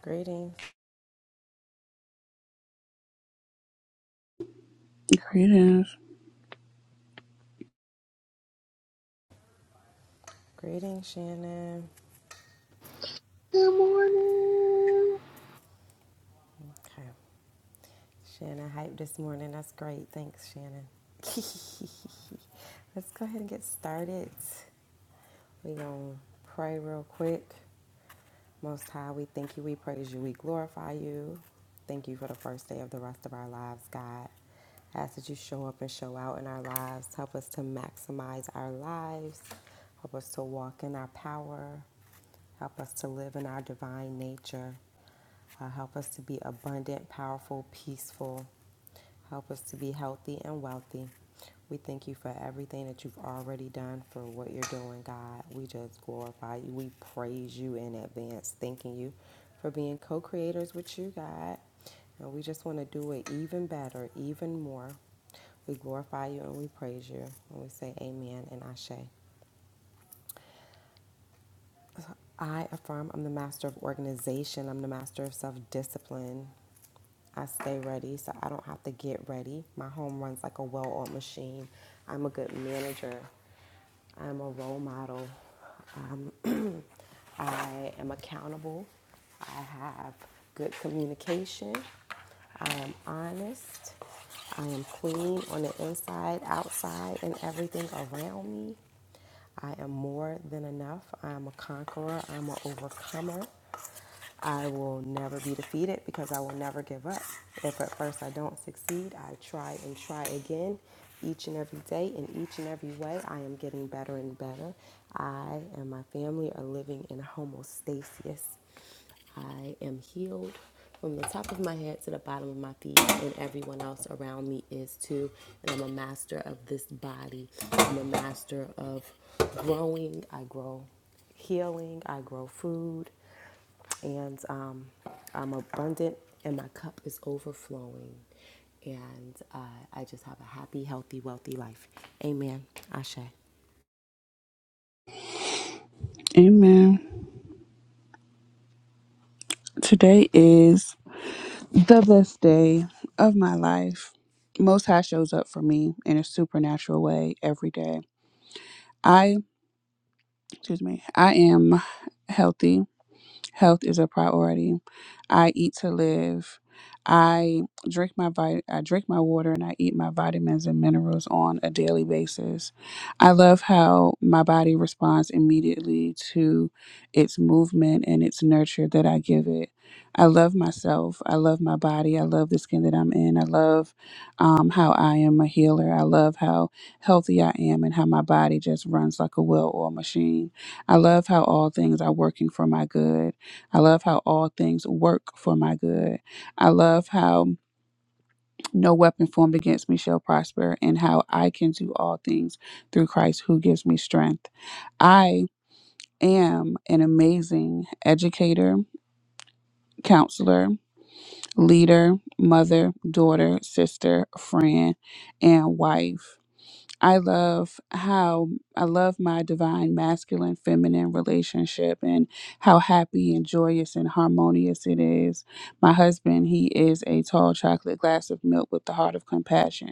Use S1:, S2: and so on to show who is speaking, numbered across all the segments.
S1: Greetings,
S2: Creative.
S1: greetings, Shannon.
S3: Good morning.
S1: Okay, Shannon hype this morning. That's great. Thanks, Shannon. Let's go ahead and get started. We gonna pray real quick. Most High, we thank you, we praise you, we glorify you. Thank you for the first day of the rest of our lives, God. I ask that you show up and show out in our lives. Help us to maximize our lives. Help us to walk in our power. Help us to live in our divine nature. Uh, help us to be abundant, powerful, peaceful. Help us to be healthy and wealthy. We thank you for everything that you've already done, for what you're doing, God. We just glorify you. We praise you in advance, thanking you for being co creators with you, God. And we just want to do it even better, even more. We glorify you and we praise you. And we say amen and ashe. I affirm I'm the master of organization. I'm the master of self discipline. I stay ready so I don't have to get ready. My home runs like a well oiled machine. I'm a good manager. I'm a role model. Um, I am accountable. I have good communication. I am honest. I am clean on the inside, outside, and everything around me. I am more than enough. I am a conqueror. I am an overcomer. I will never be defeated because I will never give up. If at first I don't succeed, I try and try again each and every day. In each and every way, I am getting better and better. I and my family are living in homostasis. I am healed from the top of my head to the bottom of my feet, and everyone else around me is too. And I'm a master of this body. I'm a master of growing. I grow healing. I grow food. And um, I'm abundant, and my cup is overflowing. And uh, I just have a happy, healthy, wealthy life. Amen. Ashe.
S2: Amen. Today is the best day of my life. Most High shows up for me in a supernatural way every day. I, excuse me, I am healthy Health is a priority. I eat to live. I drink my vit- I drink my water and I eat my vitamins and minerals on a daily basis. I love how my body responds immediately to its movement and its nurture that I give it. I love myself. I love my body. I love the skin that I'm in. I love um, how I am a healer. I love how healthy I am and how my body just runs like a well-oiled machine. I love how all things are working for my good. I love how all things work for my good. I love how no weapon formed against me shall prosper and how I can do all things through Christ who gives me strength. I am an amazing educator, counselor, leader, mother, daughter, sister, friend, and wife. I love how I love my divine masculine feminine relationship and how happy and joyous and harmonious it is. My husband, he is a tall chocolate glass of milk with the heart of compassion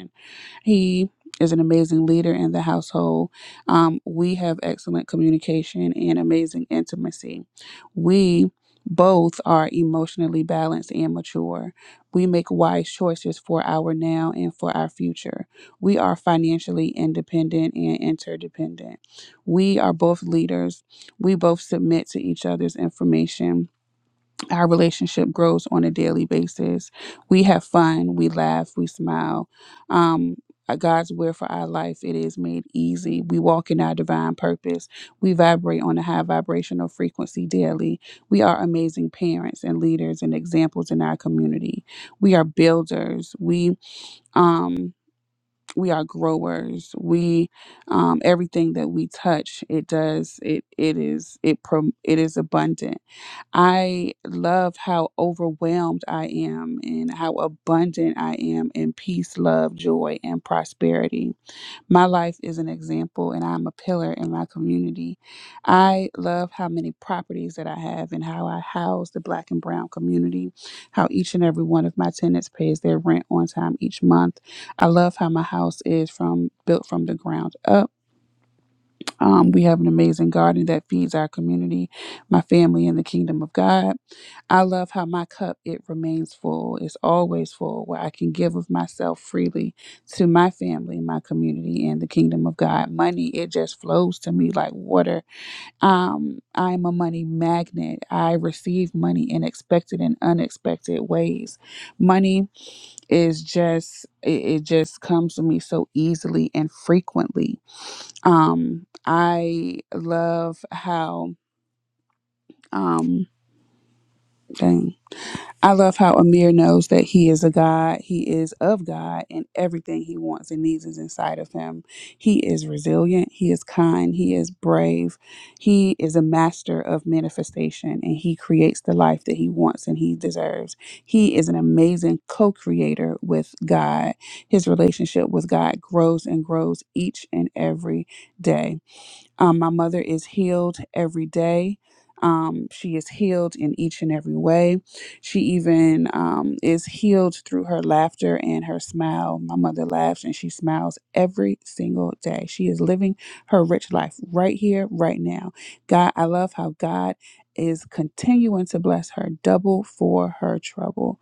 S2: he is an amazing leader in the household. Um, we have excellent communication and amazing intimacy. We both are emotionally balanced and mature. We make wise choices for our now and for our future. We are financially independent and interdependent. We are both leaders. We both submit to each other's information our relationship grows on a daily basis. We have fun, we laugh, we smile. Um, uh, God's will for our life, it is made easy. We walk in our divine purpose. We vibrate on a high vibrational frequency daily. We are amazing parents and leaders and examples in our community. We are builders. We um we are growers. We um everything that we touch, it does it it is it prom- it is abundant I love how overwhelmed I am and how abundant I am in peace, love, joy, and prosperity. My life is an example and I'm a pillar in my community. I love how many properties that I have and how I house the black and brown community, how each and every one of my tenants pays their rent on time each month. I love how my house is from built from the ground up. Um, we have an amazing garden that feeds our community, my family, and the kingdom of God. I love how my cup it remains full. It's always full, where I can give of myself freely to my family, my community, and the kingdom of God. Money it just flows to me like water. Um, I'm a money magnet. I receive money in expected and unexpected ways. Money is just it, it just comes to me so easily and frequently um, I love how um dang. I love how Amir knows that he is a God, he is of God, and everything he wants and needs is inside of him. He is resilient, he is kind, he is brave, he is a master of manifestation, and he creates the life that he wants and he deserves. He is an amazing co creator with God. His relationship with God grows and grows each and every day Um, my mother is healed every day. Um, she is healed in each and every way. She even um, is healed through her laughter and her smile. My mother laughs and she smiles every single day. She is living her rich life right here, right now. God, I love how God is continuing to bless her double for her trouble.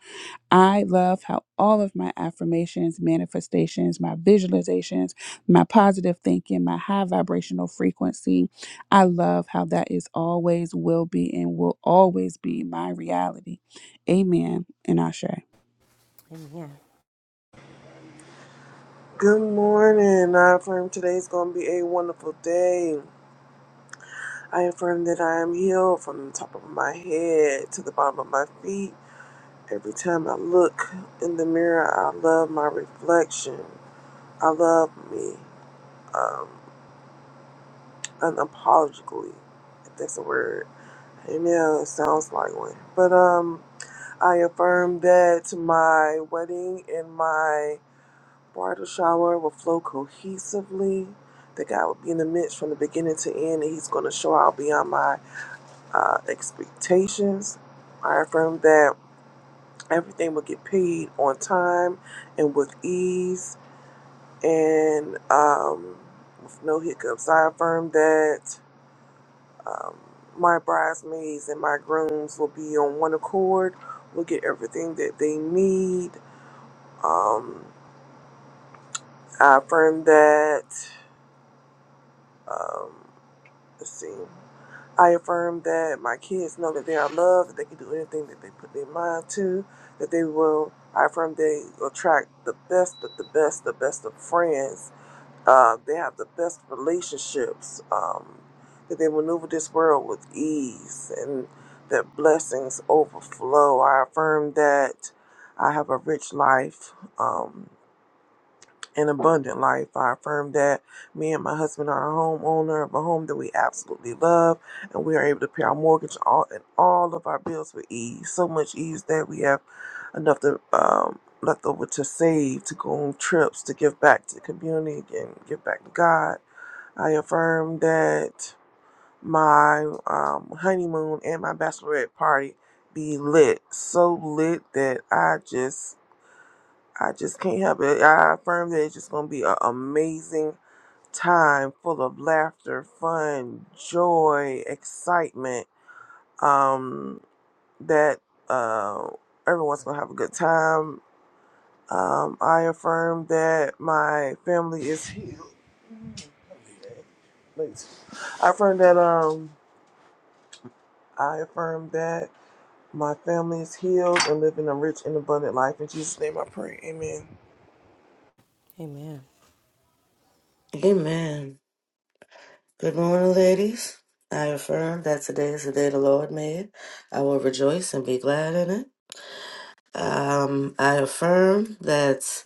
S2: I love how all of my affirmations, manifestations, my visualizations, my positive thinking, my high vibrational frequency, I love how that is always, will be, and will always be my reality. Amen. And Ashe.
S1: Amen.
S3: Good morning. I affirm today's going to be a wonderful day. I affirm that I am healed from the top of my head to the bottom of my feet. Every time I look in the mirror, I love my reflection. I love me um, unapologetically, if that's a word. I know it sounds like one. But um, I affirm that my wedding and my Bridal shower will flow cohesively. That God will be in the midst from the beginning to end, and He's going to show out beyond my uh, expectations. I affirm that everything will get paid on time and with ease and um, with no hiccups. I affirm that um, my bridesmaids and my grooms will be on one accord, will get everything that they need. Um, I affirm that. Um, Let's see. I affirm that my kids know that they are loved, that they can do anything that they put their mind to, that they will. I affirm they attract the best of the best, the best of friends. Uh, they have the best relationships, um, that they maneuver this world with ease, and that blessings overflow. I affirm that I have a rich life. Um, an abundant life. I affirm that me and my husband are a homeowner of a home that we absolutely love, and we are able to pay our mortgage all and all of our bills with ease. So much ease that we have enough to um, left over to save, to go on trips, to give back to the community, and give back to God. I affirm that my um, honeymoon and my bachelorette party be lit, so lit that I just I just can't help it. I affirm that it's just going to be an amazing time full of laughter, fun, joy, excitement. Um, that uh, everyone's going to have a good time. Um, I affirm that my family is healed. I affirm that um I affirm that my family is healed and living a rich and abundant life. In Jesus' name I pray. Amen.
S1: Amen.
S4: Amen. Good morning, ladies. I affirm that today is the day the Lord made. I will rejoice and be glad in it. Um, I affirm that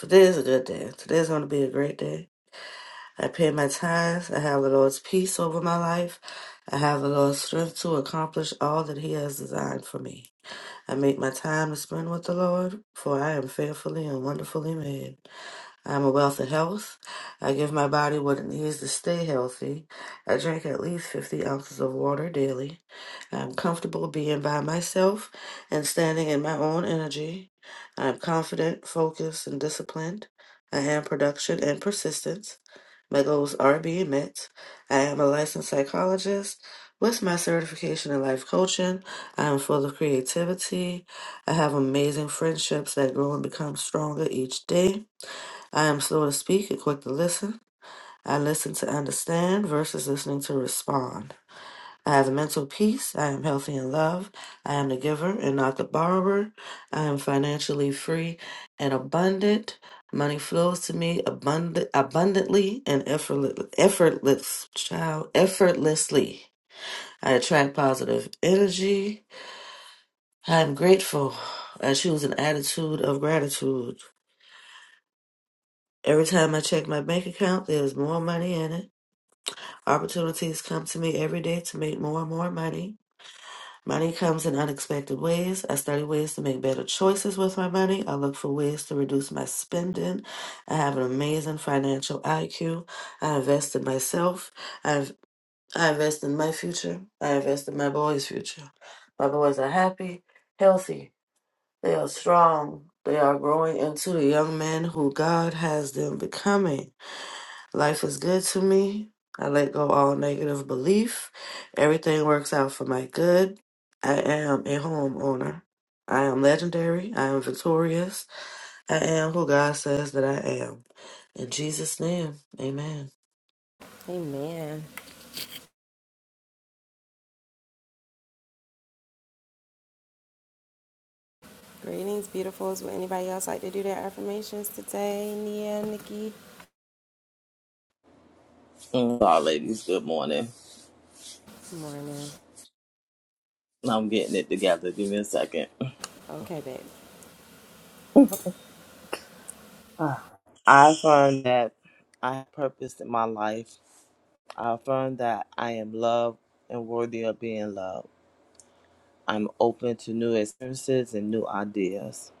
S4: today is a good day. Today is going to be a great day. I pay my tithes. I have the Lord's peace over my life. I have the Lord's strength to accomplish all that He has designed for me. I make my time to spend with the Lord, for I am fearfully and wonderfully made. I'm a wealth of health. I give my body what it needs to stay healthy. I drink at least 50 ounces of water daily. I'm comfortable being by myself and standing in my own energy. I'm confident, focused, and disciplined. I am production and persistence. My goals are being met. I am a licensed psychologist with my certification in life coaching. I am full of creativity. I have amazing friendships that grow and become stronger each day. I am slow to speak and quick to listen. I listen to understand versus listening to respond. I have mental peace. I am healthy in love. I am the giver and not the borrower. I am financially free and abundant. Money flows to me abundant, abundantly and effortless, effortless, child, effortlessly. I attract positive energy. I am grateful. I choose an attitude of gratitude. Every time I check my bank account, there's more money in it. Opportunities come to me every day to make more and more money. Money comes in unexpected ways. I study ways to make better choices with my money. I look for ways to reduce my spending. I have an amazing financial IQ. I invest in myself. I've, I invest in my future. I invest in my boys' future. My boys are happy, healthy. They are strong. They are growing into the young men who God has them becoming. Life is good to me. I let go all negative belief. Everything works out for my good. I am a homeowner. I am legendary. I am victorious. I am who God says that I am. In Jesus' name, amen.
S1: Amen. Greetings, beautifuls. Would anybody else like to do their affirmations today? Nia, Nikki?
S5: Mm, All ladies, good morning.
S1: Morning.
S5: I'm getting it together. Give me a second.
S1: Okay, babe.
S5: I affirm that I have purpose in my life. I affirm that I am loved and worthy of being loved. I'm open to new experiences and new ideas.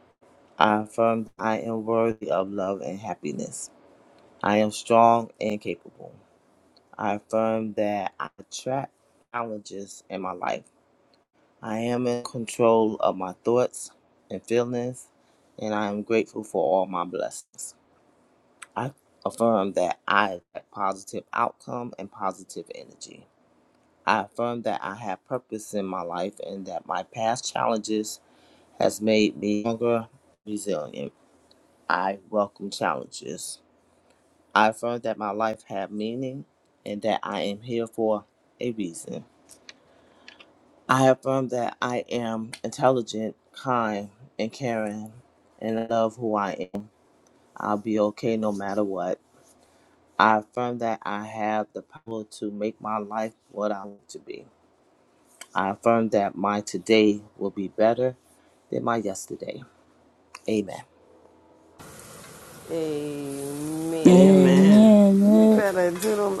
S5: I affirm that I am worthy of love and happiness. I am strong and capable. I affirm that I attract challenges in my life. I am in control of my thoughts and feelings, and I am grateful for all my blessings. I affirm that I have positive outcome and positive energy. I affirm that I have purpose in my life and that my past challenges has made me stronger, resilient. I welcome challenges. I affirm that my life have meaning and that I am here for a reason. I affirm that I am intelligent, kind, and caring, and I love who I am. I'll be okay no matter what. I affirm that I have the power to make my life what I want to be. I affirm that my today will be better than my yesterday. Amen.
S1: Amen.
S4: Amen.
S1: You
S2: Amen,
S1: better do them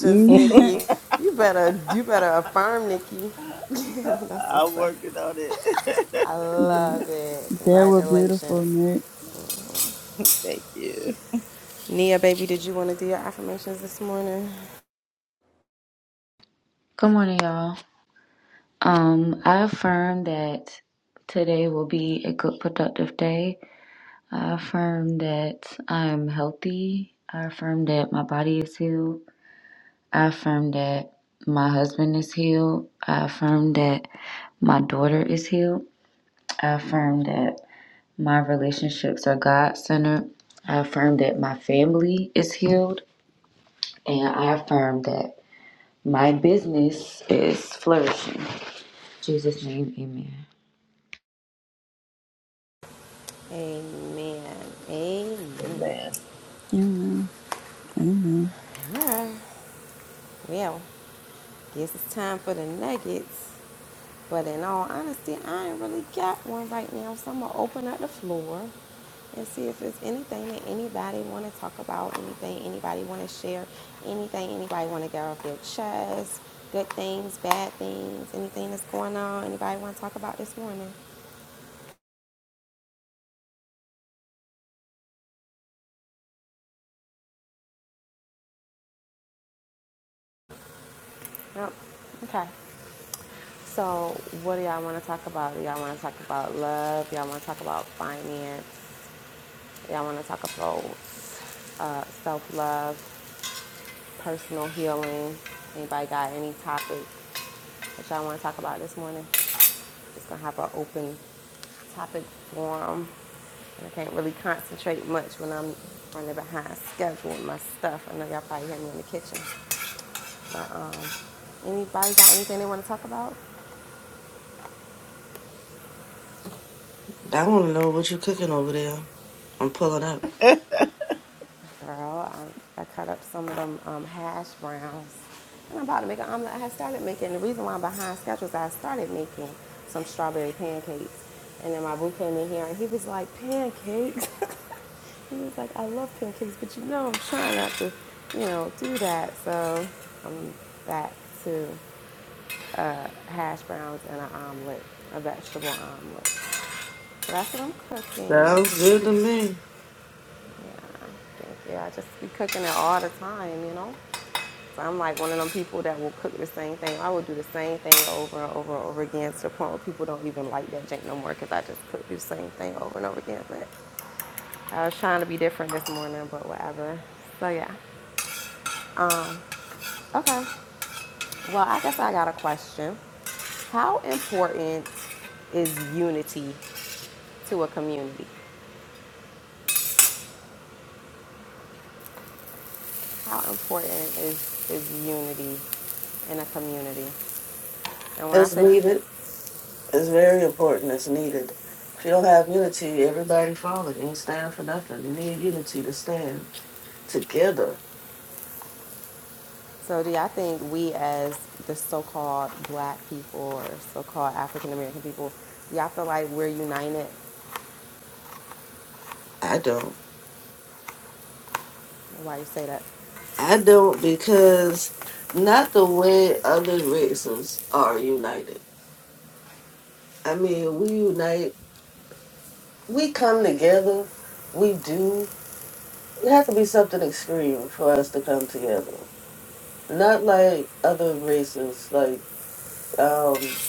S2: Nick.
S1: Nikki. You better you better affirm, Nikki. That's
S5: I'm
S1: what's up.
S5: working on it.
S1: I love it.
S2: they were beautiful,
S1: Congratulations.
S2: Nick.
S5: Thank you.
S1: Nia, baby, did you want to do your affirmations this morning?
S6: Good morning, y'all. Um, I affirm that today will be a good, productive day. I affirm that I am healthy. I affirm that my body is healed. I affirm that my husband is healed. I affirm that my daughter is healed. I affirm that my relationships are God centered. I affirm that my family is healed. And I affirm that my business is flourishing. In Jesus' name, amen.
S1: Amen. Amen.
S5: Amen.
S2: Amen. Amen.
S1: All right. Well, guess it's time for the nuggets. But in all honesty, I ain't really got one right now, so I'm gonna open up the floor and see if it's anything that anybody want to talk about, anything anybody want to share, anything anybody want to get off their chest, good things, bad things, anything that's going on. Anybody want to talk about this morning? Nope. Okay. So, what do y'all want to talk about? Do y'all want to talk about love? Y'all want to talk about finance? Y'all want to talk about uh, self love? personal healing. Anybody got any topic that y'all want to talk about this morning? Just gonna have an open topic forum. And I can't really concentrate much when I'm running behind schedule with my stuff. I know y'all probably hear me in the kitchen. But um, anybody got anything they want to talk about?
S4: I want to know what you're cooking over there. I'm pulling up.
S1: Girl, I, I cut up some of them um, hash browns, and I'm about to make an omelet. I had started making. The reason why I'm behind schedule is I started making some strawberry pancakes, and then my boo came in here and he was like, "Pancakes." he was like, "I love pancakes, but you know, I'm trying not to, you know, do that." So I'm back to uh, hash browns and an omelet, a vegetable omelet. So that's what I'm cooking.
S4: Sounds good to me.
S1: Yeah, I just be cooking it all the time, you know? So I'm like one of them people that will cook the same thing. I will do the same thing over and over and over again to the point where people don't even like that drink no more because I just cook the same thing over and over again. But I was trying to be different this morning, but whatever. So yeah. Okay. Well, I guess I got a question. How important is unity to a community? How important is, is unity in a community? And when I
S4: It's
S1: say
S4: needed. It's very important. It's needed. If you don't have unity, everybody falling. You ain't stand for nothing. You need unity to stand. together.
S1: So, do y'all think we, as the so-called Black people or so-called African American people, y'all feel like we're united?
S4: I don't.
S1: Why you say that?
S4: I don't because not the way other races are united. I mean, we unite, we come together, we do. It had to be something extreme for us to come together. Not like other races, like um,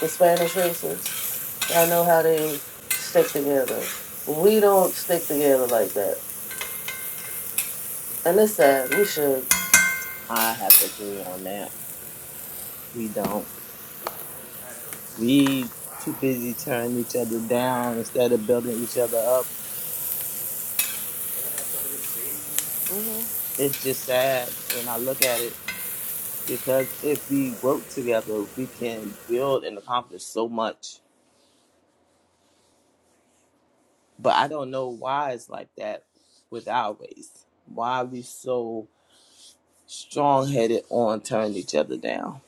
S4: the Spanish races. I know how they stick together. We don't stick together like that. And it's sad. We should.
S5: I have to agree on that. We don't. We too busy tearing each other down instead of building each other up. It's just sad when I look at it because if we work together, we can build and accomplish so much. But I don't know why it's like that with our race. Why are we so strong headed on tearing each other down?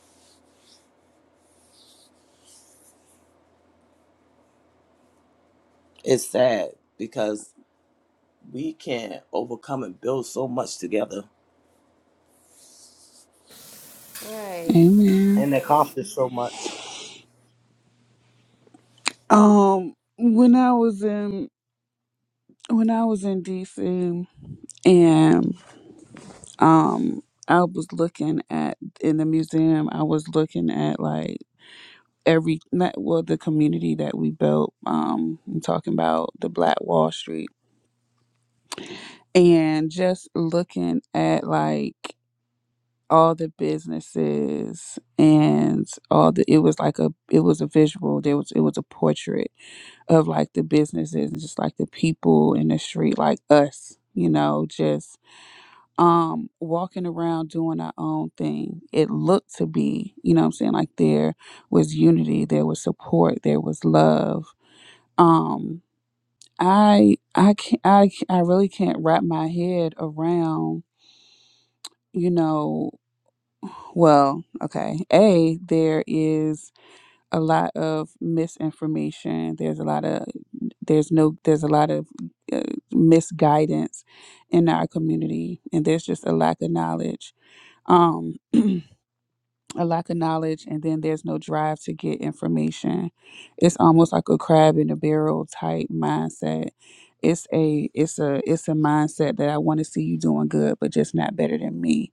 S5: It's sad because we can overcome and build so much together
S1: Right.
S2: Amen.
S5: and accomplish so much.
S2: Um, when I was in when I was in DC and um i was looking at in the museum i was looking at like every not well the community that we built um i'm talking about the black wall street and just looking at like all the businesses and all the it was like a it was a visual there was it was a portrait of like the businesses and just like the people in the street like us you know just um walking around doing our own thing it looked to be you know what i'm saying like there was unity there was support there was love um i i can't i, I really can't wrap my head around you know well okay a there is a lot of misinformation there's a lot of there's no there's a lot of uh, misguidance in our community and there's just a lack of knowledge um a lack of knowledge and then there's no drive to get information it's almost like a crab in a barrel type mindset it's a it's a it's a mindset that i want to see you doing good but just not better than me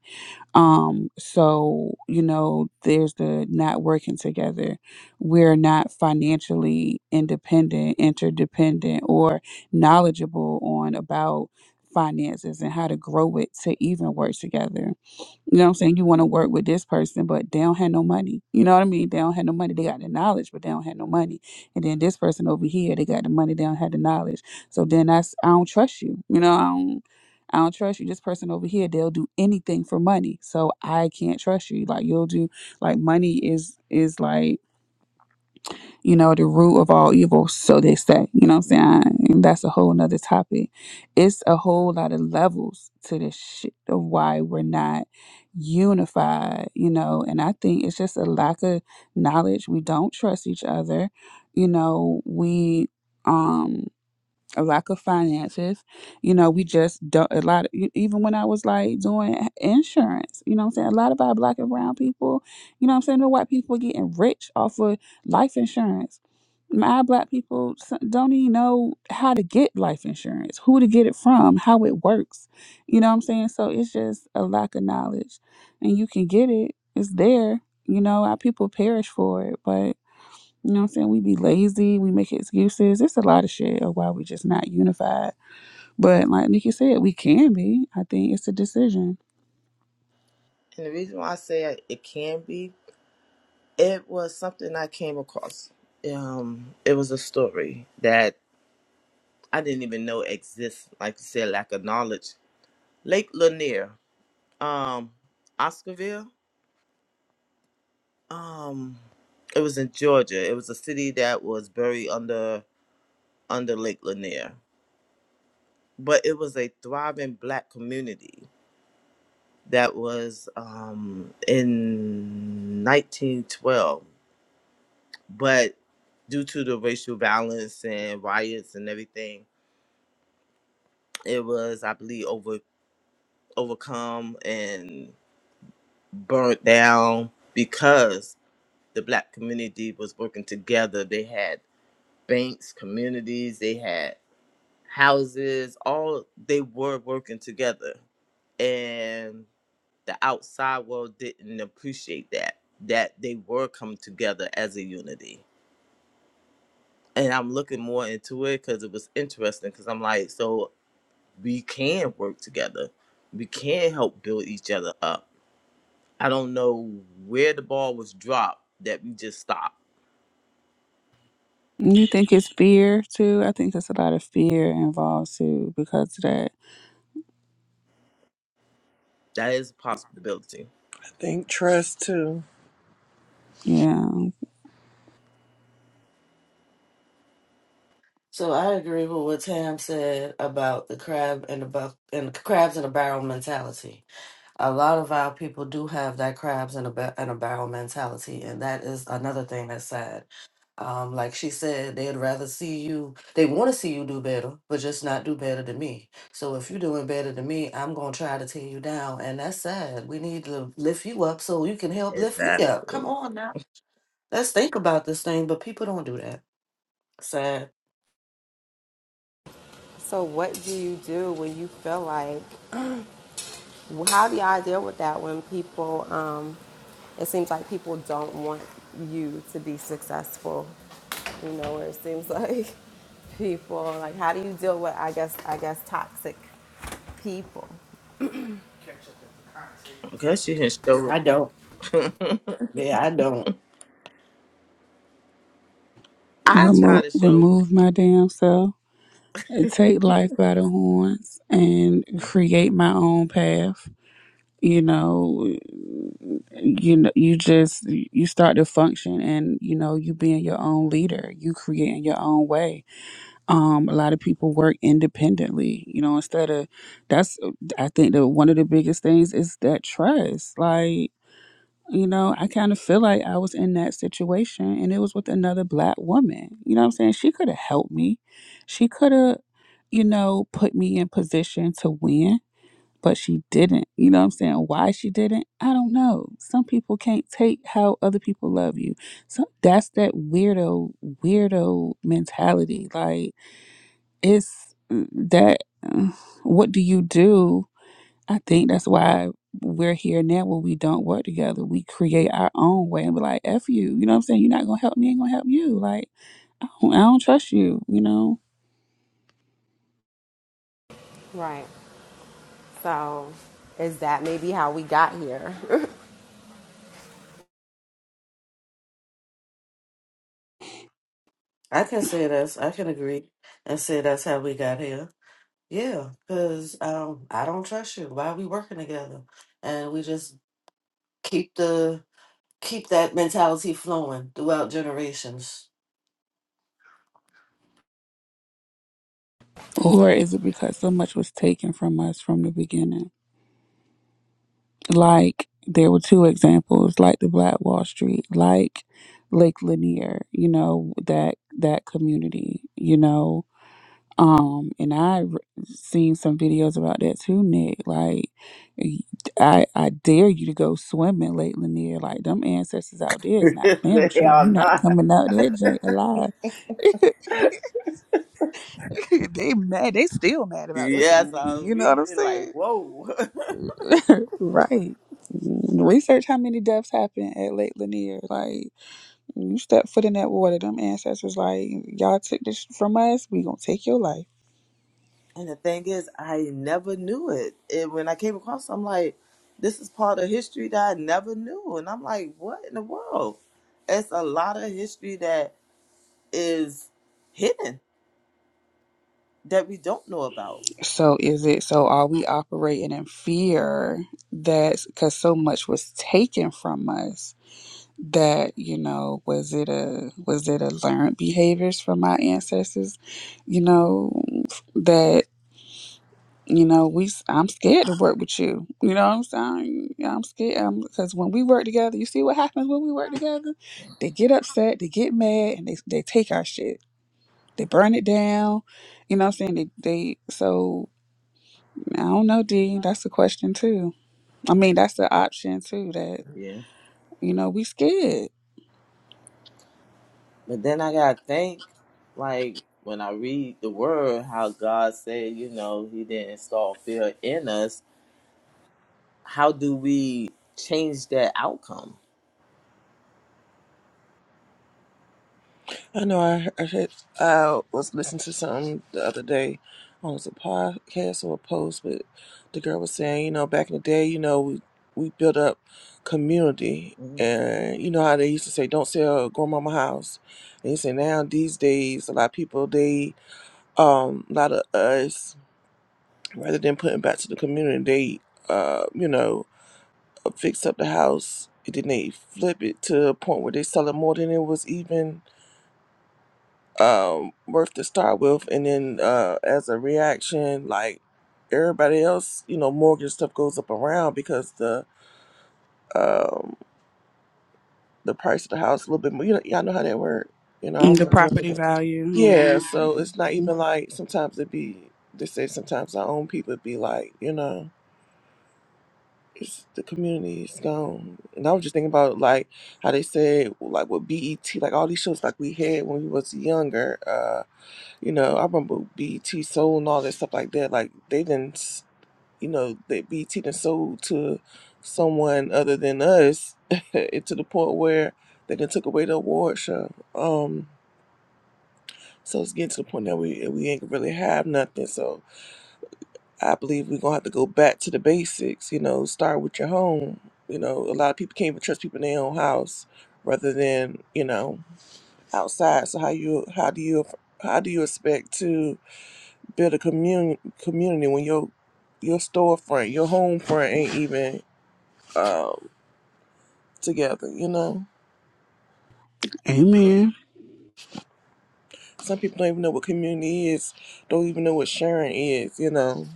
S2: um, so, you know, there's the not working together. We're not financially independent, interdependent, or knowledgeable on about finances and how to grow it to even work together. You know what I'm saying? You want to work with this person, but they don't have no money. You know what I mean? They don't have no money. They got the knowledge, but they don't have no money. And then this person over here, they got the money, they don't have the knowledge. So then that's I don't trust you. You know, I don't trust you. This person over here, they'll do anything for money. So I can't trust you. Like you'll do like money is is like, you know, the root of all evil, so they say. You know what I'm saying? And that's a whole nother topic. It's a whole lot of levels to this shit of why we're not unified, you know, and I think it's just a lack of knowledge. We don't trust each other. You know, we um a lack of finances. You know, we just don't a lot. Of, e- even when I was like doing insurance, you know, what I'm saying a lot of our black and brown people, you know, what I'm saying the white people getting rich off of life insurance. My black people s- don't even know how to get life insurance, who to get it from, how it works. You know what I'm saying? So it's just a lack of knowledge, and you can get it. It's there. You know, our people perish for it, you know what I'm saying? We be lazy, we make excuses. It's a lot of shit of why we just not unified. But like Nikki said, we can be. I think it's a decision.
S5: And the reason why I say it it can be, it was something I came across. Um, it was a story that I didn't even know exists, like you said, lack of knowledge. Lake Lanier, um, Oscarville, um, it was in Georgia. It was a city that was buried under under Lake Lanier, but it was a thriving Black community that was um, in 1912. But due to the racial violence and riots and everything, it was, I believe, over overcome and. burnt down because the black community was working together. They had banks, communities, they had houses, all they were working together. And the outside world didn't appreciate that, that they were coming together as a unity. And I'm looking more into it because it was interesting because I'm like, so we can work together. We can help build each other up. I don't know where the ball was dropped that we just stopped
S2: You think it's fear too? I think there's a lot of fear involved too because of that.
S5: That is a possibility.
S3: I think trust too.
S2: Yeah.
S4: So I agree with what Tam said about the crab and the about and crabs in a barrel mentality. A lot of our people do have that crabs in a ba- in a barrel mentality, and that is another thing that's sad. Um, like she said, they'd rather see you. They want to see you do better, but just not do better than me. So if you're doing better than me, I'm gonna try to tear you down, and that's sad. We need to lift you up so you can help lift me up. Come
S5: Exactly.
S4: on now, let's think about this thing. But people don't do that. Sad.
S1: So, what do you do when you feel like? How do y'all deal with that when people? Um, it seems like people don't want you to be successful. You know, where it seems like people like how do you deal with? I guess I guess toxic people.
S5: Because she can show.
S4: I don't. Yeah, I don't.
S5: I try
S2: Remove
S5: to show.
S2: remove my damn self and take life by the horns and create my own path. You know, you know you just you start to function and you know, you being your own leader, you creating your own way um, a lot of people work independently you know instead of that's i think that one of the biggest things is that trust like you know i kind of feel like i was in that situation and it was with another black woman you know what i'm saying she could have helped me she could have you know put me in position to win but she didn't you know what i'm saying why she didn't i don't know some people can't take how other people love you so that's that weirdo weirdo mentality like it's that mm, what do you do i think that's why we're here now where we don't work together we create our own way and be like f you you know what i'm saying you're not gonna help me I ain't gonna help you like i don't I don't trust you you know
S1: Right. So, is that maybe how we got here?
S4: I can say that's I can agree and say that's how we got here. Yeah, because um, I don't trust you. Why are we working together? And we just keep the keep that mentality flowing throughout generations.
S1: So,
S2: or is it because so much was taken from us from the beginning like there were two examples like the black wall street like lake lanier you know that that community you know Um, and I r- seen some videos about that too, Nick. Like, y- I I dare you to go swimming late, Lanier. Like, them ancestors out there is not playing
S5: The
S2: with you. You
S5: Hell
S2: not
S5: nah.
S2: coming out that jank alive. they mad. They still mad about their
S5: Yes,
S2: community.
S5: I was
S2: You know what I'm
S5: reading like,
S2: saying?
S5: whoa.
S2: Right. Mm, Research how many deaths happen at Lake Lanier. Like, you step foot in that water, them ancestors like, y'all took this from us. We gonna take your life.
S5: and the thing is, I never knew it. And when I came across, it, I'm like, this is part of history that I never knew. And I'm like, what in the world? It's a lot of history that is hidden that we don't know about.
S2: So is it so are we operating in fear that cuz so much was taken from us that you know was it a was it a learned behaviors from my ancestors you know that you know we s- I'm scared to work with you you know what I'm saying Yeah, I'm scared because when we work together you see what happens when we work together they get upset they get mad and they they take our shit they burn it down you know what I'm saying they they so I don't know, D. That's the question too. I mean, that's the option too. That you know, we scared.
S5: But then I gotta think, like when I read the word, how God said, you know, He didn't install fear in us. How do we change that outcome?
S3: I know I, I, heard, I was listening to something the other day on was a podcast or a post, but the girl was saying, you know, back in the day, you know, we, we built up community.
S5: Mhm.
S3: And you know how they used to say, don't sell grandmama house. And you say now these days, a lot of people, they, um, a lot of us, rather than putting back to the community, they, uh, you know, fix up the house. And then they flip it to a point where they sell it more than it was even um worth to start with and then uh as a reaction like everybody else you know mortgage stuff goes up around because the um the price of the house a little bit more you know y'all know how that work you know I
S2: Mm, The
S3: don't really know
S2: property
S3: that.
S2: value,
S3: yeah so it's not
S2: yeah.
S3: even like sometimes it be they say sometimes our own people be like you know it's the community is gone and i was just thinking about like how they said like with bet like all these shows like we had when we was younger uh, You know, I remember BT sold and all that stuff like that. Like they didn't, s- you know, that BT done sold to someone other than us, and to the point where they done took away the award show. Um, so it's getting to the point that we we ain't really have nothing. So I believe we're gonna have to go back to the basics. You know, start with your home. You know, a lot of people can't even trust people in their own house, rather than you know outside. So how you how do you how do you expect to build a community community when your your storefront, your home front ain't even um, together, you know?
S2: Amen.
S3: Some people don't even know what community is, don't even know what sharing is, you know,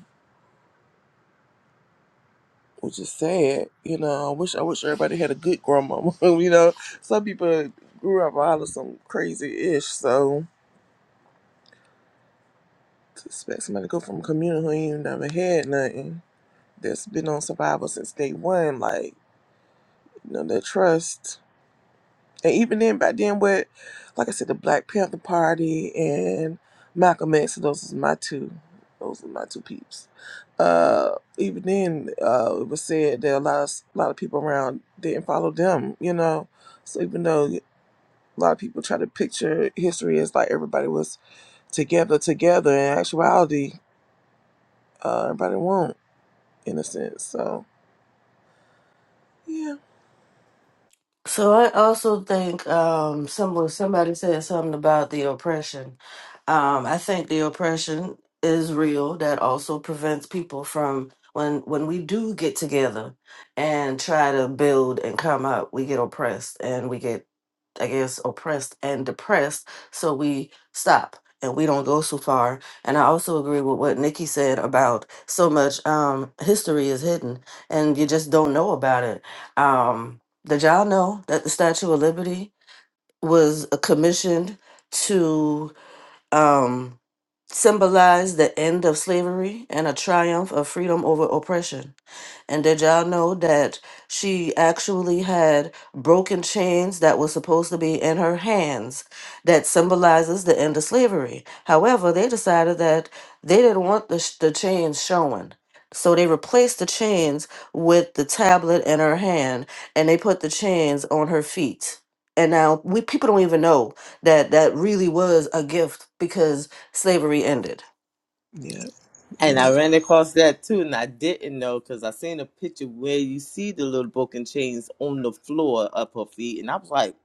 S3: which is sad, you know. I wish I wish everybody had a good grandmama, you know. Some people grew up out of some crazy ish, so to expect somebody to go from a community who ain't never had nothing that's been on survival since day one, like, you know, that trust. And even then, back then with, like I said, the Black Panther Party and Malcolm X, those is my two, those are my two peeps. Uh, even then, uh, it was said that a lot of a lot of people around didn't follow them. You know, so even though a lot of people try to picture history as like everybody was together, together, in actuality, uh, everybody won't in a sense. So yeah,
S4: So I also think um, someone somebody said something about the oppression Um, I think the oppression is real. That also prevents people from when when we do get together and try to build and come up, we get oppressed and we get, I guess, oppressed and depressed. So we stop and we don't go so far. And I also agree with what Nikki said about so much um, history is hidden and you just don't know about it. Um, did y'all know that the Statue of Liberty was uh, commissioned? to um, symbolized the end of slavery and a triumph of freedom over oppression. And did y'all know that she actually had broken chains that were supposed to be in her hands that symbolizes the end of slavery? However, they decided that they didn't want the, sh- the chains showing. So they replaced the chains with the tablet in her hand and they put the chains on her feet. And now we people don't even know that that really was a gift because slavery ended.
S3: yeah,
S5: And
S3: yeah,
S5: I ran across that too, and I didn't know because I seen a picture where you see the little broken chains on the floor up her feet, and I was like,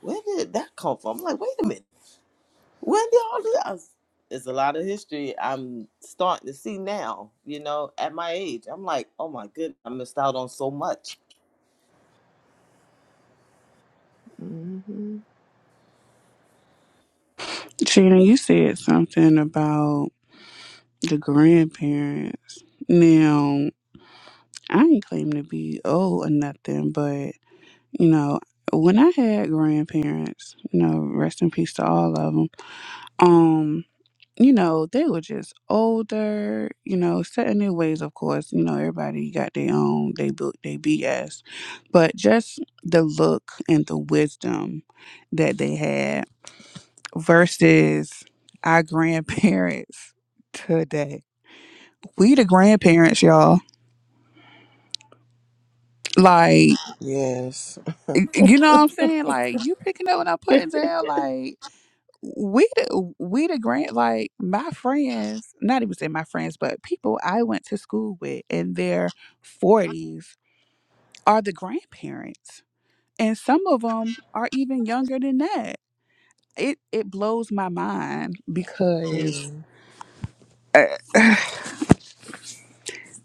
S5: where did that come from? I'm like, wait a minute, when did all this? I was- It's a lot of history I'm starting to see now, you know, at my age. I'm like, oh my goodness, I missed out on so much
S3: hmm
S2: Sheena, you said something about the grandparents. Now, I ain't claim to be old or nothing, but you know, when I had grandparents, you know, rest in peace to all of them. Um, you know, they were just older, you know, set in their ways, of course. You know, everybody got their own, they built their BS. But just the look and the wisdom that they had versus our grandparents today. We the grandparents, y'all. Like,
S3: yes.
S2: you know what I'm
S5: That's
S2: saying? Like, you picking up what I'm putting down. like. we the, we the grant like my friends not even say my friends but people i went to school with in their 40s are the grandparents and some of them are even younger than that it it blows my mind because
S3: Mm-hmm.
S2: uh,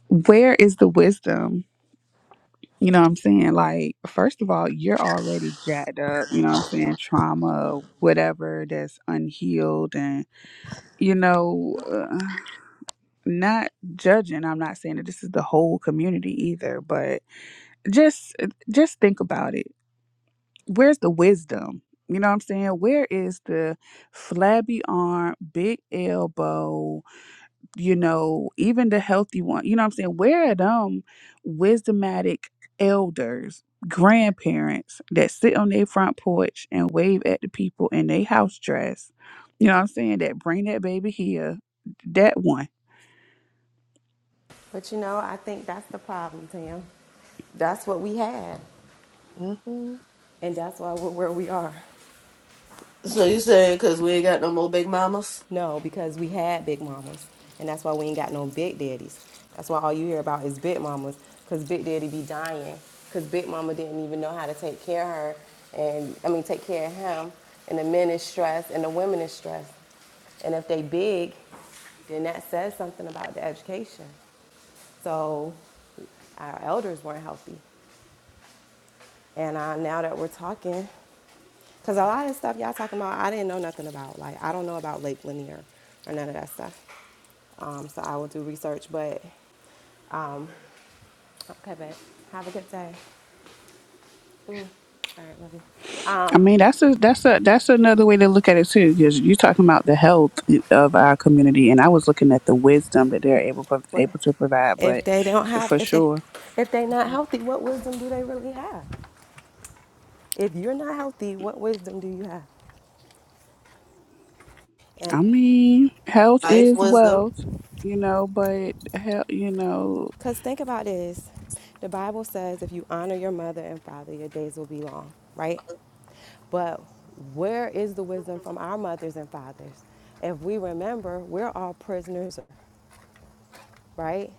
S2: where is the wisdom you know what i'm saying like first of all you're already jacked up you know what i'm saying trauma whatever that's unhealed and you know uh, not judging i'm not saying that this is the whole community either but just uh, just think about it where's the wisdom you know what i'm saying where is the flabby arm big elbow you know even the healthy one you know what i'm saying where are them wisdomatic elders grandparents that sit on their front porch and wave at the people in their house dress you know what i'm saying that bring that baby here that one
S1: but you know, I think that's the problem, Tim. That's what we had, and that's why we're where we are.
S4: So you saying because we ain't got no more big mamas?
S1: No, because we had big mamas, and that's why we ain't got no big daddies. That's why all you hear about is big mamas, cause big daddy be dying, cause big mama didn't even know how to take care of her, and I mean take care of him. And the men is stressed, and the women is stressed, and if they big, then that says something about the education. So our elders weren't healthy. And uh, now that we're talking, because a lot of stuff y'all talking about, I didn't know nothing about. Like, I don't know about Lake Lanier or none of that stuff. Um, so I will do research, but okay, babe. have a good day. All right, love you.
S2: I mean, that's a that's a that's another way to look at it too, because you're talking about the health of our community, and I was looking at the wisdom that they're able pro-
S1: What
S2: able to provide. But
S1: if they don't have
S2: for
S1: if they
S2: sure,
S1: if they not healthy? What wisdom do they really have? If you're not healthy, what wisdom do you have?
S2: I
S1: And
S2: mean, health
S4: Life
S2: is
S4: wisdom.
S2: wealth, you know. But health, you know,
S1: Because think about this the Bible says if you honor your mother and father, your days will be long, right? But where is the wisdom from our mothers and fathers? If we remember, we're all prisoners right?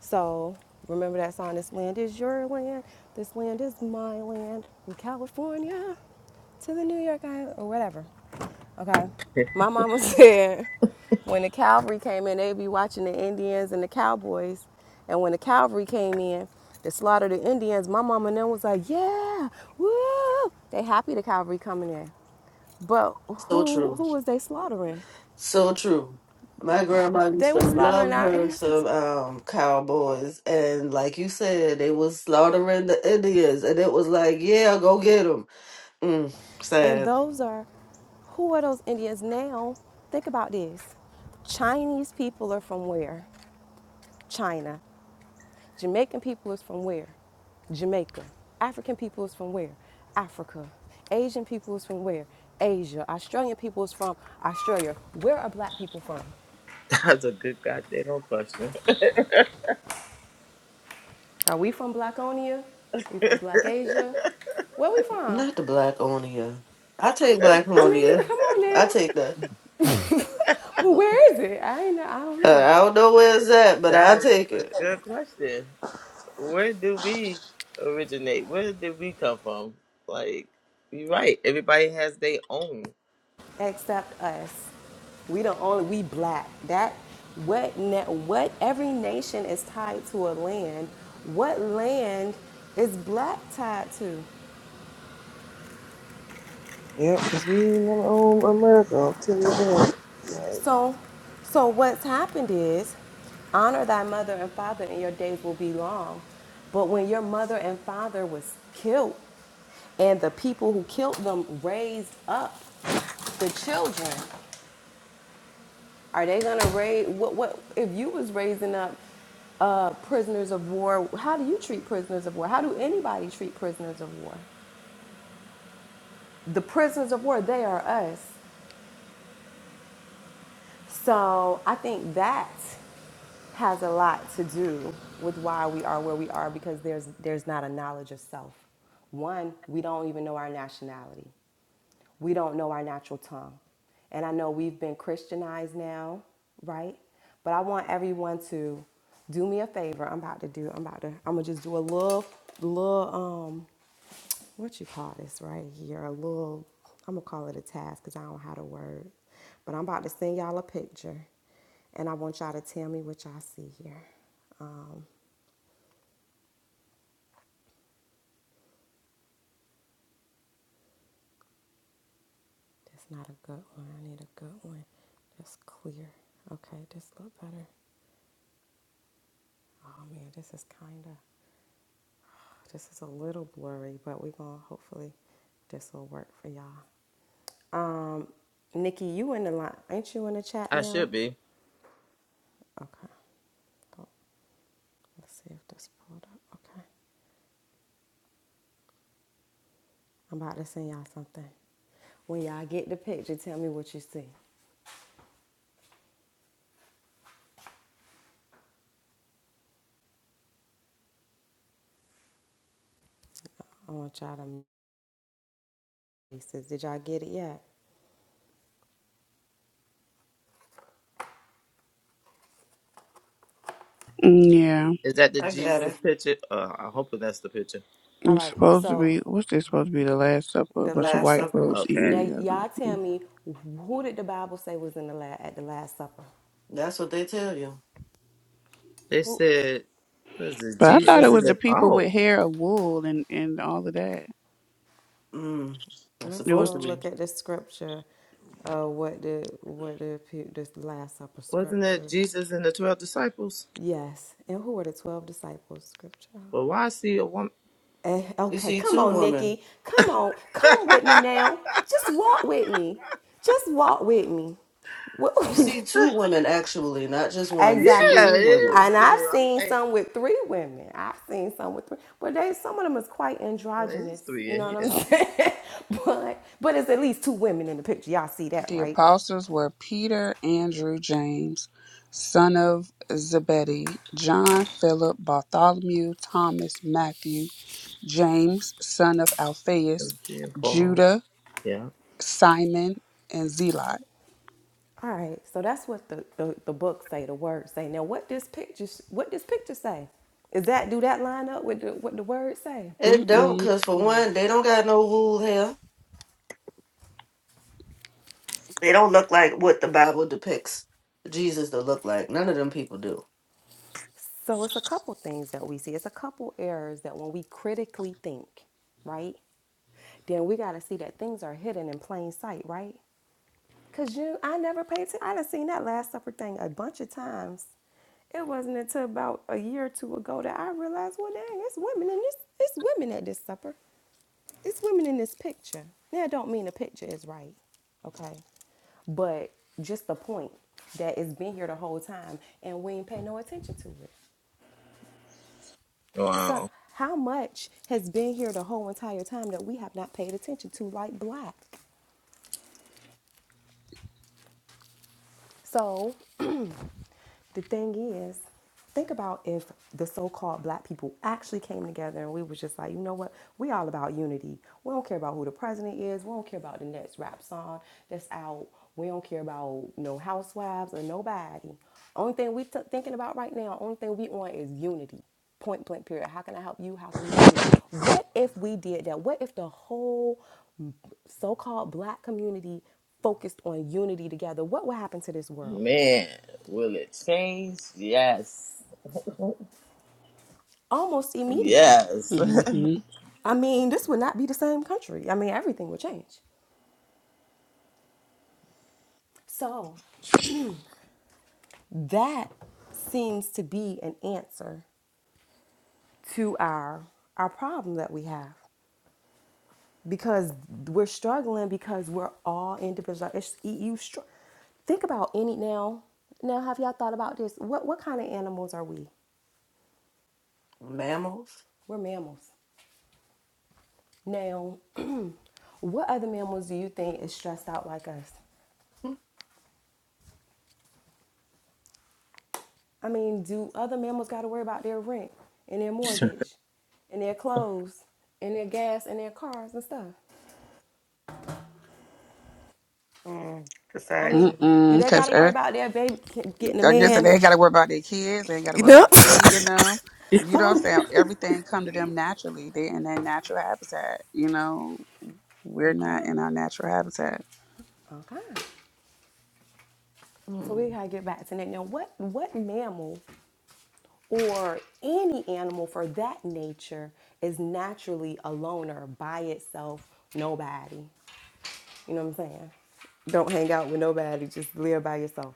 S1: So remember that song, This Land is Your Land, This Land is My Land, from California to the New York Island, or whatever. Okay? My mama said when the cavalry came in, they'd be watching the Indians and the cowboys. And when the cavalry came in, they slaughtered the Indians. My mama then was like, yeah, woo! They happy the cavalry coming in. But
S4: So
S1: who
S4: true.
S1: who was they slaughtering?
S4: So true. My grandma used
S1: They were
S4: to
S1: slaughtering
S4: love
S1: our
S4: her
S1: ancestors.
S4: some um cowboys and like you said, they was slaughtering the Indians and it was like, yeah, go get them. Mm,
S1: And
S4: sad.
S1: those are, who are those Indians now? Think about this. Chinese people are from where? China. Jamaican people is from where? Jamaica. African people is from where? Africa. Asian people is from where? Asia. Australian people is from Australia. Where are black people from?
S5: a good goddamn question.
S1: Are we from Blackonia? Are We from Black Asia? Where are we from?
S4: Not the black onia. I take black
S1: I mean,
S4: onia.
S1: come on
S4: I
S1: now.
S4: take that.
S1: but where is it? I ain't know. I don't
S4: Uh,
S1: know.
S4: I don't know where it's at, but
S3: Mm-hmm.
S4: I'll
S5: That's
S4: take
S5: a
S4: it.
S5: good question. Where do we originate? Where did we come from? Like, you're right. Everybody has their own.
S1: except us. We the only we black. That what na what every nation is tied to a land. What land is black tied to?
S3: Yep, 'cause we ain't never own America. I'll tell you that. Like,
S1: So so what's happened is honor thy mother and father and your days will be long. But when your mother and father was killed and the people who killed them raised up the children, Are they gonna raise what? What if you was raising up uh, prisoners of war? How do you treat prisoners of war? How do anybody treat prisoners of war? The prisoners of war, they are us. So I think that has a lot to do with why we are where we are because there's there's not a knowledge of self. One, we don't even know our nationality. We don't know our natural tongue. And I know we've been Christianized now, right? But I want everyone to do me a favor. I'm about to do I'm about to I'm going to just do a little little um what you call this right here, a little, I'm gonna call it a task because I don't have the word. But I'm about to send y'all a picture and I want y'all to tell me what y'all see here. Um, that's not a good one. I need a good one that's clear. Okay, this look better. Oh man, this is kinda, this is a little blurry, but we're gonna hopefully this will work for y'all. Um, Nikki, you in the line, ain't you in the chat
S5: I
S1: now?
S5: should be.
S1: Okay, let's see if this pulled up, okay. I'm about to send y'all something. When y'all get the picture, tell me what you see. I want y'all to pieces. Did y'all get it yet?
S2: mm, yeah,
S5: Is that the
S4: I got
S5: Jesus
S4: it.
S5: picture? Uh, I'm hoping that's the picture.
S1: All
S2: it's
S1: right.
S2: supposed to
S1: So
S2: be what's this supposed to be the last supper? A
S1: the
S2: bunch of
S4: Last
S1: Last
S2: white
S1: Supper.
S4: supper.
S2: folks eating
S5: Okay.
S1: Now
S2: together.
S1: y'all tell
S2: Mm.
S1: me who did the Bible say was in the la- at the Last Supper?
S4: That's what they tell you.
S5: They
S1: Who?
S5: said, what is it?
S2: But I thought it
S5: Jesus and
S2: was the
S5: the.
S2: people
S5: Oh,
S2: with hair of wool and and all of that.
S4: Mm, it's
S1: Let's
S2: it was.
S4: supposed
S1: go
S4: to be.
S1: look at the scripture. Uh, what the what the pe- this Last Supper
S5: wasn't it
S1: scripture?
S5: Jesus and the 12 disciples?
S1: Yes. And who were the twelve disciples? Scripture.
S5: But why I see a woman?
S1: Eh,
S4: You
S1: Okay,
S4: see
S1: come
S4: two
S1: on,
S4: women.
S1: Nikki. Come on,
S5: yeah,
S1: come with me now. Just walk with me. Just walk with me.
S4: You
S1: Wh-
S4: see two women actually, not just one. You see
S1: exactly.
S4: two
S5: it
S4: women.
S5: is.
S1: And I've
S5: too. I'm
S1: seen
S5: like,
S1: some with three women. I've seen some with three, but they some of them is quite
S5: well, it is
S1: androgynous.
S5: three
S1: You
S5: in
S1: know what
S5: here.
S1: I'm saying? but but it's at least two women in the picture. Y'all see that,
S2: The
S1: right?
S2: apostles were Peter, Andrew, James, son of Zebedee, John, Philip, Bartholomew, Thomas, Matthew, James, son of Alphaeus,
S5: be involved.
S2: Judah,
S5: Yeah.
S2: Simon, and Zelot.
S1: All right. So that's what the, the, the book say. The words say. Now, what this picture what this picture say? Is that do that line up with the, what the words say?
S4: It don't,
S2: Mm-mm.
S4: cause for
S1: No.
S4: one, they don't got no wool hair. They don't look like what the Bible depicts Jesus to look like. None of them people do.
S1: So it's a couple things that we see. It's a couple errors that when we critically think, right? Then we got to see that things are hidden in plain sight, right? Cause you, I never paid attention. I done seen that Last Supper thing a bunch of times. It wasn't until about a year or two ago that I realized, well, dang, it's women in this. It's women at this supper. It's women in this picture. Now, I don't mean the picture is right, okay? But just the point that it's been here the whole time and we ain't pay no attention to it. So,
S5: Wow.
S1: how much has been here the whole entire time that we have not paid attention to, like black? So, The thing is, think about if the so-called black people actually came together and we was just like, you know what? We all about unity. We don't care about who the president is. We don't care about the next rap song that's out. We don't care about no housewives or nobody. Only thing we t- thinking about right now, only thing we want is unity. Point blank period. How can I help you? How can you help me? What if we did that? What if the whole so-called black community focused on unity together? What would happen to this world?
S5: Man, will it change? Yes.
S1: almost immediately.
S5: Yes.
S2: Mm-hmm.
S1: I mean, this would not be the same country. I mean, everything would change. So that seems to be an answer to our our problem that we have because we're struggling because we're all individual. It's you. Str- think about any now. Now, have y'all thought about this? What what kind of animals are we?
S4: Mammals.
S1: We're mammals. Now, what other mammals do you think is stressed out like us? I mean, do other mammals got to worry about their rent and their mortgage and their clothes and their gas and their cars and stuff?
S4: Mm,
S1: I
S4: besides,
S1: mean, do
S2: Mm-mm.
S1: they got
S2: Because
S1: to worry
S2: I
S1: about their baby getting a
S2: guess they
S1: man?
S2: ain't got to worry about their kids. They ain't got to
S1: You
S2: worry
S1: know?
S2: about feeding them. You know what I'm
S1: oh,
S2: saying? Everything come to them naturally. they in their natural habitat. You know, we're not
S1: okay,
S2: in our natural habitat.
S1: okay. So
S4: Mm.
S1: we gotta get back to that. Now, what what mammal or any animal for that nature is naturally a loner by itself? Nobody. You know what I'm saying? Don't hang out with nobody. Just live by yourself.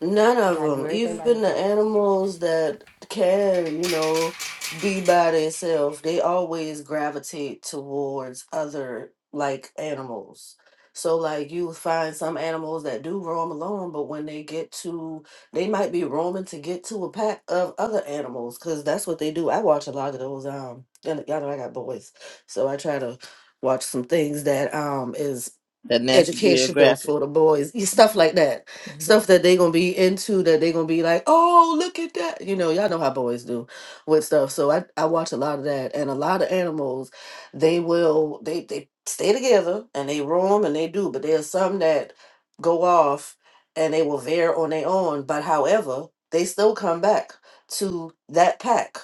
S4: None
S1: You
S4: of
S1: gotta do
S4: them.
S1: everything by
S4: Even the
S1: yourself.
S4: animals that can, you know, be by themselves, they always gravitate towards other like animals. So like you find some animals that do roam alone, but when they get to, they might be roaming to get to a pack of other animals because that's what they do. I watch a lot of those. Um, and y'all know I got boys, so I try to watch some things that um is
S5: That National
S4: educational
S5: Geographic,
S4: for the boys, y- stuff like that, stuff that they gonna be into that they gonna be like, oh look at that, you know, y'all know how boys do with stuff. So I I watch a lot of that, and a lot of animals, they will they they stay together and they roam and they do, but there's some that go off and they will veer on their own. But however, they still come back to that pack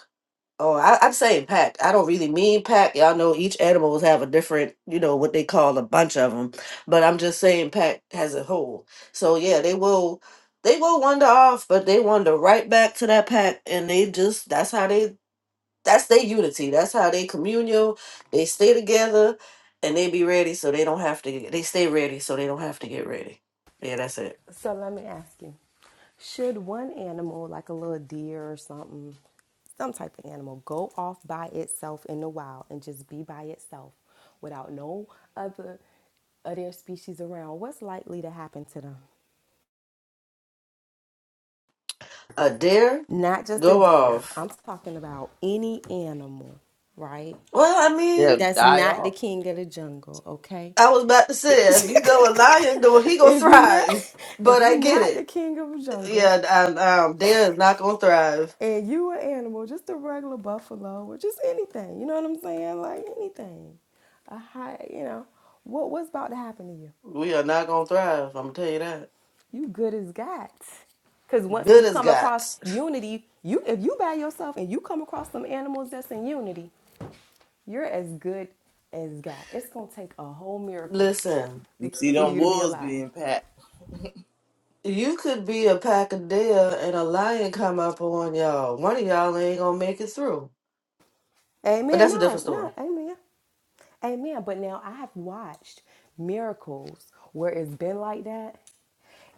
S4: Oh, I, I'm saying pack. I don't really mean pack. Y'all know each animals have a different, you know, what they call a bunch of them. But I'm just saying pack as a whole. So yeah, they will, they will wander off, but they wander right back to that pack, and they just that's how they that's their unity. That's how they communal. They stay together, and they be ready, so they don't have to. get- They stay ready, so they don't have to get ready. Yeah, that's it.
S1: So let me ask you should one animal, like a little deer or something, some type of animal, go off by itself in the wild and just be by itself without no other of their species around? What's likely to happen to them?
S4: A dare
S1: Not just a
S4: go
S1: deer,
S4: off.
S1: I'm talking about any animal, right?
S4: Well, I mean.
S5: they'll
S1: That's
S5: die
S1: not the
S5: off.
S1: king of the jungle, okay?
S4: I was about to say, if you go a
S1: if
S4: lion, go he gonna
S1: you're not
S4: thrive.
S1: if
S4: But
S1: you're
S4: I get
S1: not the
S4: it.
S1: king of the jungle
S4: Yeah, I, um, Dare is not gonna thrive.
S1: and you an animal, just a regular buffalo or just anything, you know what I'm saying? Like anything. A high, you know, what what's about to happen to you?
S4: We are not gonna thrive. I'm gonna tell you that.
S1: You good as God. Cause once
S4: Good
S1: you
S4: as
S1: come across
S4: gots.
S1: unity, you if you by yourself and you come across some animals that's in unity, you're as good as God. It's gonna take a whole miracle
S4: Listen,
S1: to
S5: You see
S1: keep, for
S5: them
S1: you to be
S5: wolves
S1: alive.
S5: being packed.
S4: you could be a pack of deer and a lion come up on y'all. One of y'all ain't gonna make it through. But
S1: Amen.
S4: that's a different
S1: No,
S4: story.
S1: no, amen. Amen. But now I have watched miracles where it's been like that.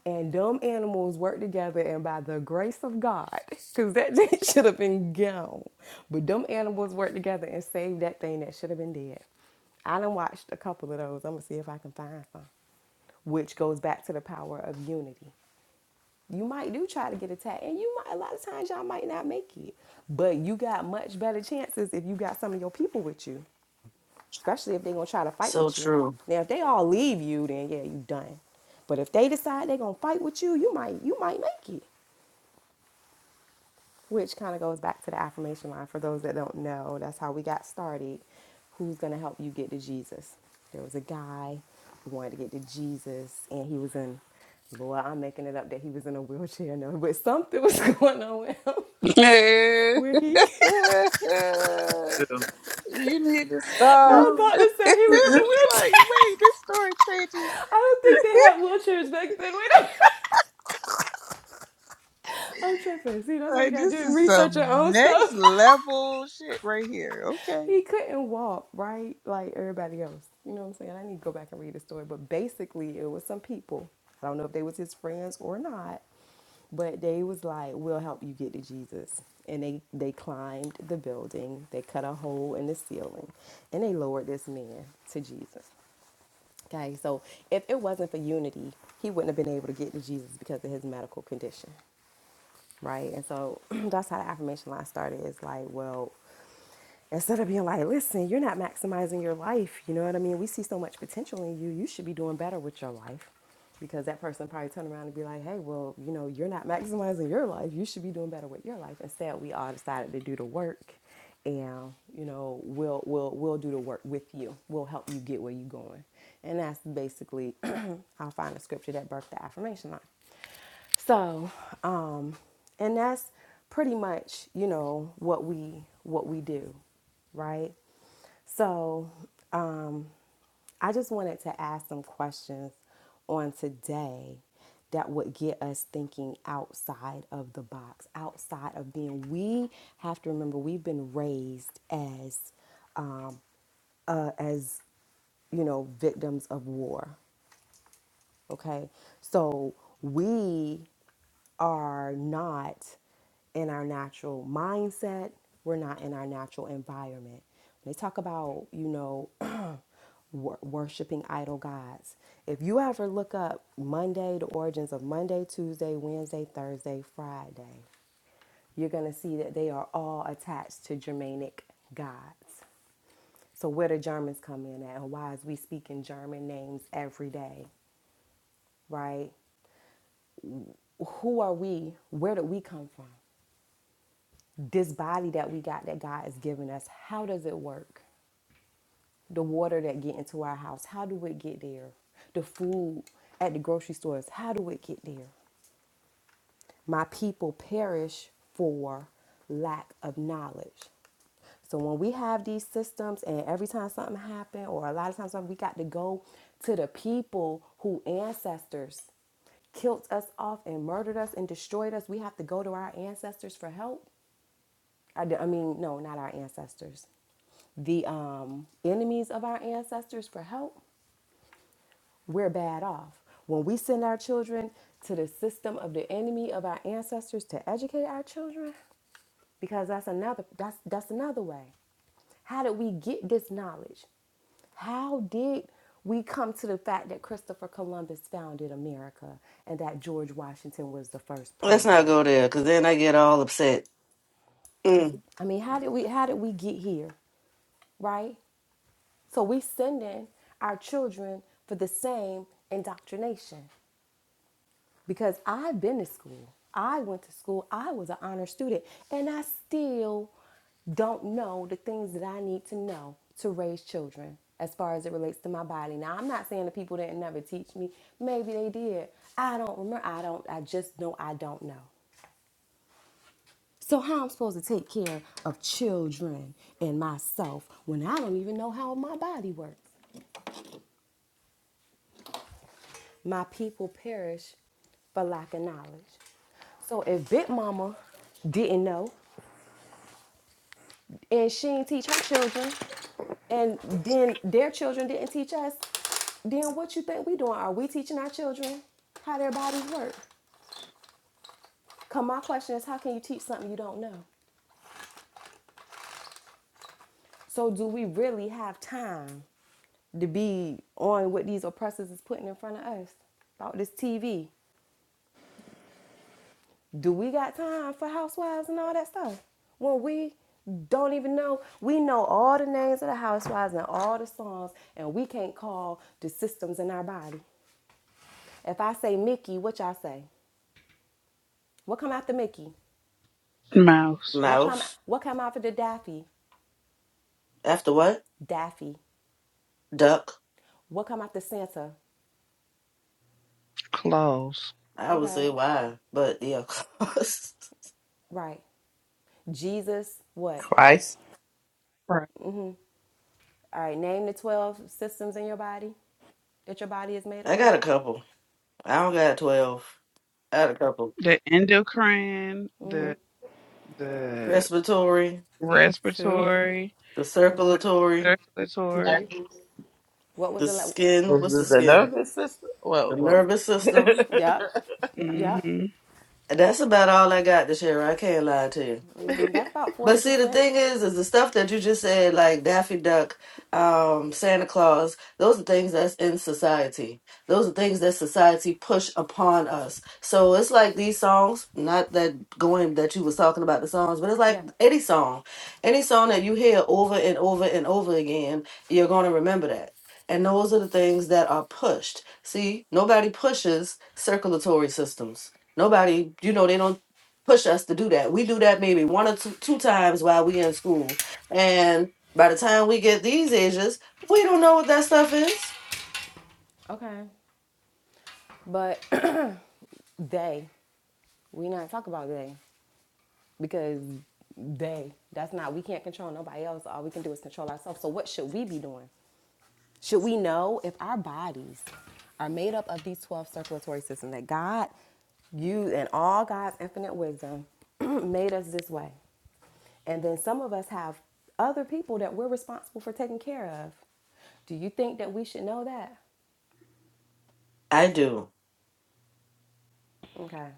S1: And dumb animals work together, and by the grace of God, because that thing should have been gone. But dumb animals work together and save that thing that should have been dead. I done watched a couple of those. I'm gonna see if I can find some, which goes back to the power of unity. You might do try to get attacked, and you might a lot of times y'all might not make it, but you got much better chances if you got some of your people with you especially if they're gonna try to fight
S4: So
S1: with you.
S4: true.
S1: Now, if they all leave you, then yeah, you done. But if they decide they're gonna fight with you, you might you might make it. Which kind of goes back to the affirmation line for those that don't know. That's how we got started. Who's gonna help you get to Jesus? There was a guy who wanted to get to Jesus, and he was in. Boy, I'm making it up that he was in a wheelchair now, but something was going on with him.
S2: you
S1: Where he,
S2: need to
S1: I
S2: stop.
S1: was about
S2: it's
S1: to say he was in a
S2: like,
S1: wheelchair.
S2: wait, this story changes.
S1: I don't think they had wheelchairs back then. Wait a minute. I'm tripping. See, that's why you
S2: Like,
S1: gotta
S2: this
S1: do
S2: is
S1: research
S2: some
S1: your own
S2: next
S1: stuff.
S2: level shit right here. Okay.
S1: he couldn't walk, right? Like everybody else. You know what I'm saying? I need to go back and read the story. But basically it was some people. I don't know if they was his friends or not, but they was like, We'll help you get to Jesus. And they, they climbed the building, they cut a hole in the ceiling, and they lowered this man to Jesus. Okay, so if it wasn't for unity, he wouldn't have been able to get to Jesus because of his medical condition. right? And so that's how the affirmation line started. It's like, well, instead of being like, listen, you're not maximizing your life. You know what I mean? We see so much potential in you. You should be doing better with your life. Because that person probably turn around and be like, hey, well, you know, you're not maximizing your life. You should be doing better with your life. Instead, we all decided to do the work and, you know, we'll, we'll, we'll do the work with you. We'll help you get where you're going. And that's basically, I'll find a scripture that birthed the affirmation line. So, um, and that's pretty much, you know, what we what we do, right? So, um, I just wanted to ask some questions on today that would get us thinking outside of the box, outside of being. We have to remember we've been raised as um, uh, as you know victims of war Okay. So we are not in our natural mindset. We're not in our natural environment. When they talk about, you know, wor- worshiping idol gods, if you ever look up Monday, the origins of Monday, Tuesday, Wednesday, Thursday, Friday, you're going to see that they are all attached to Germanic gods. So, where do Germans come in at, and why is we speaking German names every day, right? who are we? Where did we come from? This body that we got that God has given us, how does it work? The water that get into our house, how do it get there? The food at the grocery stores, how do it get there? My people perish for lack of knowledge. So when we have these systems and every time something happen or a lot of times something, we got to go to the people who ancestors killed us off and murdered us and destroyed us. We have to go to our ancestors for help. I I mean, no, not our ancestors. The um, enemies of our ancestors for help, we're bad off. When we send our children to the system of the enemy of our ancestors to educate our children, because that's another that's that's another way. How did we get this knowledge? How did we come to the fact that Christopher Columbus founded America and that George Washington was the first
S4: Let's not
S1: president?
S4: go there, cause then I get all upset. Mm.
S1: I mean, how did we how did we get here, right? So we sending our children for the same indoctrination because I've been to school. I went to school. I was an honor student and I still don't know the things that I need to know to raise children as far as it relates to my body. Now, I'm not saying the people didn't never teach me. Maybe they did. I don't remember. I don't I just know I don't know. So how I'm supposed to take care of children and myself when I don't even know how my body works? My people perish for lack of knowledge. So if Big Mama didn't know and she didn't teach her children, and then their children didn't teach us, then what you think we doing? Are we teaching our children how their bodies work? Cause my question is, how can you teach something you don't know? So do we really have time to be on what these oppressors is putting in front of us? About this TV. Do we got time for housewives and all that stuff? Well, we don't even know. We know all the names of the housewives and all the songs, and we can't call the systems in our body. If I say Mickey, what y'all say? What come after Mickey?
S2: Mouth,
S1: What come
S4: Mouse.
S1: what come after the Daffy?
S4: After what?
S1: Daffy.
S4: Duck.
S1: What come after Santa?
S2: claws,
S4: I would
S1: Okay.
S4: say why, but yeah. of course.
S1: Right. Jesus, what?
S5: Christ.
S2: Right.
S1: All right, name the 12 systems in your body that your body is made up
S4: I
S1: of.
S4: got a couple. I don't got 12. I had a couple.
S2: the endocrine, the the
S4: Respiratory,
S1: Two,
S2: respiratory,
S4: the
S2: the
S4: circulatory,
S6: Damn,
S2: circulatory.
S1: three. What was
S4: the
S1: the la
S4: skin.
S5: This
S4: What's the
S5: is the
S4: skin?
S5: nervous system? Whoa,
S4: The
S5: whoa.
S4: nervous system.
S1: Yep. Yep.
S2: Mm-hmm.
S4: And that's about all I got this year. I can't lie to you.
S1: hmm That's about forty
S4: But see, the
S1: percent.
S4: thing is, is the stuff that you just said, like Daffy Duck, um, Santa Claus, those are things that's in society. Those are things that society push upon us. So it's like these songs, not that going that you was talking about the songs, but it's like
S1: Yeah.
S4: any song, any song that you hear over and over and over again, you're going to remember that. And those are the things that are pushed. See, nobody pushes circulatory systems. Nobody, you know, they don't push us to do that. We do that maybe one or two, two times while we in school. And by the time we get these ages, we don't know what that stuff is.
S1: Okay. But they, we not talk about they because they. That's not. We can't control nobody else. All we can do is control ourselves. So what should we be doing? Should we know if our bodies are made up of these twelve circulatory systems that God, you, and all God's infinite wisdom made us this way, and then some of us have other people that we're responsible for taking care of. Do you think that we should know that?
S4: I do.
S1: Okay.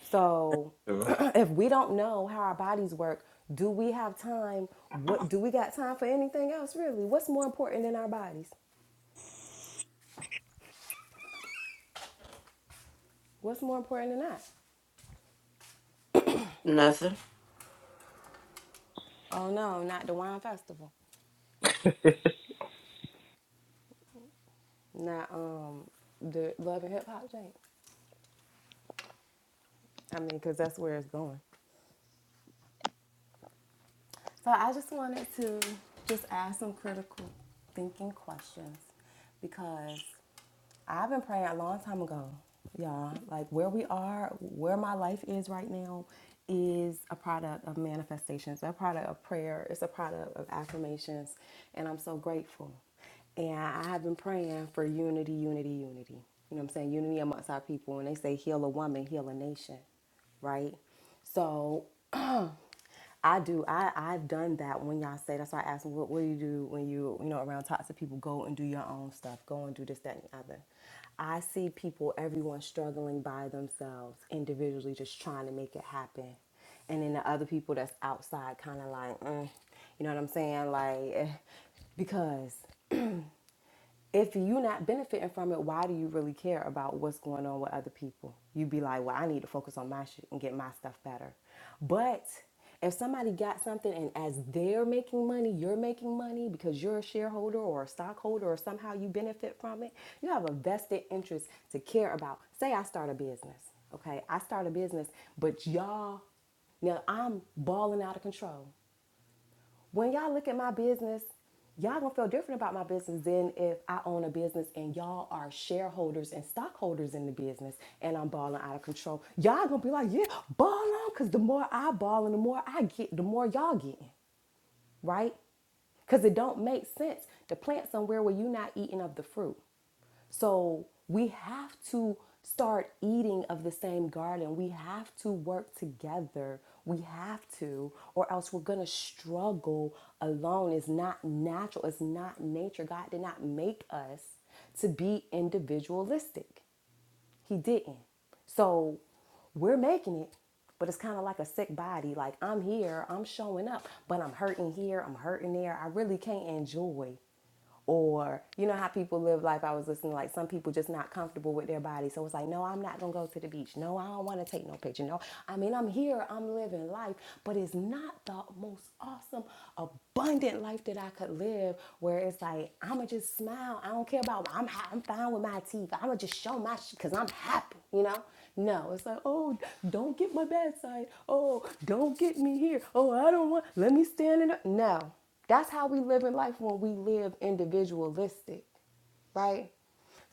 S1: So if we don't know how our bodies work, do we have time? What do we got time for anything else really? What's more important than our bodies? What's more important than that?
S4: Nothing.
S1: Oh no, not the wine festival. Not um the love and hip hop jam. I mean, cause that's where it's going. So I just wanted to just ask some critical thinking questions because I've been praying a long time ago, y'all. Like where we are, where my life is right now is a product of manifestations, a product of prayer, it's a product of affirmations, and I'm so grateful. And I have been praying for unity, unity, unity. You know what I'm saying? Unity amongst our people. And they say heal a woman, heal a nation, right? So I do. I I've done that when y'all say. That's why I asked, them, what what do you do when you you know around toxic people? Go and do your own stuff. Go and do this, that, and the other. I see people, everyone struggling by themselves, individually, just trying to make it happen, and then the other people that's outside, kind of like, mm, you know what I'm saying, like. eh, Because if you're not benefiting from it, why do you really care about what's going on with other people? You'd be like, well, I need to focus on my shit and get my stuff better. But if somebody got something and as they're making money, you're making money because you're a shareholder or a stockholder or somehow you benefit from it, you have a vested interest to care about. Say I start a business, okay? I start a business, but y'all now I'm balling out of control. When y'all look at my business, y'all gonna feel different about my business than if I own a business and y'all are shareholders and stockholders in the business and I'm balling out of control. Y'all gonna be like, yeah, ball on, cause the more I ball and the more I get, the more y'all getting right? Because it don't make sense to plant somewhere where you're not eating of the fruit. So we have to start eating of the same garden. We have to work together. We have to, or else we're going to struggle alone. It's not natural, it's not nature. God did not make us to be individualistic. He didn't. So we're making it, but it's kind of like a sick body. Like I'm here, I'm showing up, but I'm hurting here, I'm hurting there. I really can't enjoy. Or you know how people live life. I was listening like some people just not comfortable with their body, so it's like, no, I'm not gonna go to the beach. No, I don't want to take no picture. No, I mean I'm here, I'm living life, but it's not not the most awesome, abundant life that I could live where it's like, I'ma just smile. I don't care about, I'm, I'm fine with my teeth. I'ma just show my shit because I'm happy, you know? No, it's like, oh, don't get my bad side. Oh, don't get me here. Oh, I don't want, let me stand in. The-. No, that's how we live in life when we live individualistic right?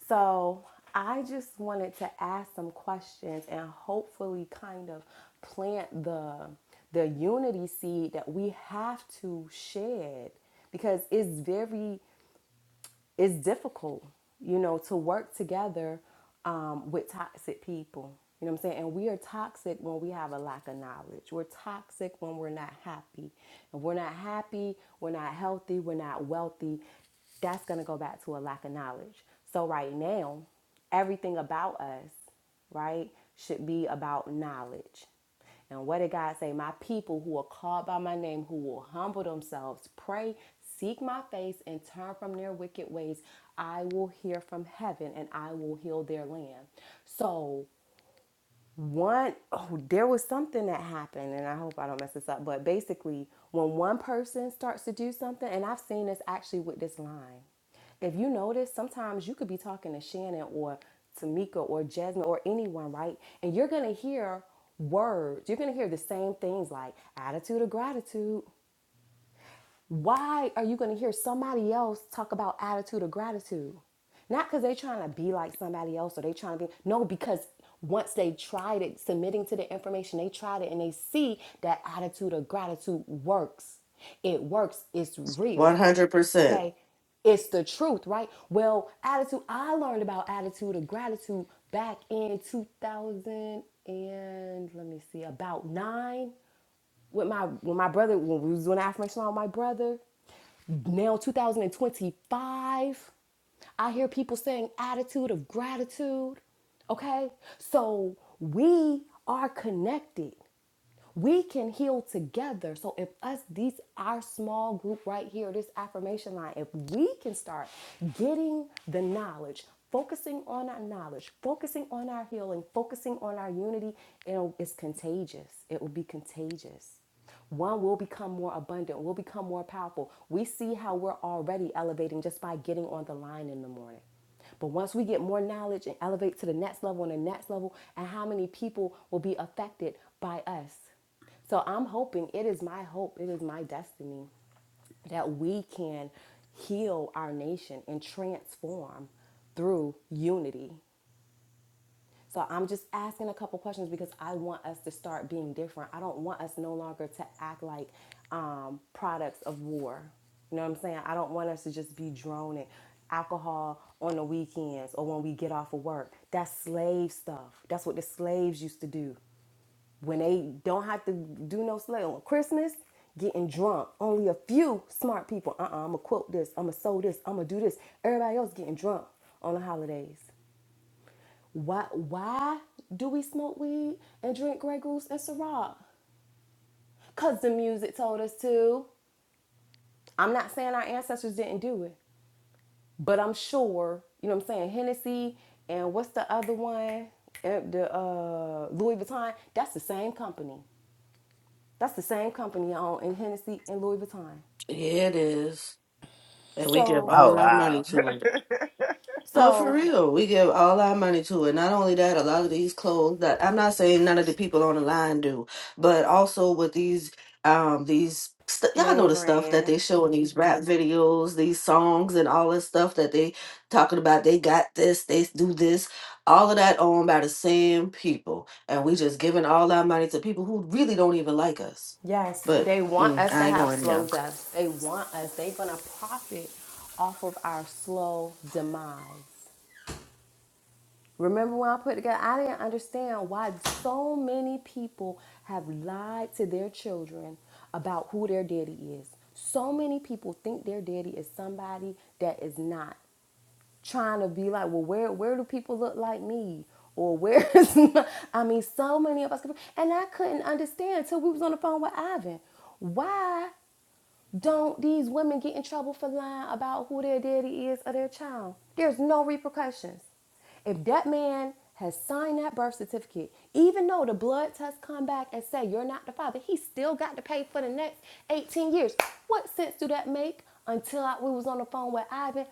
S1: So I just wanted to ask some questions and hopefully kind of plant the the unity seed that we have to shed because it's very it's difficult, you know, to work together um, with toxic people. You know what I'm saying? And we are toxic when we have a lack of knowledge. We're toxic when we're not happy. And we're not happy, we're not healthy, we're not wealthy. That's going to go back to a lack of knowledge. So, right now, everything about us, right, should be about knowledge and what did God say? My people who are called by my name, who will humble themselves, pray, seek my face, and turn from their wicked ways, I will hear from heaven and I will heal their land. So one oh there was something that happened and i hope i don't mess this up but basically when one person starts to do something and i've seen this actually with this line if you notice sometimes you could be talking to shannon or tamika or jasmine or anyone right and you're gonna hear words you're gonna hear the same things like attitude of gratitude why are you going to hear somebody else talk about attitude of gratitude? Not because they're trying to be like somebody else or they trying to be, no, because once they tried it, submitting to the information, they tried it and they see that attitude of gratitude works. It works, it's real,
S4: 100%.
S1: okay? It's the truth, right? Well, attitude, I learned about attitude of gratitude back in 2000 and let me see, about nine with my, when my brother, when we was doing affirmation on my brother now 2025 i hear people saying attitude of gratitude okay so we are connected we can heal together so if us these our small group right here this affirmation line if we can start getting the knowledge focusing on our knowledge focusing on our healing focusing on our unity it'll, it's contagious it will be contagious one will become more abundant, will become more powerful. We see how we're already elevating just by getting on the line in the morning. But once we get more knowledge and elevate to the next level and the next level, and how many people will be affected by us. So I'm hoping, it is my hope, it is my destiny that we can heal our nation and transform through unity. So I'm just asking a couple questions because I want us to start being different. I don't want us no longer to act like um, products of war. You know what I'm saying? I don't want us to just be droning alcohol on the weekends or when we get off of work. That's slave stuff. That's what the slaves used to do when they don't have to do no slave on Christmas. Getting drunk. Only a few smart people. Uh-uh, I'm gonna quote this. I'm gonna sew this. I'm gonna do this. Everybody else getting drunk on the holidays. Why why do we smoke weed and drink Grey Goose and Syrah? Cause the music told us to. I'm not saying our ancestors didn't do it, but I'm sure, you know what I'm saying, Hennessy and what's the other one? Eh, The uh, Louis Vuitton, that's the same company. That's the same company on in Hennessy and Louis Vuitton.
S4: Yeah, it is. And we give
S1: So
S5: oh,
S4: all our money
S5: wow.
S4: to it. Oh, for
S1: so
S4: real. We give all our money to it. Not only that, a lot of these clothes that I'm not saying none of the people on the line do, but also with these um these st- y'all know
S1: name
S4: the stuff that
S1: brand.
S4: they show in these rap videos, these songs and all this stuff that they talking about they got this, they do this, all of that owned by the same people. And we just giving all our money to people who really don't even like us.
S1: Yes,
S4: But
S1: they want
S4: mm,
S1: us to
S4: I ain't
S1: have
S4: going
S1: slow
S4: there.
S1: deaths. They want us. They're going to profit off of our slow demise. Remember when I put together, I didn't understand why so many people have lied to their children about who their daddy is. So many people think their daddy is somebody that is not trying to be like, well, where where do people look like me? Or where is my, I mean, so many of us, and I couldn't understand until we was on the phone with Ivan. Why? Don't these women get in trouble for lying about who their daddy is or their child? There's no repercussions. If that man has signed that birth certificate, even though the blood test come back and say you're not the father, he still got to pay for the next 18 years. What sense do that make? Until I, we was on the phone with Ivan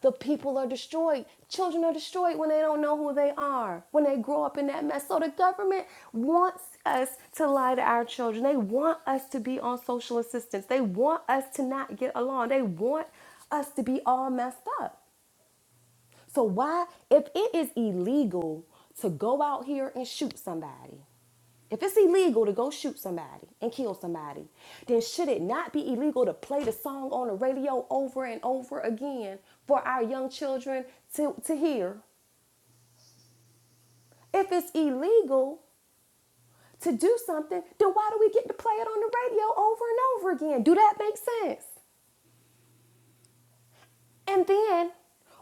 S1: the people are destroyed. Children are destroyed when they don't know who they are, when they grow up in that mess. So the government wants us to lie to our children. They want us to be on social assistance. They want us to not get along. They want us to be all messed up. So why, if it is illegal to go out here and shoot somebody, if it's illegal to go shoot somebody and kill somebody, then should it not be illegal to play the song on the radio over and over again for our young children to, to hear? If it's illegal to do something, then why do we get to play it on the radio over and over again? Do that make sense? And then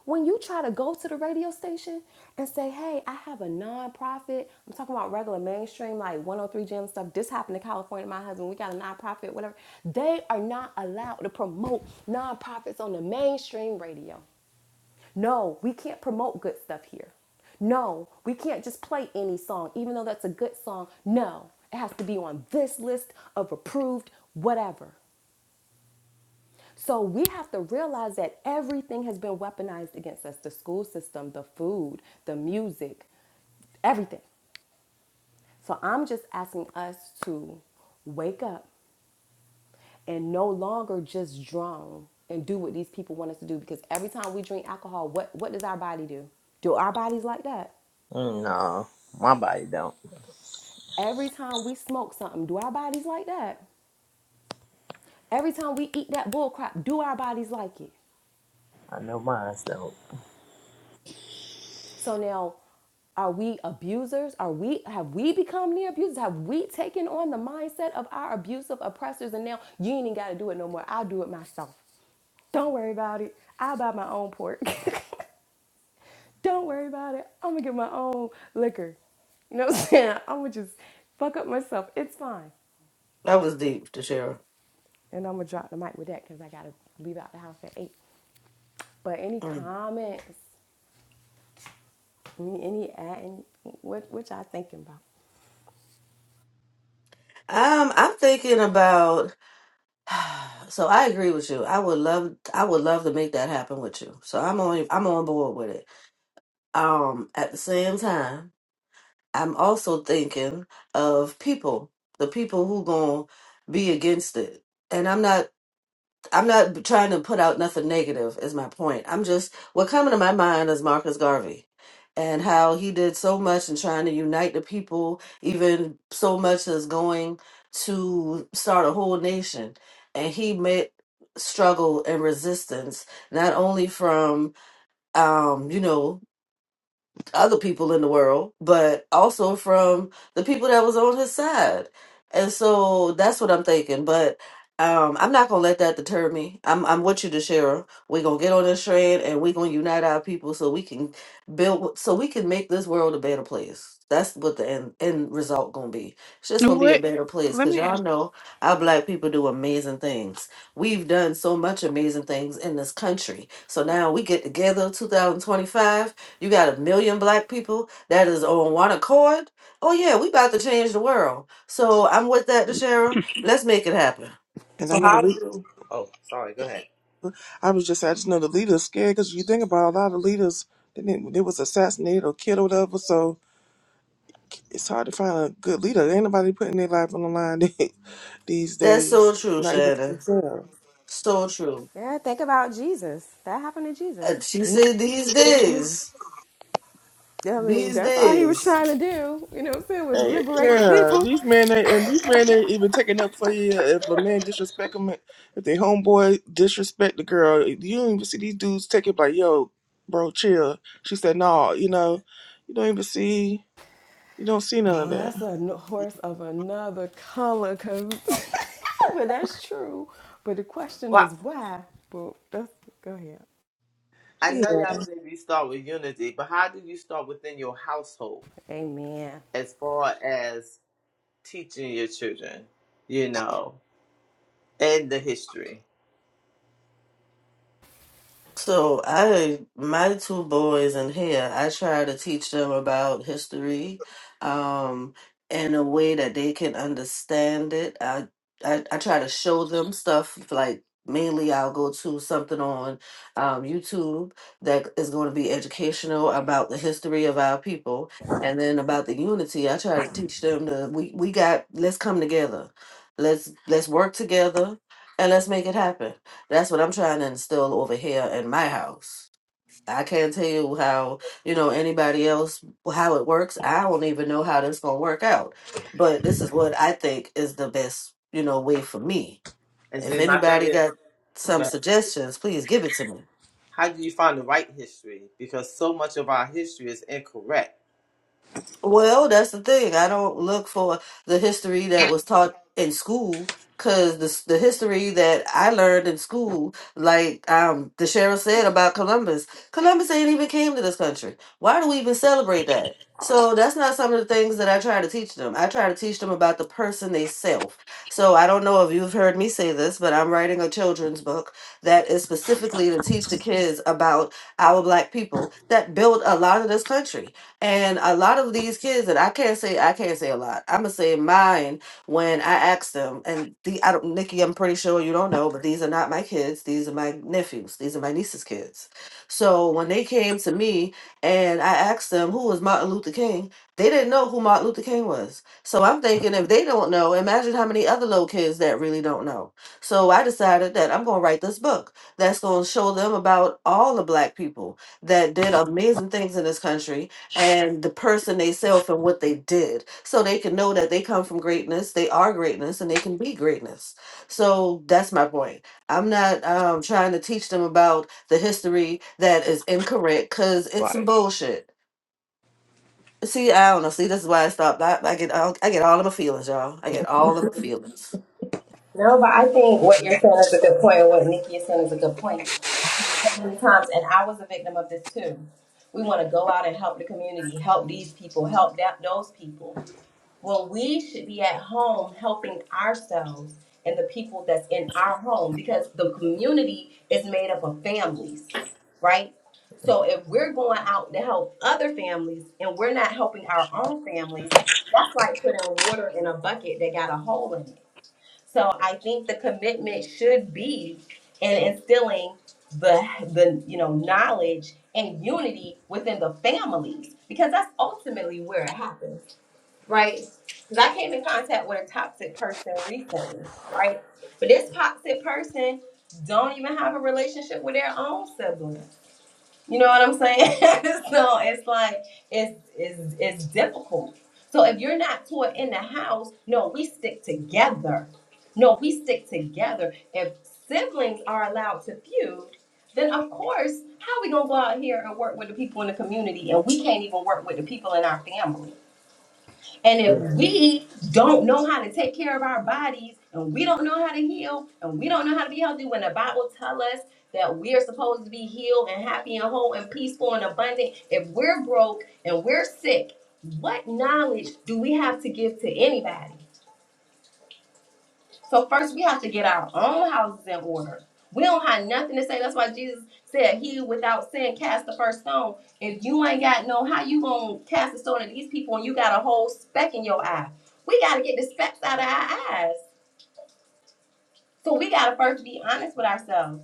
S1: when you try to go to the radio station and say, hey, I have a nonprofit, I'm talking about regular mainstream, like 103 Gym stuff. This happened in California, my husband, we got a nonprofit, whatever. They are not allowed to promote nonprofits on the mainstream radio. No, we can't promote good stuff here. No, we can't just play any song, even though that's a good song. No, it has to be on this list of approved whatever. So we have to realize that everything has been weaponized against us the school system, the food, the music, everything. So I'm just asking us to wake up and no longer just drown and do what these people want us to do because every time we drink alcohol, what, what does our body do? Do our bodies like that?
S5: Mm, No, my body don't.
S1: Every time we smoke something, do our bodies like that? Every time we eat that bull crap, do our bodies like it?
S5: I know mine don't.
S1: So now, are we abusers? Are we have we become near abusers? Have we taken on the mindset of our abusive oppressors? And now you ain't even got to do it no more. I'll do it myself. Don't worry about it. I'll buy my own pork. Don't worry about it. I'm gonna get my own liquor. You know what I'm saying? I'm gonna just fuck up myself. It's fine.
S4: That was deep, Tashira.
S1: And I'm gonna drop the mic with that because I gotta leave out the house at eight. But any
S4: Mm.
S1: comments? Any any add? Any, what what y'all thinking about?
S4: Um, I'm thinking about So I agree with you. I would love I would love to make that happen with you. So I'm on I'm on board with it. Um at the same time, I'm also thinking of people, the people who going to be against it. And I'm not I'm not trying to put out nothing negative is my point. I'm just what coming to my mind is Marcus Garvey and how he did so much in trying to unite the people, even so much as going to start a whole nation. And he met struggle and resistance not only from um, you know other people in the world, but also from the people that was on his side. And so that's what I'm thinking. But um, I'm not gonna let that deter me. I'm I'm with you, DeShera. We're gonna get on this train and we're gonna unite our people so we can build so we can make this world a better place. That's what the end, end result gonna be. It's just gonna be a
S2: What?
S4: better place
S2: Let
S4: because
S2: me
S4: y'all
S2: ask.
S4: know our black people do amazing things. We've done so much amazing things in this country. So now we get together 2025 you got a million black people that is on one accord. Oh yeah, we about to change the world. So I'm with that, Deshara. Let's make it happen.
S3: and I
S5: So
S3: know the
S5: how
S3: lead,
S5: do Oh, sorry, go ahead.
S3: I was just, I just know the leaders scared because you think about a lot of leaders, they, didn't, they was assassinated or killed or whatever. So it's hard to find a good leader. Ain't nobody putting their life on the line these
S4: That's so
S3: days,
S4: true,
S3: not even for
S4: Shannon.
S3: themselves.
S4: So true.
S1: Yeah, think about Jesus. That happened to Jesus.
S4: And she said these days,
S1: I mean,
S4: these
S1: that's all he was
S4: days.
S1: trying to do, you know what I'm saying, was
S3: Hey,
S1: liberate the
S3: yeah,
S1: people.
S3: these men ain't, and these men ain't even taking up for you if a man disrespect them. If they homeboy disrespect the girl, you don't even see these dudes take it like, yo, bro, chill. She said, no, you know, you don't even see, you don't see none of
S1: Well,
S3: that.
S1: that's a n- horse of another color, cause but that's true. But the question
S5: Well,
S1: is why? But that's go ahead.
S5: I know
S3: Yeah,
S5: y'all said you start with unity, but how do you start within your household
S1: Amen.
S5: as far as teaching your children, you know, and the history?
S4: So I, my two boys in here, I try to teach them about history, um, in a way that they can understand it. I, I, I try to show them stuff like mainly I'll go to something on um, YouTube that is going to be educational about the history of our people and then about the unity. I try to teach them that we, we got, let's come together. Let's, let's work together and let's make it happen that's what I'm trying to instill over here in my house. I can't tell you how, you know, anybody else, how it works. I don't even know how this going to work out. But this is what I think is the best, you know, way for me.
S5: And
S4: If
S5: see, my thing
S4: anybody got
S5: is,
S4: some
S5: that
S4: suggestions, please give it to me.
S5: how do you find the right history? Because so much of our history is incorrect.
S4: Well, that's the thing. I don't look for the history that was taught in school because the, s- the history that I learned in school, like um, the sheriff said about Columbus, Columbus ain't even came to this country. Why do we even celebrate that? So that's not some of the things that I try to teach them. I try to teach them about the person they self. So I don't know if you've heard me say this, but I'm writing a children's book that is specifically to teach the kids about our black people that built a lot of this country and a lot of these kids, and I can't say I can't say a lot. I'm gonna say mine when I asked them, and the I don't, Nikki, I'm pretty sure you don't know, but these are not my kids. These are my nephews. These are my niece's kids. So when they came to me and I asked them who was Martin Luther King, they didn't know who Martin Luther King was. So I'm thinking if they don't know, imagine how many other little kids that really don't know. So I decided that I'm gonna write this book that's gonna show them about all the black people that did amazing things in this country and the person they self and what they did so they can know that they come from greatness they are greatness and they can be greatness so that's my point i'm not um, trying to teach them about the history that is incorrect because it's some
S5: Right.
S4: bullshit see i don't know see this is why i stopped i, I get all, i get all of my feelings y'all i get all of my feelings
S1: No, but I think what you're saying is a good point, and what Nikki is saying is a good point. So many times, and I was a victim of this too. We want to go out and help the community, help these people, help that, those people. Well, we should be at home helping ourselves and the people that's in our home because the community is made up of families, right? So if we're going out to help other families and we're not helping our own families, that's like putting water in a bucket that got a hole in it. So I think the commitment should be in instilling the the you know knowledge and unity within the families because that's ultimately where it happens right? Because I came in contact with a toxic person recently, right? But this toxic person don't even have a relationship with their own sibling. You know what I'm saying? so it's like it's it's it's difficult. So if you're not taught in the house, no, we stick together. No, we stick together. If siblings are allowed to feud, then of course, how we gonna go out here and work with the people in the community and we can't even work with the people in our family? And if
S5: Yeah.
S1: we don't know how to take care of our bodies and we don't know how to heal and we don't know how to be healthy, when the Bible tells us that we are supposed to be healed and happy and whole and peaceful and abundant, if we're broke and we're sick, what knowledge do we have to give to anybody? So first we have to get our own houses in order. We don't have nothing to say. That's why Jesus said, He without sin cast the first stone. If you ain't got no how you gonna cast a stone at these people and you got a whole speck in your eye. We gotta get the specks out of our eyes. So we gotta first be honest with ourselves.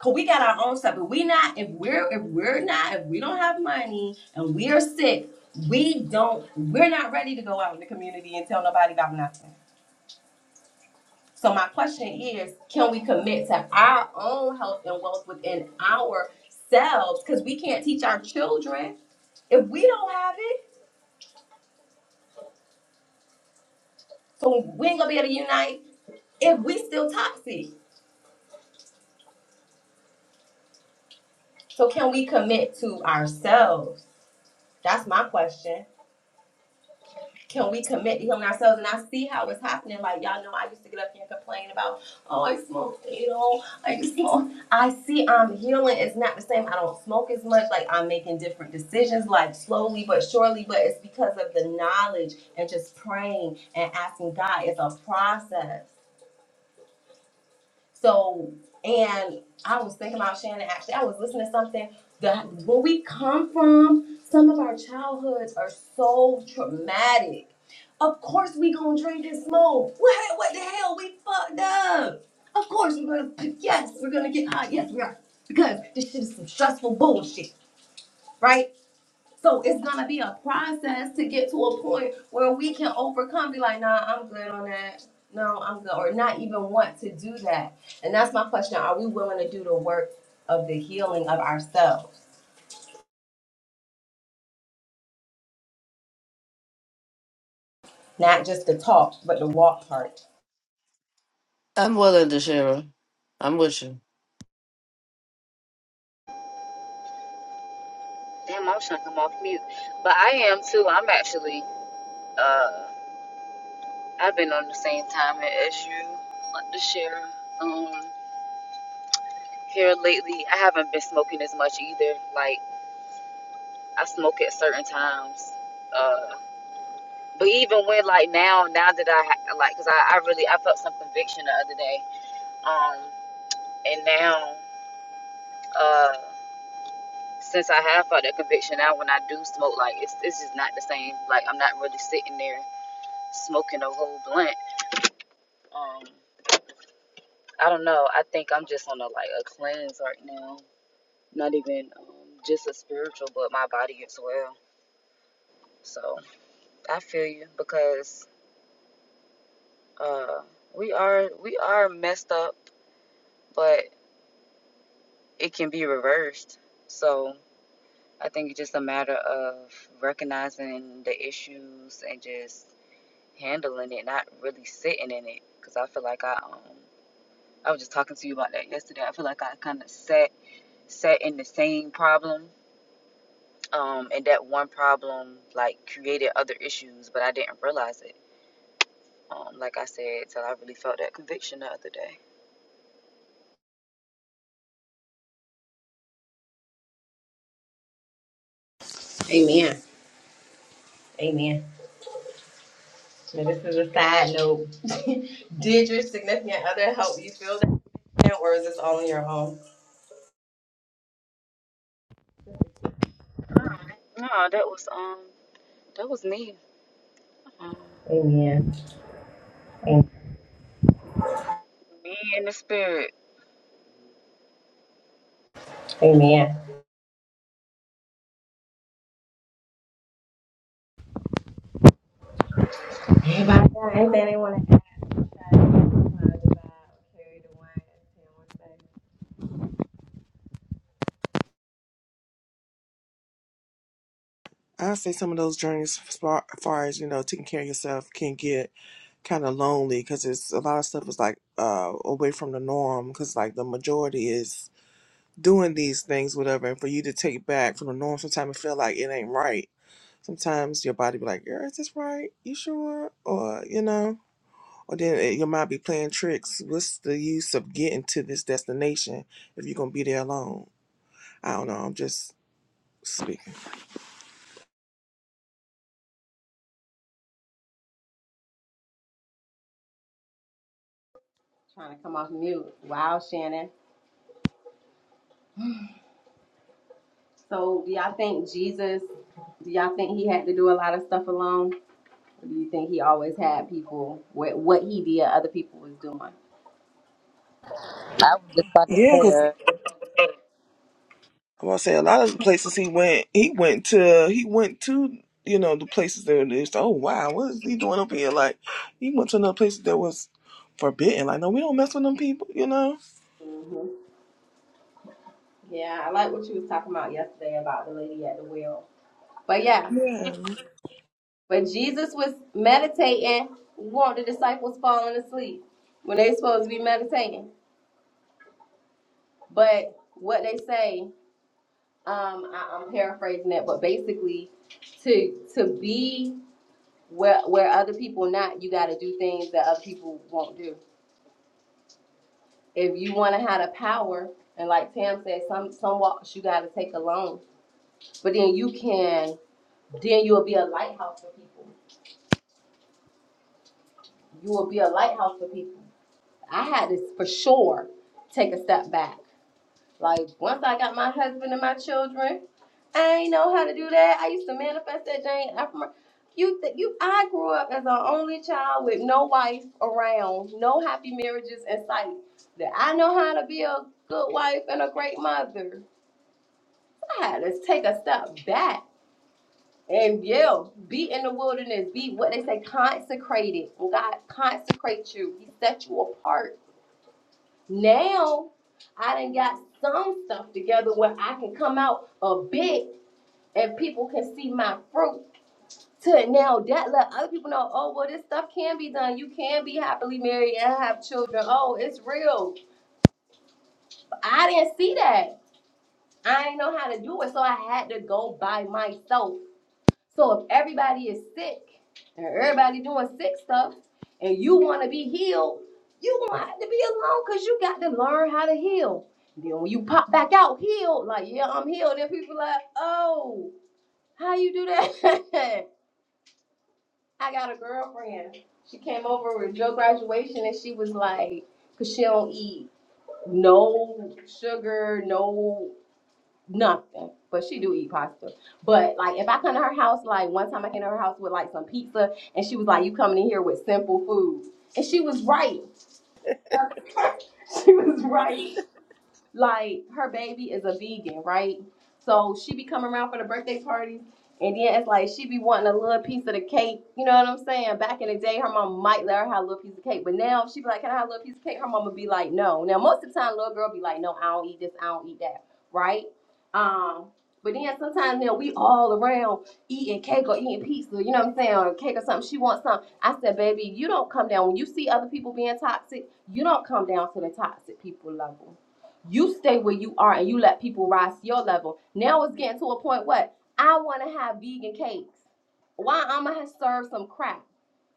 S1: Cause we got our own stuff. If we not, if we're if we're not, if we don't have money and we are sick, we don't we're not ready to go out in the community and tell nobody about nothing. So my question is, can we commit to our own health and wealth within ourselves? Because we can't teach our children if we don't have it. So we ain't gonna be able to unite if we still toxic. So can we commit to ourselves? That's my question. can we commit to healing ourselves? And I see how it's happening. Like y'all know, I used to get up here and complain about, oh, I smoke fatal, I just smoke. I see I'm healing. It's not the same. I don't smoke as much. Like I'm making different decisions, like slowly but surely. But it's because of the knowledge and just praying and asking God. It's a process. So, and I was thinking about Shannon. Actually, I was listening to something that where we come from. Some of our childhoods are so traumatic of course we gonna drink and smoke. What, what the hell? We fucked up. Of course we're gonna yes, we're gonna get high. Yes, we are. Because this shit is some stressful bullshit, right? So it's gonna be a process to get to a point where we can open and be like, nah, I'm good on that. No, I'm good, or not even want to do that. And that's my question. Are we willing to do the work of the healing of ourselves? Not just the talk, but the walk part.
S4: i'm willing to share 'em. i'm with you
S6: I'm sure I'm off mute. But I am too. I'm actually, uh, I've been on the same time as you, like this year. Um, here lately, I haven't been smoking as much either. Like, I smoke at certain times. Uh, but even when, like, now, now that I, ha- like, because I, I really, I felt some conviction the other day. Um, and now, uh, since I have felt that conviction, now when I do smoke, like, it's, it's just not the same. Like, I'm not really sitting there smoking a whole blunt Um, I don't know. I think I'm just on a like a cleanse right now. Not even um, just a spiritual, but my body as well. So I feel you because uh, we are we are messed up, but it can be reversed. So I think it's just a matter of recognizing the issues and just handling it, not really sitting in it. Because I feel like I um, I was just talking to you about that yesterday. I feel like I kind of sat sat in the same problem um, and that one problem like created other issues, but I didn't realize it. Um, like I said, till I really felt that conviction the other day.
S1: Amen. Amen. Now, this is a side note. Did your significant other help you feel that, way, or is this all on your own?
S6: No, that was um, that was me, um,
S1: Amen. Amen.
S6: me in the spirit.
S3: I say some of those journeys, as far, as far as you know, taking care of yourself, can get kind of lonely because it's a lot of stuff is like uh away from the norm because like the majority is doing these things, whatever, and for you to take back from the norm, sometimes it feel like it ain't right. Sometimes your body be like, "Girl, is this right? You sure?" Or you know, or then it, your mind be playing tricks. What's the use of getting to this destination if you're gonna be there alone? I don't know. I'm just speaking.
S1: Trying to come off mute. Wow, Shannon. So, do y'all think Jesus? Do y'all think he had to do a lot of stuff alone? Or do you think he always had people? What what he did, other people was doing.
S6: I was just about to say
S3: Yeah, because
S6: that.
S3: I'm gonna say a lot of the places he went, he went to, he went to. You know the places that is. Oh wow, what is he doing up here? Like he went to another place that was forbidden. Like no, we don't mess with them people. You know.
S1: Yeah, I like what you was talking about yesterday about the lady at the well. But yeah,
S3: Yeah.
S1: but Jesus was meditating. Weren't the disciples falling asleep when they supposed to be meditating? But what they say, um, I, I'm paraphrasing it, but basically, to to be where where other people not, you got to do things that other people won't do. If you want to have the power, and like Tam said, some some walks you got to take alone, but then you can, then you'll be a lighthouse for people. You will be a lighthouse for people. I had to for sure take a step back. Like once I got my husband and my children. I ain't know how to do that. I used to manifest that Jane. I from you, you. I grew up as an only child with no wife around, no happy marriages in sight. That I know how to be a good wife and a great mother. I had to take a step back and yeah, be in the wilderness. Be what they say consecrated. When God consecrates you, He set you apart. Now I done got some stuff together where I can come out a bit and people can see my fruit to now that let other people know, oh well this stuff can be done. You can be happily married and have children. Oh, it's real. I didn't see that. I didn't know how to do it. So I had to go by myself. So if everybody is sick and everybody doing sick stuff and you wanna be healed, you gonna have to be alone because you got to learn how to heal. Then when you pop back out healed, like yeah, I'm healed, Then people like, oh, how you do that? I got a girlfriend. She came over with your graduation and she was like, cause she don't eat no sugar, no nothing. But she do eat pasta. But like if I come to her house, like one time I came to her house with like some pizza and she was like, You coming in here with simple food. And she was right. She was right. like her baby is a vegan, right? So she be coming around for the birthday parties, and then it's like she be wanting a little piece of the cake. You know what I'm saying? Back in the day, her mom might let her have a little piece of cake, but now she be like, "Can I have a little piece of cake?" Her mama be like, "No." Now most of the time, little girl be like, "No, I don't eat this. I don't eat that." Right? Um. But then sometimes you know we all around eating cake or eating pizza, you know what I'm saying, or cake or something. She wants something. I said, baby, you don't come down when you see other people being toxic. You don't come down to the toxic people level you stay where you are and you let people rise to your level. Now it's getting to a point what? I want to have vegan cakes. Why I'ma serve some crap?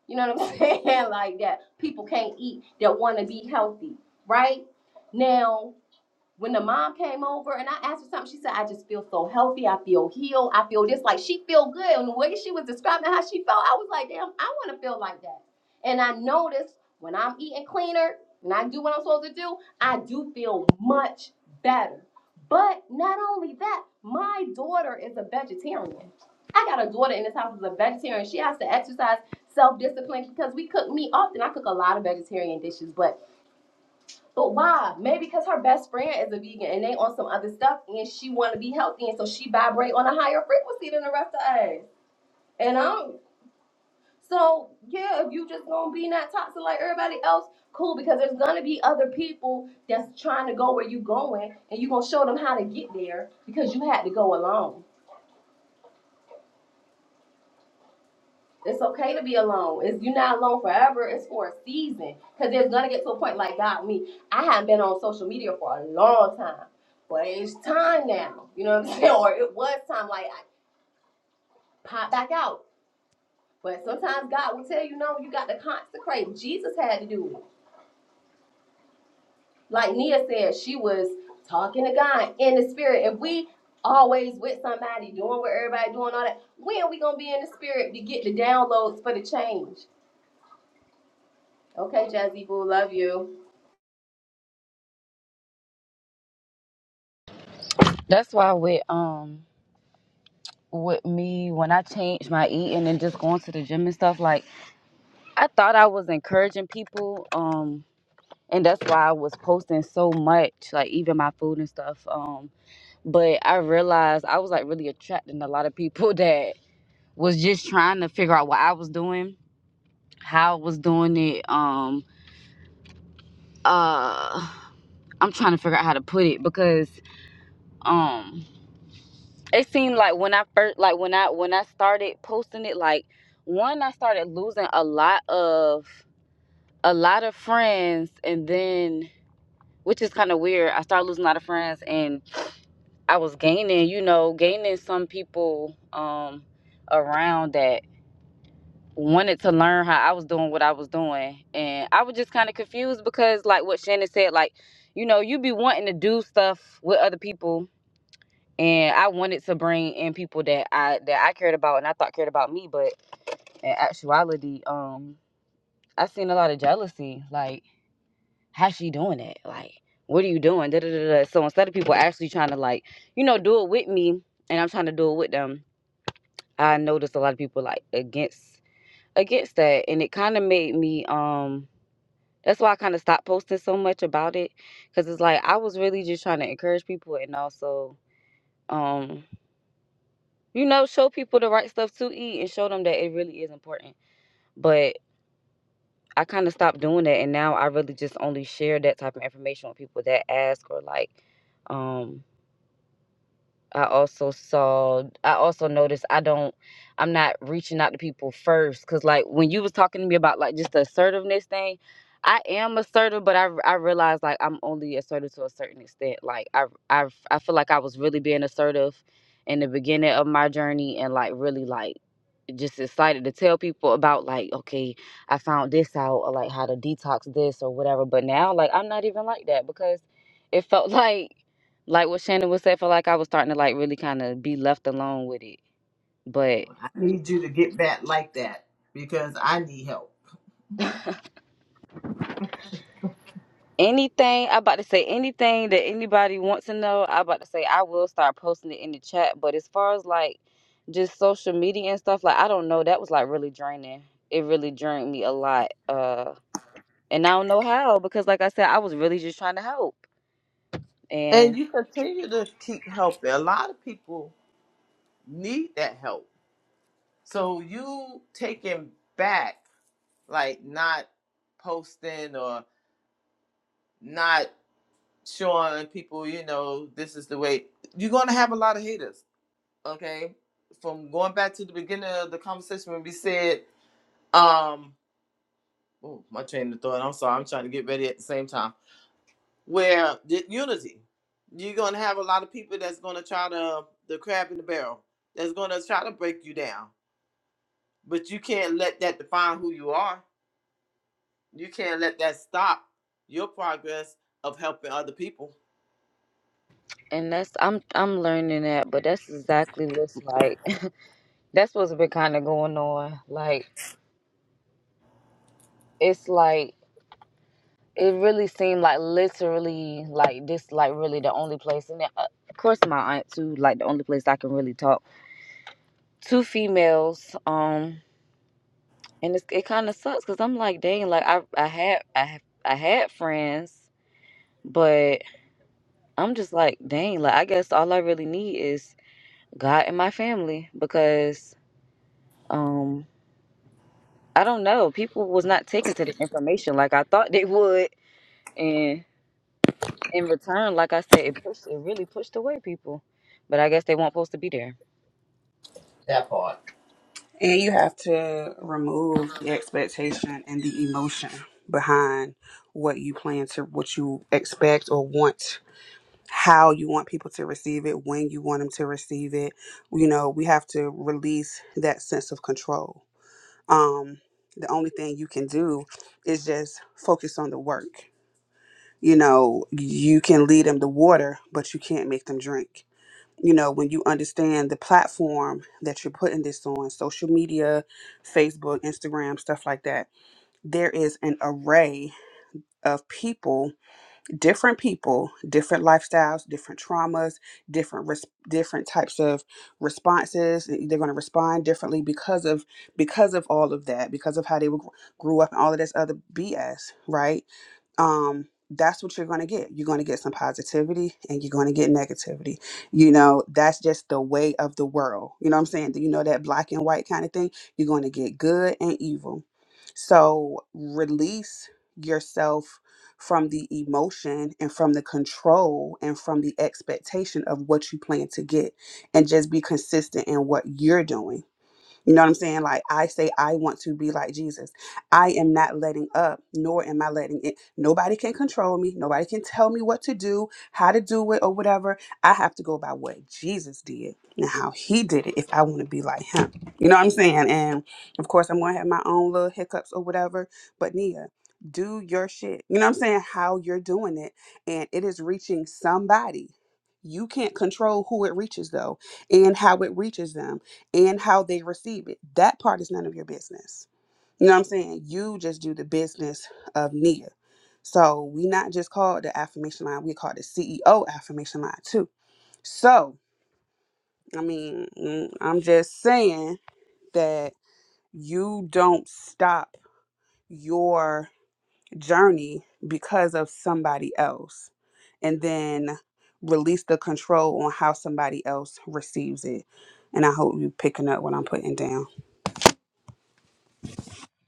S1: You know what I'm saying? like that people can't eat that want to be healthy, right? Now when the mom came over and I asked her something, she said, I just feel so healthy. I feel healed. I feel just like she feel good. And the way she was describing how she felt, I was like, damn, I want to feel like that. And I noticed when I'm eating cleaner and I do what I'm supposed to do, I do feel much better. But not only that, my daughter is a vegetarian. I got a daughter in this house who's a vegetarian. She has to exercise self-discipline because we cook meat often. I cook a lot of vegetarian dishes, but but why? Maybe because her best friend is a vegan and they on some other stuff and she want to be healthy and so she vibrate on a higher frequency than the rest of us. And I'm be not toxic like everybody else. Cool, because there's gonna be other people that's trying to go where you going and you get there because it's okay to be alone. It's you're not alone forever. It's for a season because there's gonna get to a point like God me. I haven't been on social media for a long time, but it's time now. You know what I'm saying? Or it was time. Like I pop back out But sometimes God will tell you, no, you got to consecrate. Jesus had to do it. Like Nia said, she was talking to God in the spirit. If we always with somebody doing what everybody doing all that, when are we gonna be in the spirit to get the downloads for the change? Okay, Jazzy Boo, love you.
S6: That's why with um, with me when I changed my eating and just going to the gym and stuff, like I thought I was encouraging people, um, and that's why I was posting so much, like even my food and stuff, Um. but I realized I was like really attracting a lot of people that was just trying to figure out what I was doing, how I was doing it. Um, uh, I'm trying to figure out how to put it because um, it seemed like when I first, like when I when I started posting it, like one, I started losing a lot of a lot of friends, and then which is kind of weird. I started losing a lot of friends, and I was gaining, you know, gaining some people um around that wanted to learn how I was doing what I was doing. And I was just kind of confused because, like what Shannon said, like, you know, you be wanting to do stuff with other people. And I wanted to bring in people that I that I cared about and I thought cared about me, but in actuality, um, I seen a lot of jealousy. Like, how's she doing it? Like, what are you doing? Da, da, da, da. So instead of people actually trying to like, you know, do it with me, and I'm trying to do it with them, I noticed a lot of people like against against that, and it kind of made me um That's why I kind of stopped posting so much about it because it's like I was really just trying to encourage people and also, um, you know, show people the right stuff to eat and show them that it really is important. But I kind of stopped doing that, and now I really just only share that type of information with people that ask or like, um, I also saw I also noticed I don't I'm not reaching out to people first cuz like when you was talking to me about like just the assertiveness thing, I am assertive but I I realized like I'm only assertive to a certain extent. Like I I I feel like I was really being assertive in the beginning of my journey and like really like just excited to tell people about like okay I found this out or like how to detox this or whatever but now like I'm not even like that because it felt like like what Shannon was saying, I feel like I was starting to like really kind of be left alone with it. But
S5: I need you to get back like that because I need help.
S6: anything I about to say, anything that anybody wants to know, I about to say I will start posting it in the chat. But as far as like just social media and stuff, like I don't know, that was like really draining. It really drained me a lot, uh, and I don't know how because like I said, I was really just trying to help,
S5: And
S6: and
S5: you continue to keep helping. A lot of people need that help. So you taking back. like not posting or not showing people, you know, this is the way. You're going to have a lot of haters, okay? From going back to the beginning of the conversation when we said, um, oh, my train of thought, I'm sorry, I'm trying to get ready at the same time, where the unity, you're going to have a lot of people that's going to try to, the crab in the barrel, that's going to try to break you down. But you can't let that define who you are. You can't let that stop your progress of helping other people
S6: and that's I'm I'm learning that, but that's exactly what's like. that's what's been kind of going on, like. It's like it really seemed like literally like this like really the only place and then, uh, of course my aunt too like the only place i can really talk two females um and it's, it kind of sucks because i'm like dang like i i had i have i had friends but i'm just like dang like i guess all i really need is god and my family because um i don't know people was not taken to the information like i thought they would and. in return, like I said, it pushed it really pushed away people. But I guess they weren't supposed to be there.
S2: And you have to remove the expectation and the emotion behind what you plan to, what you expect or want, how you want people to receive it, when you want them to receive it. You know, we have to release that sense of control. Um, the only thing you can do is just focus on the work. You know, you can lead them to water, but you can't make them drink you know, when you understand the platform that you're putting this on, social media, Facebook, Instagram, stuff like that, there is an array of people different people, different lifestyles, different traumas, different res- different types of responses. eh, They're going to respond differently because of because of all of that, because of how they were, grew up and all of this other BS, right? um, that's what you're going to get. You're going to get some positivity and you're going to get negativity. You know, that's just the way of the world. You know what I'm saying? Do You know, that black and white kind of thing. You're going to get good and evil. So release yourself from the emotion and from the control and from the expectation of what you plan to get and just be consistent in what you're doing you know what I'm saying? Like I say I want to be like Jesus. I am not letting up, nor am I letting it. Nobody can control me. Nobody can tell me what to do, how to do it, or whatever. I have to go by what Jesus did and how he did it if I want to be like him. You know what I'm saying? And of course I'm gonna have my own little hiccups or whatever. But Nia, do your shit. You know what I'm saying? How you're doing it. And it is reaching somebody. You can't control who it reaches though and how it reaches them and how they receive it. That part is none of your business. You know what I'm saying? You just do the business of Nia. So we not just call it the affirmation line, we call it the CEO affirmation line too. So, I mean, mm, I'm just saying that you don't stop your journey because of somebody else and then release the control on how somebody else receives it. And I hope you picking up what I'm putting down.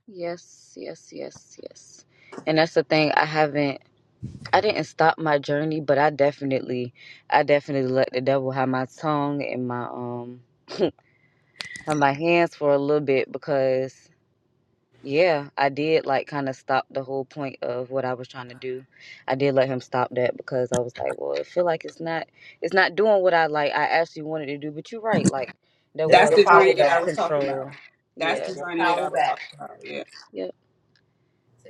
S6: Yes, yes, yes, yes. And that's the thing. I haven't I didn't stop my journey, but I definitely I definitely let the devil have my tongue and my um have my hands for a little bit because Yeah, I did like kind of stop the whole point of what I was trying to do. I did let him stop that because I was like, well, I feel like it's not it's not doing what I like I actually wanted to do. But you're right, like there
S5: Take
S2: That's
S6: was
S5: your
S2: the
S6: a
S2: journey
S6: sense
S5: power
S2: that I
S6: of
S2: was
S5: back.
S2: talking
S6: control.
S2: about. That's
S5: Take
S6: Yeah.
S2: the
S5: your
S2: journey that I
S5: power
S2: was talking
S5: back.
S2: about. Yeah.
S6: Yep.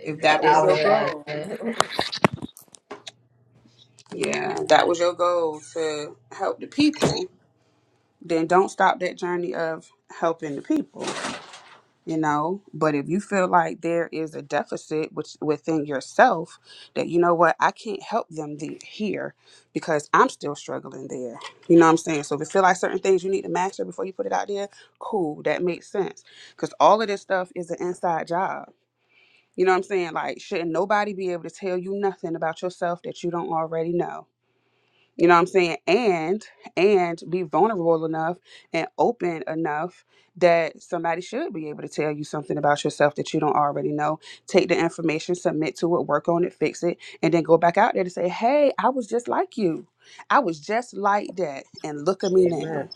S2: If
S6: I
S2: that was
S6: didn't
S2: your
S6: realize
S2: goal,
S6: that.
S2: yeah, if that was your goal to help the people, then don't stop that journey of helping the people, you know? But if you feel like there is a deficit which, within yourself that, you know what, I can't help them the, here because I'm still struggling there. You know what I'm saying? So if you feel like certain things you need to master before you put it out there, cool, that makes sense. Because all of this stuff is an inside job You know what I'm saying? Like, shouldn't nobody be able to tell you nothing about yourself that you don't already know? You know what I'm saying? And and be vulnerable enough and open enough that somebody should be able to tell you something about yourself that you don't already know. Take the information, submit to it, work on it, fix it, and then go back out there to say, "Hey, I was just like you. I was just like that, and look at me now.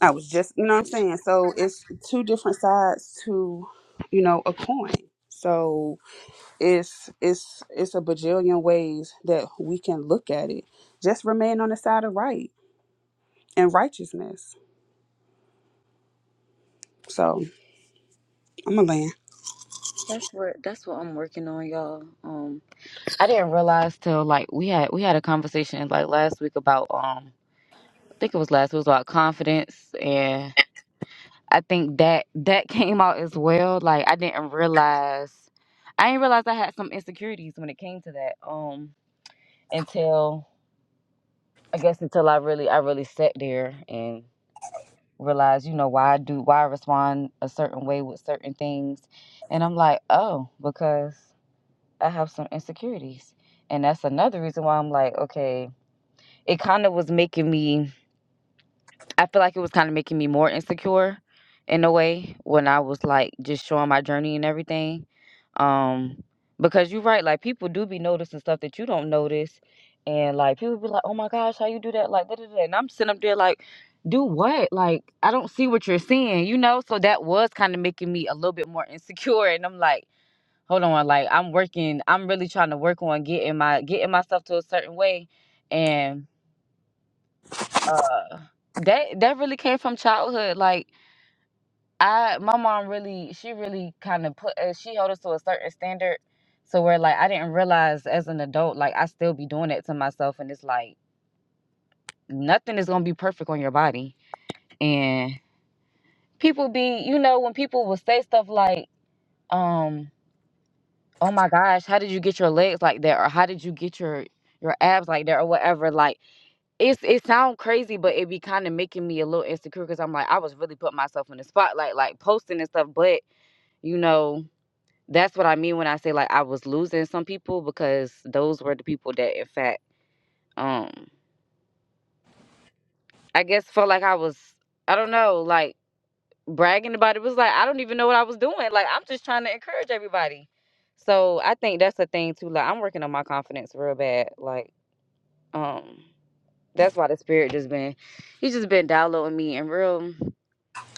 S2: I was just, you know what I'm saying? So it's two different sides to, you know, a coin. So it's it's it's a bajillion ways that we can look at it. Just remain on the side of right and righteousness. So I'm a land.
S6: That's what that's what I'm working on, y'all. Um I didn't realize till like we had we had a conversation like last week about um I think it was last it was about confidence I think that that came out as well. Like I didn't realize I didn't realize I had some insecurities when it came to that. Um until I guess until I really I really sat there and realized, you know, why I do why I respond a certain way with certain things. And I'm like, oh, because I have some insecurities. And that's another reason why I'm like, okay, it kind of was making me I feel like it was kind of making me more insecure in a way when I was like just showing my journey and everything. Um, because you're right, like people do be noticing stuff that you don't notice, and like people be like, "Oh my gosh, how you do that?" Like, da, da, da. and I'm sitting up there like, "Do what?" Like, I don't see what you're seeing, you know. So that was kind of making me a little bit more insecure, and I'm like, "Hold on, like I'm working. I'm really trying to work on getting my getting myself to a certain way." and uh that that really came from childhood like i my mom really she really kind of put uh, she held us to a certain standard so where like i didn't realize as an adult like i still be doing that to myself and it's like nothing is gonna be perfect on your body and people be you know when people will say stuff like um oh my gosh how did you get your legs like that or how did you get your your abs like that or whatever like it's it sound crazy, but it be kind of making me a little insecure because I'm like, I was really putting myself in the spotlight, like posting and stuff. But you know, that's what I mean when I say like I was losing some people because those were the people that, in fact, um, I guess felt like I was, I don't know, like bragging about it. It was like I don't even know what I was doing. Like I'm just trying to encourage everybody. So I think that's the thing too. Like I'm working on my confidence real bad. Like um, that's why the spirit just been, he just been downloading me and real.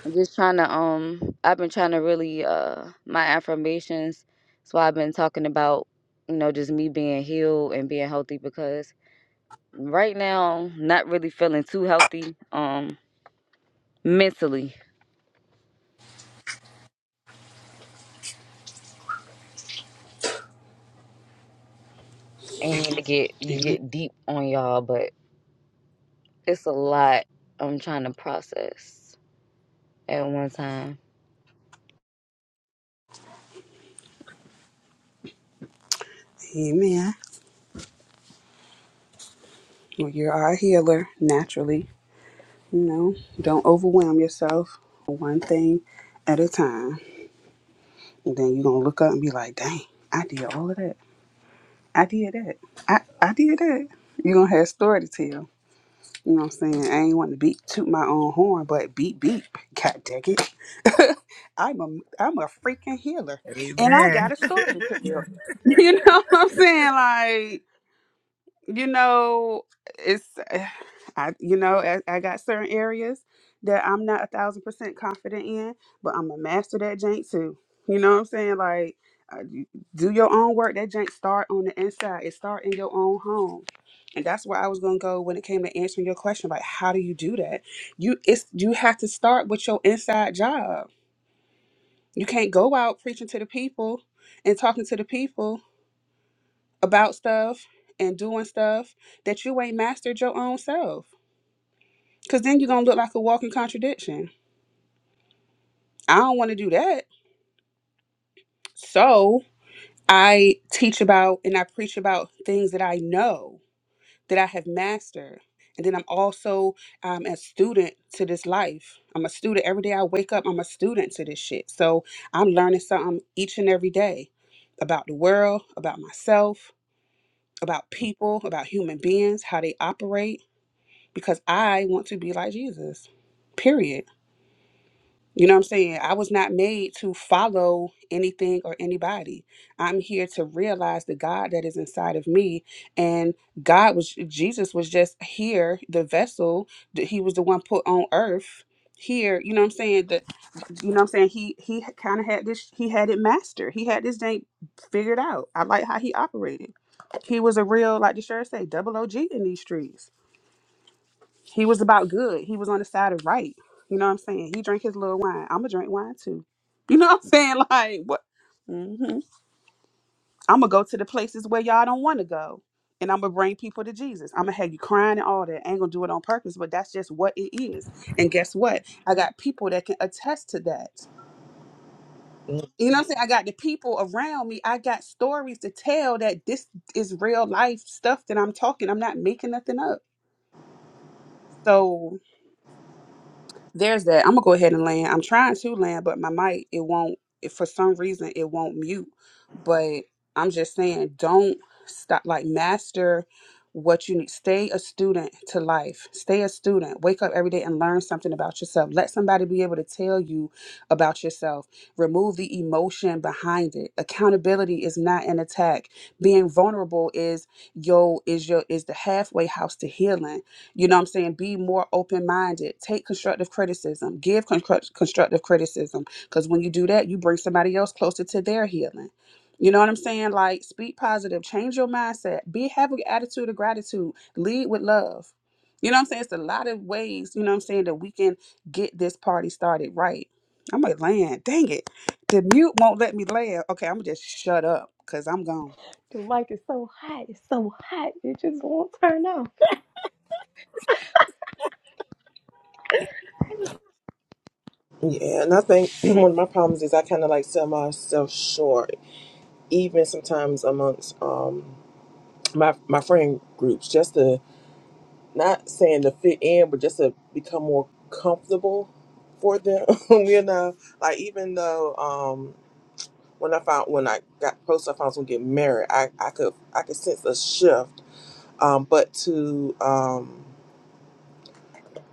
S6: I'm just trying to um I've been trying to really uh my affirmations. So I've been talking about, you know, just me being healed and being healthy because right now not really feeling too healthy um mentally. And need to get
S2: Amen.
S6: get deep on y'all, but it's a lot I'm trying to process at one time.
S2: Amen. Well, you are a healer naturally. You know, don't overwhelm yourself. One thing at a time. And then you're gonna look up and be like, dang, I did all of that. I did that. I, I did that. You're gonna have a story to tell. You know what I'm saying? I ain't want to beat toot my own horn, but beep beep. God dang it. I'm a I'm a freaking healer, and I got
S5: Amen.
S2: a story to tell. You know what I'm saying? Like, you know, it's I, you know, I, I got certain areas that I'm not a thousand percent confident in, but I'm a master that jank too. You know what I'm saying? Like, uh, you- do your own work. That jank start on the inside. It start in your own home. And that's where I was gonna go when it came to answering your question. Like, how do you do that? You it's you have to start with your inside job you can't go out preaching to the people and talking to the people about stuff and doing stuff that you ain't mastered your own self. Cause then you're gonna look like a walking contradiction. I don't wanna do that. So I teach about and I preach about things that I know, that I have mastered. And then I'm also um, a student to this life. I'm a student. Every day I wake up, I'm a student to this shit. So I'm learning something each and every day about the world, about myself, about people, about human beings, how they operate, because I want to be like Jesus. Period. You know what I'm saying? I was not made to follow anything or anybody. I'm here to realize the God that is inside of me. And God was, Jesus was just here, the vessel. that He was the one put on earth here. You know what I'm saying? The, you know what I'm saying? He he kind of had this he had it mastered. He had this thing figured out. I like how he operated. He was a real like the shirt say double OG in these streets. He was about good. He was on the side of right. You know what I'm saying? He drank his little wine. I'm gonna drink wine too. You know what I'm saying? Like what? hmm I'm gonna go to the places where y'all don't want to go, and I'm gonna bring people to Jesus. I'm gonna have you crying and all that. I ain't gonna do it on purpose, but that's just what it is. And guess what? I got people that can attest to that you know what I'm saying? I got the people around me. I got stories to tell that this is real life stuff that I'm talking. I'm not making nothing up. So there's that. I'm gonna go ahead and land. I'm trying to land, but my mic it won't. If for some reason it won't mute. But I'm just saying, don't stop. Like master what you need. Stay a student to life. Stay a student. Wake up every day and learn something about yourself. Let somebody be able to tell you about yourself. Remove the emotion behind it. Accountability is not an attack. Being vulnerable is yo is your is the halfway house to healing you know what I'm saying? Be more open minded. Take constructive criticism. Give construct- constructive criticism. Because when you do that, you bring somebody else closer to their healing. You know what I'm saying? Like, speak positive. Change your mindset. Be have an attitude of gratitude. Lead with love. You know what I'm saying? It's a lot of ways, you know what I'm saying, that we can get this party started right. I'm like, land. Dang it. The mute won't let me land. Okay, I'm going to just shut up because I'm gone.
S1: The mic is so hot. It's so hot. It just won't turn off.
S3: Yeah, and I think one of my problems is I kind of like sell myself short, even sometimes amongst um my my friend groups, just to not saying to fit in, but just to become more comfortable for them. you know, like even though um when I found when I got close, I found I was gonna get married. I I could I could sense a shift, um, but to um.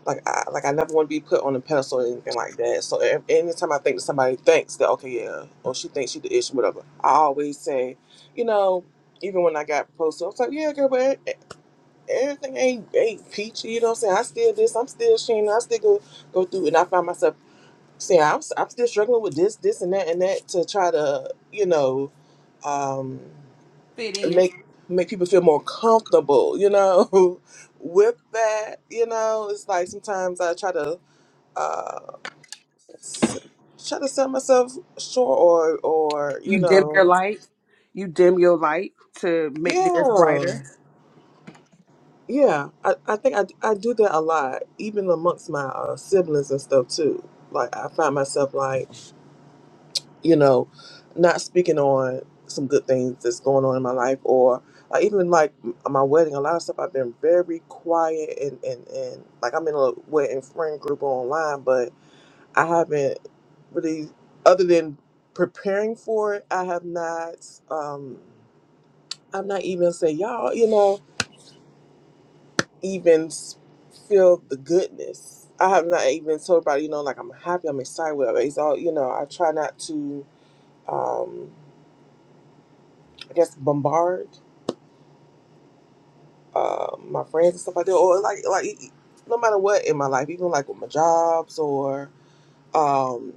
S3: like I like I never want to be put on a pedestal or anything like that. So a- anytime I think that somebody thinks that okay, yeah, or she thinks she the issue, whatever, I always say, you know, even when I got proposed to, I was like, yeah, girl, but e- e, everything ain't ain't peachy. You know what I'm saying? I still this, I'm still ashamed, I still go go through, and I find myself saying I'm s- I'm still struggling with this, this, and that, and that to try to you know, um,
S2: Fit in.
S3: make make people feel more comfortable, you know, with that. You know, it's like sometimes I try to uh s- try to sell myself short or or you
S2: You dim your
S3: know
S2: light. You dim your light to make theirs
S3: yeah
S2: brighter.
S3: yeah i, I think I I do that a lot even amongst my uh, siblings and stuff too like i find myself like you know not speaking on some good things that's going on in my life or like even like m- uh, my wedding a lot of stuff i've been very quiet and and, and like i'm in a wedding friend group online but I haven't really, other than preparing for it, I have not. Um, I'm not even say y'all, you know, even s- feel the goodness. I have not even told about, you know, like I'm happy, I'm excited. Whatever. It's all, you know. I try not to, um, I guess, bombard uh, my friends and stuff like that, or like, like no matter what in my life, even like with my jobs or um,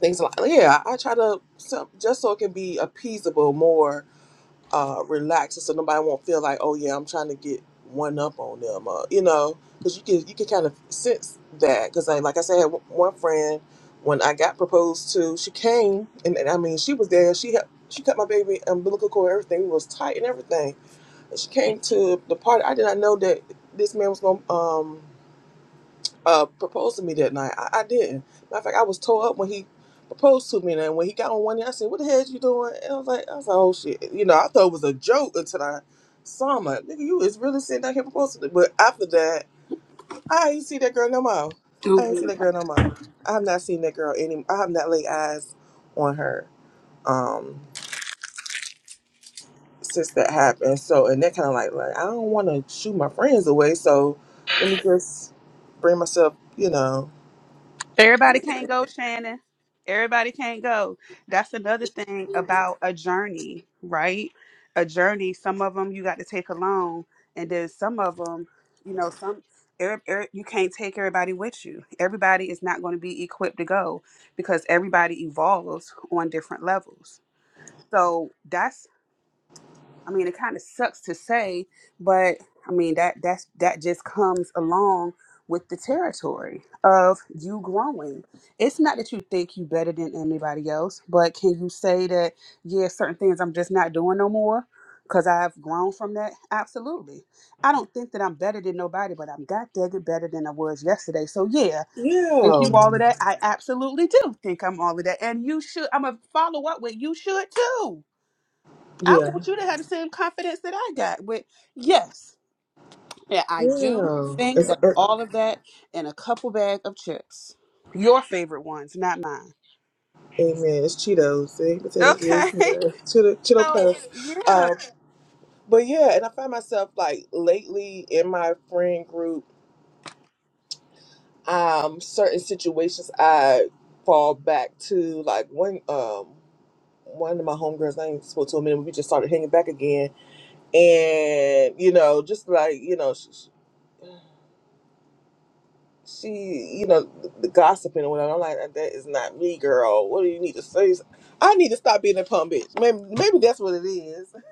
S3: things like yeah. I, I try to so- just so it can be appeasable more uh, relaxed, so nobody won't feel like, oh yeah, I'm trying to get one up on them, uh, you know, because you can you can kind of sense that. Because like, like I said, I had one one friend when I got proposed to, she came and, and I mean she was there. She had, she cut my baby umbilical cord, everything was tight and everything. And she came to the party. I did not know that this man was gonna um uh, proposed to me that night. I, I didn't. Matter of fact, I was tore up when he proposed to me, and then when he got on one knee, I said, "What the hell you doing?" And I was like, "I was like, oh shit," you know. I thought it was a joke until I saw him. Like, nigga, you is really sitting down here proposing. to me. But after that, I ain't see that girl no more.
S2: Do
S3: I ain't see
S2: we?
S3: that girl no more. I have not seen that girl any. I have not laid eyes on her um since that happened. So, and that kind of like, like I don't want to shoot my friends away. So, let me just bring myself, you know.
S2: Everybody can't go, Shannon. Everybody can't go. That's another thing about a journey, right? A journey. Some of them you got to take alone, and then some of them, you know, some er, er, you can't take everybody with you. Everybody is not going to be equipped to go because everybody evolves on different levels. So that's I mean, it kind of sucks to say, but I mean that that's that just comes along with the territory of you growing. It's not that you think you better than anybody else, but can you say that yeah, certain things I'm just not doing no more because I've grown from that? Absolutely. I don't think that I'm better than nobody, but I'm god dang it better than I was yesterday. So yeah, think you
S3: Yeah.
S2: all of that. I absolutely do think I'm all of that, and you should. I'm gonna follow up with you should too I
S3: Yeah.
S2: want you to have the same confidence that I got with yes. Yeah, I do
S3: Yeah.
S2: think
S3: It's
S2: that
S3: it,
S2: all of that and a couple bag of chips. Your favorite ones, not mine.
S3: amen. It's Cheetos. see? potato
S2: Okay.
S3: chips, Cheetos, Cheeto, Cheeto
S2: So
S3: puffs.
S2: yeah.
S3: Um, but yeah, and I find myself like lately in my friend group, um, certain situations I fall back to. Like one um one of my homegirls, I ain't spoke to in a minute. We just started hanging back again, and you know, just like you know. she- she, you know, the, the gossiping and whatnot. I'm like, that is not me, girl. What do you need to say? I need to stop being a pump bitch. Maybe, maybe that's what it is.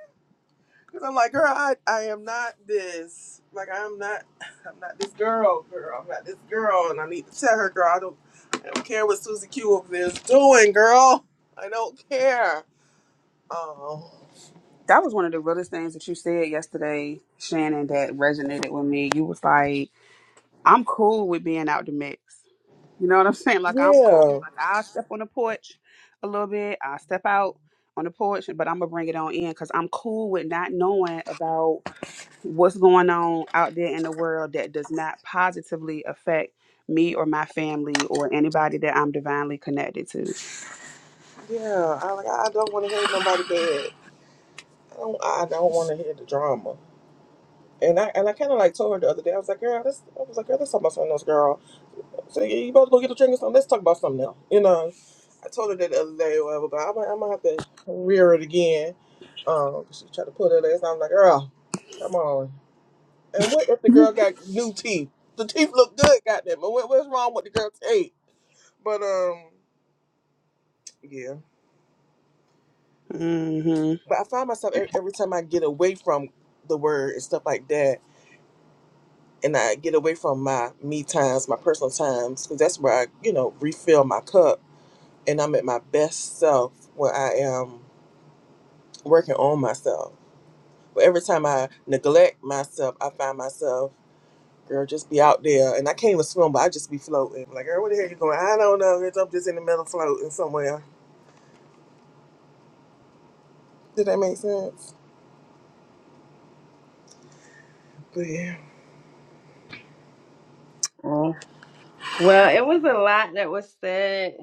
S3: Cause I'm like, girl, I, I am not this. Like, I'm not, I'm not this girl, girl. I'm not this girl, and I need to tell her, girl, I don't, I don't care what Susie Q over there is doing, girl. I don't care. Oh,
S2: That was one of the realest things that you said yesterday, Shannon, that resonated with me. You was like, I'm cool with being out the mix. You know what I'm saying? Like I'm cool.
S3: yeah,
S2: Like I'll step on the porch a little bit. I'll step out on the porch, but I'm gonna bring it on in because I'm cool with not knowing about what's going on out there in the world that does not positively affect me or my family or anybody that I'm divinely connected to.
S3: yeah. I like, I don't want to hear nobody bad. I don't, I don't want to hear the drama. And I and I kind of like told her the other day. I was like, girl, this. I was like, girl, let's talk about something else, girl. So you you about to go get a drink or something? Let's talk about something else. You know. I told her that the other day or whatever, but I'm, I'm gonna have to rear it again. Um, 'cause she tried to pull her legs. and I'm like, girl, come on. And what if the girl got new teeth? The teeth look good, goddamn. But what, what's wrong with the girl's teeth? But um, yeah.
S2: hmm
S3: But I find myself every, every time I get away from the word and stuff like that. and I get away from my me times, my personal times, because that's where I, you know, refill my cup and I'm at my best self when I am working on myself. But every time I neglect myself, I find myself, girl, just be out there. And I can't even swim, but I just be floating. Like, girl, where the hell you going? I don't know. Girl, I'm just in the middle floating somewhere. Did that make sense? But yeah.
S1: Oh. Well, it was a lot that was said,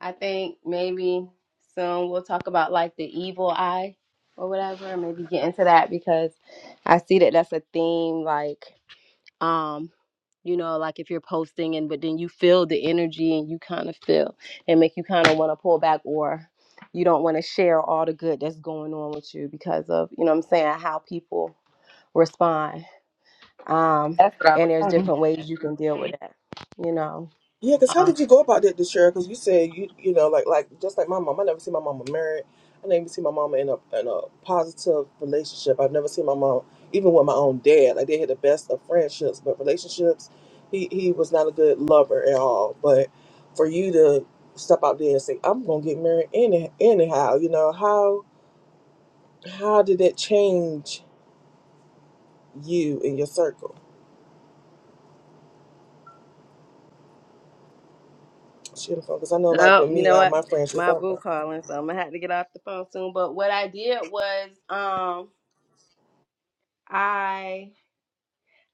S1: I think maybe soon we'll talk about like the evil eye or whatever. Maybe get into that because I see that that's a theme. Like, um, you know, like if you're posting and but then you feel the energy and you kind of feel and make you kind of want to pull back or you don't want to share all the good that's going on with you because of you know what I'm saying how people respond. Um,
S6: That's what I
S1: and
S6: was
S1: there's
S6: saying.
S1: different ways you can deal with that. You know.
S3: Yeah, because how did you go about that this year? Because you said you you know like like just like my mom, I never see my mama married. I never see my mama in a in a positive relationship. I've never seen my mom even with my own dad. Like they had the best of friendships, but relationships, he he was not a good lover at all. But for you to step out there and say I'm gonna get married any anyhow, you know how how did that change you in your circle? Shit, Because I know like
S1: Oh,
S3: with
S1: you
S3: me,
S1: know
S3: uh,
S1: what?
S3: my friendships.
S1: My
S3: i
S1: boo calling, so I'm gonna have to get off the phone soon. But what I did was, um, I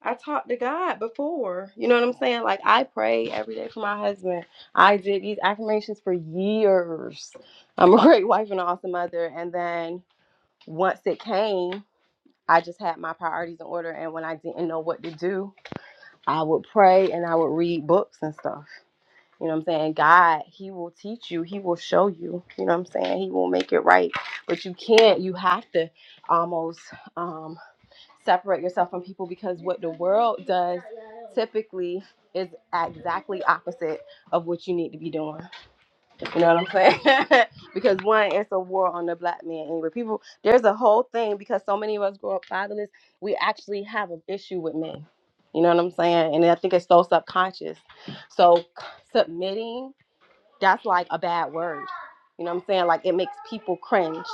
S1: I talked to God before. You know what I'm saying? Like I pray every day for my husband. I did these affirmations for years. I'm a great wife and an awesome mother. And then once it came, I just had my priorities in order. And when I didn't know what to do, I would pray and I would read books and stuff. You know what I'm saying? God, He will teach you. He will show you. You know what I'm saying? He will make it right. But you can't. You have to almost um, separate yourself from people because what the world does typically is exactly opposite of what you need to be doing. You know what I'm saying? because one, it's a war on the black man. Anyway, people, there's a whole thing because so many of us grow up fatherless. We actually have an issue with men. You know what I'm saying? And I think it's so subconscious. So submitting that's like a bad word. You know what I'm saying? Like it makes people cringe.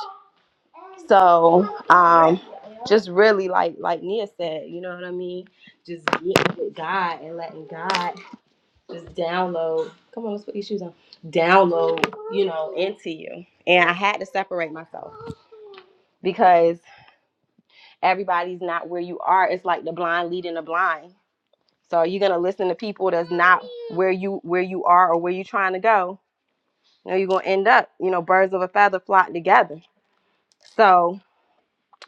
S1: So um just really like like Nia said, you know what I mean? Just getting with God and letting God just download. Come on, let's put these shoes on. Download, you know, into you. And I had to separate myself because everybody's not where you are. It's like the blind leading the blind. So you're gonna listen to people that's not where you where you are or where you're trying to go. You know, you're gonna end up, you know, birds of a feather flock together So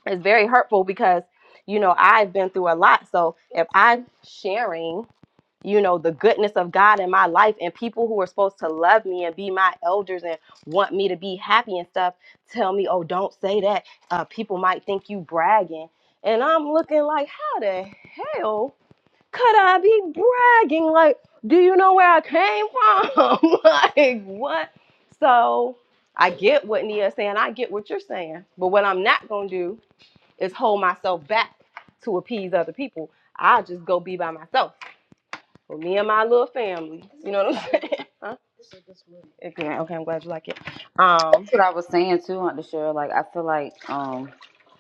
S1: it's very hurtful because, you know, I've been through a lot. So if I'm sharing, you know, the goodness of God in my life and people who are supposed to love me and be my elders and want me to be happy and stuff tell me, oh, don't say that. Uh, people might think you bragging. And I'm looking like, how the hell? could I be bragging? Like, do you know where I came from? like, what? So I get what Nia's saying. I get what you're saying. But what I'm not going to do is hold myself back to appease other people. I'll just go be by myself with me and my little family. You know what I'm saying? huh? If you- Okay, I'm glad you like it. Um.
S6: That's what I was saying too, Aunt Cheryl. Like I feel like um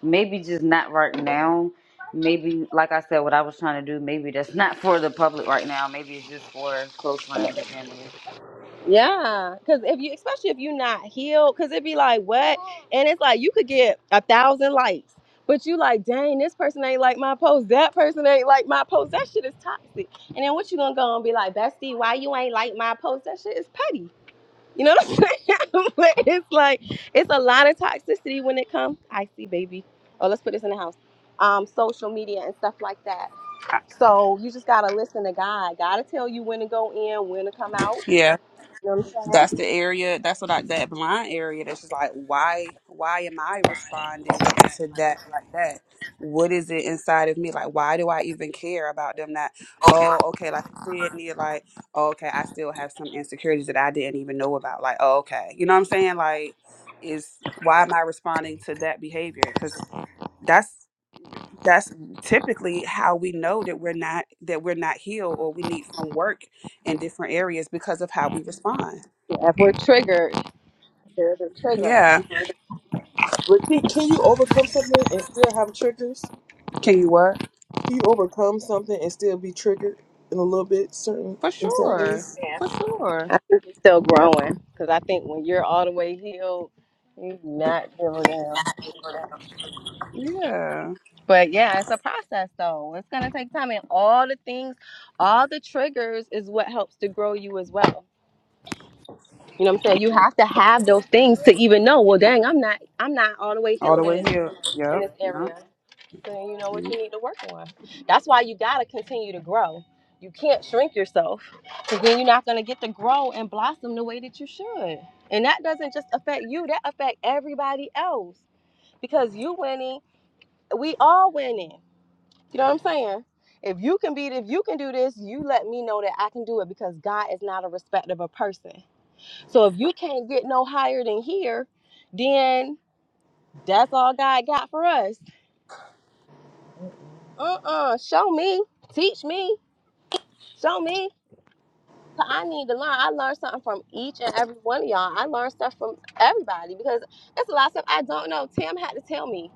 S6: maybe just not right now. Maybe like I said, what I was trying to do, maybe that's not for the public right now. Maybe it's just for close friends and family.
S1: Yeah, because if you, especially if you're not healed, because it'd be like what, and it's like you could get a thousand likes, but you like, dang, this person ain't like my post, that person ain't like my post. That shit is toxic. And then what you gonna go and be like, bestie, why you ain't like my post? That shit is petty. You know what I'm saying? But it's like it's a lot of toxicity when it comes. I see, baby. Oh, let's put this in the house. Um, social media and stuff like that. So you just gotta listen to God. Gotta tell you when to go in, when to come out. You know what I'm saying?
S2: That's the area. That's what I that blind area. That's just like why why am I responding to that like that? What is it inside of me? Like why do I even care about them? Not oh okay. Like you said, Nia. Like oh, okay, I still have some insecurities that I didn't even know about. Like oh okay, you know what I'm saying? Like is why am I responding to that behavior? Because that's that's typically how we know that we're not that we're not healed or we need some work in different areas because of how we respond.
S1: If we're triggered, there's a trigger.
S2: Yeah.
S3: But can, can you overcome something and still have triggers?
S2: Can you what?
S3: Can you overcome something and still be triggered in a little bit, certain
S2: For
S3: in certain
S2: sure.
S3: ways?
S2: For sure.
S1: I think it's still growing because I think when you're all the way healed, you do not give a damn.
S2: Yeah.
S1: But yeah, it's a process though. It's gonna take time, and all the things, all the triggers is what helps to grow you as well. You know what I'm saying? You have to have those things to even know. Well, dang, I'm not, I'm not all the way
S2: All the
S1: healed in
S2: way
S1: this.
S2: here.
S1: in
S2: Yep.
S1: this area. So then you know what you need to work on. That's why you gotta continue to grow. You can't shrink yourself because then you're not gonna get to grow and blossom the way that you should. And that doesn't just affect you, that affect everybody else. Because you winning, we all winning. You know what I'm saying? If you can be if you can do this, you let me know that I can do it because God is not a respect of a person. So if you can't get no higher than here, then that's all God got for us. uh-uh show me teach me show me. me 'Cause i need to learn i learned something from each and every one of y'all i learned stuff from everybody because it's a lot of stuff i don't know tim had to tell me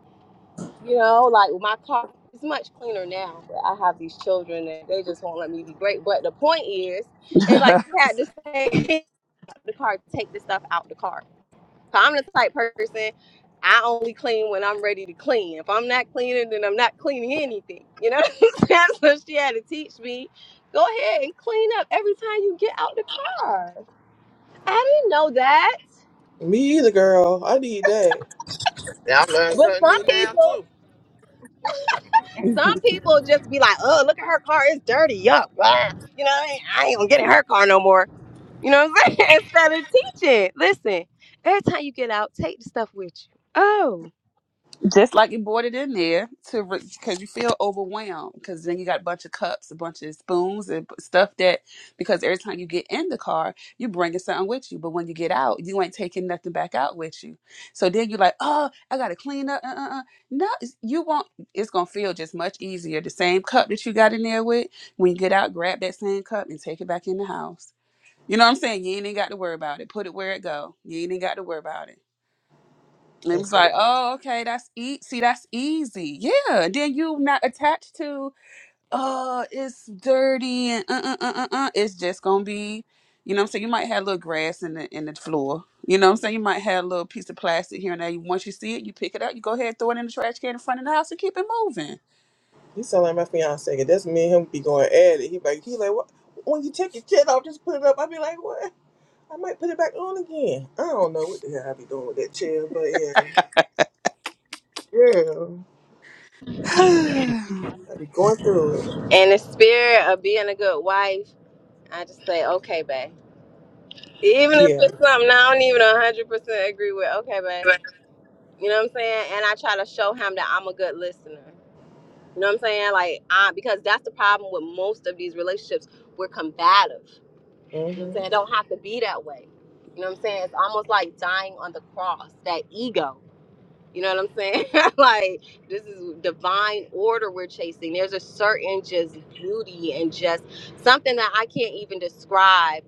S1: you know like my car is much cleaner now but i have these children and they just won't let me be great but the point is it's like he had to say the car take the stuff out the car. So 'Cause i'm the type person I only clean when I'm ready to clean. If I'm not cleaning, then I'm not cleaning anything. You know what I'm saying? So she had to teach me, go ahead and clean up every time you get out the car. I didn't know that.
S3: Me either, girl. I need that.
S5: Now I learned
S1: But
S5: something
S1: some
S5: new now
S1: people,
S5: too.
S2: Yep.
S1: some people just be like, oh, look at her car, it's dirty. Yup. Ah. You know, I ain't, I ain't gonna get in her car no more. You know what I'm saying? Instead of teaching. Listen, every time you get out, take the stuff with you. Oh.
S2: Just like you bought it in there to because you feel overwhelmed because then you got a bunch of cups, a bunch of spoons and stuff that because every time you get in the car, you bringing something with you, but when you get out, you ain't taking nothing back out with you. So then you're like, oh, I gotta clean up. Uh, uh, uh. No, it's- you won't. It's gonna feel just much easier. The same cup that you got in there with, when you get out, grab that same cup and take it back in the house. You know what I'm saying? You ain't even got to worry about it. Put it where it go. You ain't even got to worry about it. And it
S3: And
S2: was
S3: so
S2: like,
S3: that,
S2: oh, okay, that's e- see, that's easy. Yeah. And then you not attached to, uh, it's dirty and uh uh uh uh. uh. It's just gonna be, you know, what I'm saying you might have a little grass in the in the floor. You know, what I'm saying you might have a little piece of plastic here and there. You once you see it, you pick it up, you go ahead, throw it in the trash can in front of the house, and keep it moving.
S3: he sound like my fiance. That's me and him be going at it. He like he like what? When you take your chair off, just put it up. I be like, what? I might put it back on again. I don't know what the hell I be doing with that chair, but yeah, yeah, I be going through it.
S1: In the spirit of being a good wife, I just say, okay, babe. Even if
S3: Yeah.
S1: it's something I don't even one hundred percent agree with, okay, babe. You know what I'm saying? And I try to show him that I'm a good listener. You know what I'm saying? Like I because that's the problem with most of these relationships. We're combative. You know what I'm saying?
S3: Mhm.
S1: It don't have to be that way. You know what I'm saying? You know, hey, this just some I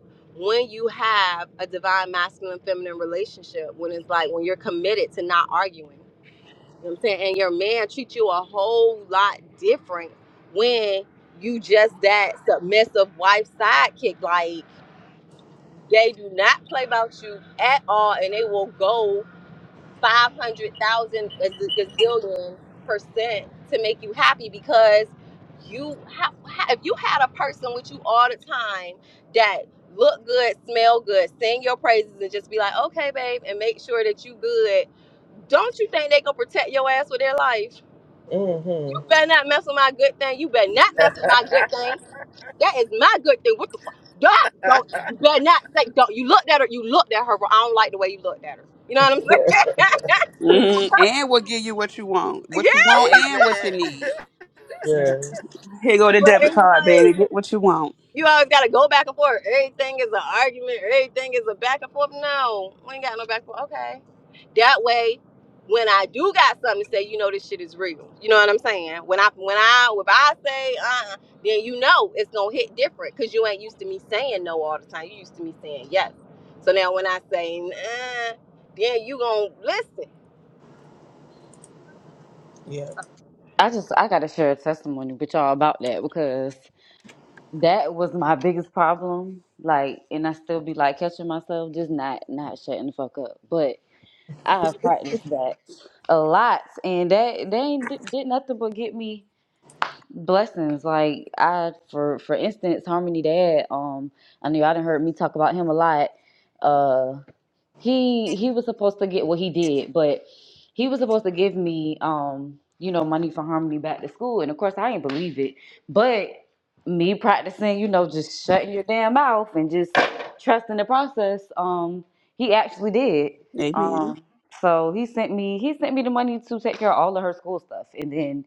S1: treat you a lot different when you just that submissive wife sidekick. Like they do not play about you at all and they will go 500,000 a z- gazillion percent to make you happy because you have if you had a person with you all the time that look good, smell good, sing your praises and just be like, "Okay, babe," and make sure that you good. Don't you think they going to protect your ass with their life? You
S3: Mhm.
S1: better not mess with my good thing. You better not mess with my good thing. That is my good thing. What the fuck? That don't you better not say don't you looked at her you looked at her but I don't like the way you looked at her. You know what I'm saying?
S2: Mhm. And we'll give you what you want, what you want, and what you
S5: Amen.
S2: need.
S3: Yeah.
S2: Here go the
S1: But
S2: debit
S1: it's
S2: card,
S1: like
S2: baby. Get what you want.
S1: You always gotta go back and forth. Everything is an argument. Everything is a back and forth. Oh, We ain't got no back and forth. Okay. That way, when I do got something to say, you know this shit is real. You know what I'm saying? When I when I if I say uh, uh then you know it's gonna hit different because you ain't used to me saying no all the time. You used to me saying yes. So now when I say uh, then you gonna listen.
S3: Yeah.
S6: I just I gotta share a testimony with y'all about that because that was my biggest problem. Like and I still be like catching myself, just not not shutting the fuck up. But I have practiced that a lot and that they ain't did did nothing but get me blessings. Like I, for for instance, Harmony Dad. Um, I knew I didn't heard me talk about him a lot. Uh, he he was supposed to get what well, he did, but he was supposed to give me um, you know, money for Harmony back to school, and of course I didn't believe it. But me practicing, you know, just shutting your damn mouth and just trusting the process. Um, he actually did.
S2: Amen.
S6: Um, so he sent me he sent me the money to take care of all of her school stuff, and then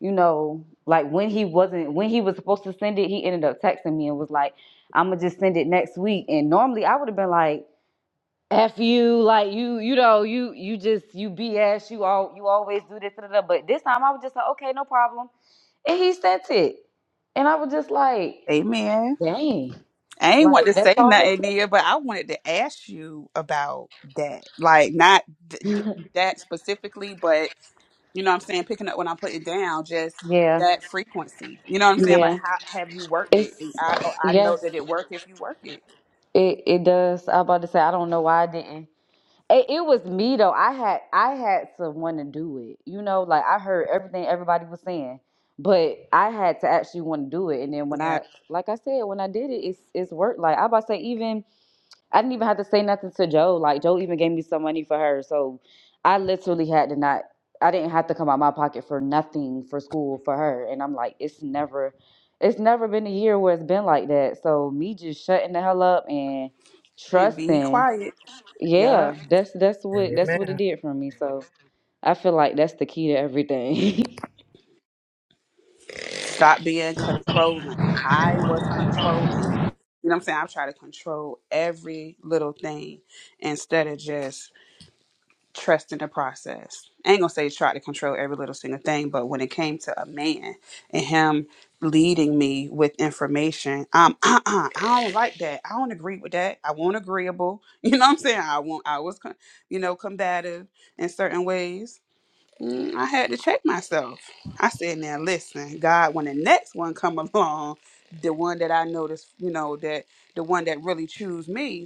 S6: you know, like when he wasn't when he was supposed to send it, he ended up texting me and was like, "I'm gonna just send it next week." And normally I would have been like, "F you, like you, you know, you you just you BS, you all you always do this." Da, da, da. But this time I was just like, "Okay, no problem," and he sent it, and I was just like,
S2: Amen.
S6: "Dang,
S2: I ain't
S6: like
S2: want to
S6: that's
S2: say
S6: all it
S2: nothing
S6: took."
S2: there, but I wanted to ask you about that. Like, not th- th- that specifically, but. You know what I'm saying? Picking up when I put it down, just
S6: Yeah,
S2: that frequency. You know what I'm saying? Like,
S6: yeah,
S2: how have you worked it?
S6: it's
S2: I oh, I know
S6: yes,
S2: that it worked if you work it.
S6: it it does. I was about to say I don't know why I didn't. It, it was me though. I had I had to want to do it. You know, like I heard everything everybody was saying, but I had to actually want to do it. And then when
S2: Yeah.
S6: I, like I said, when I did it, it's it's worked. Like I about to say, even I didn't even have to say nothing to Joe. Like Joe even gave me some money for her, so I literally had to not. I didn't have to come out my pocket for nothing for school for her. And I'm like, it's never, it's never been a year where it's been like that. So me just shutting the hell up and
S2: And be
S6: trusting
S2: quiet. Yeah.
S6: yeah, that's that's what that's what it
S5: Amen.
S6: did for me. So I feel like that's the key to everything.
S2: Stop being controlling. I was controlling. You know what I'm saying? I try to control every little thing instead of just trust in the process. I ain't gonna say try to control every little single thing, but when it came to a man and him leading me with information, um, uh, uh I don't like that. I don't agree with that. I want agreeable. You know what I'm saying? I want. I was, con- you know, combative in certain ways. Mm, I had to check myself. I said, now listen, God, when the next one come along, the one that I notice, you know, that the one that really choose me,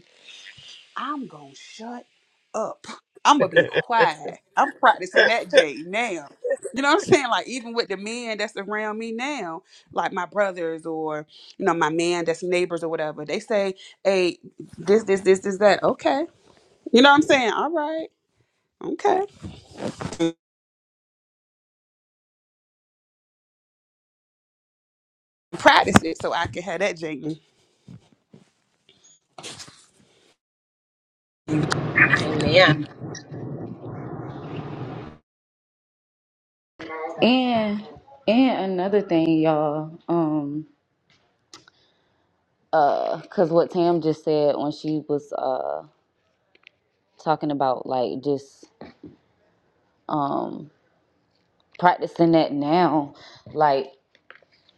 S2: I'm gonna shut up. I'm gonna be quiet. I'm practicing that J now. You know what I'm saying? Like even with the men that's around me now, like my brothers or you know my man that's neighbors or whatever, they say, "Hey, this, this, this, this, that." Okay, you know what I'm saying? All right, okay. Practice it so I can have that J.
S1: And yeah,
S6: and and another thing, y'all, um, uh, cause what Tam just said when she was uh talking about like just um practicing that now, like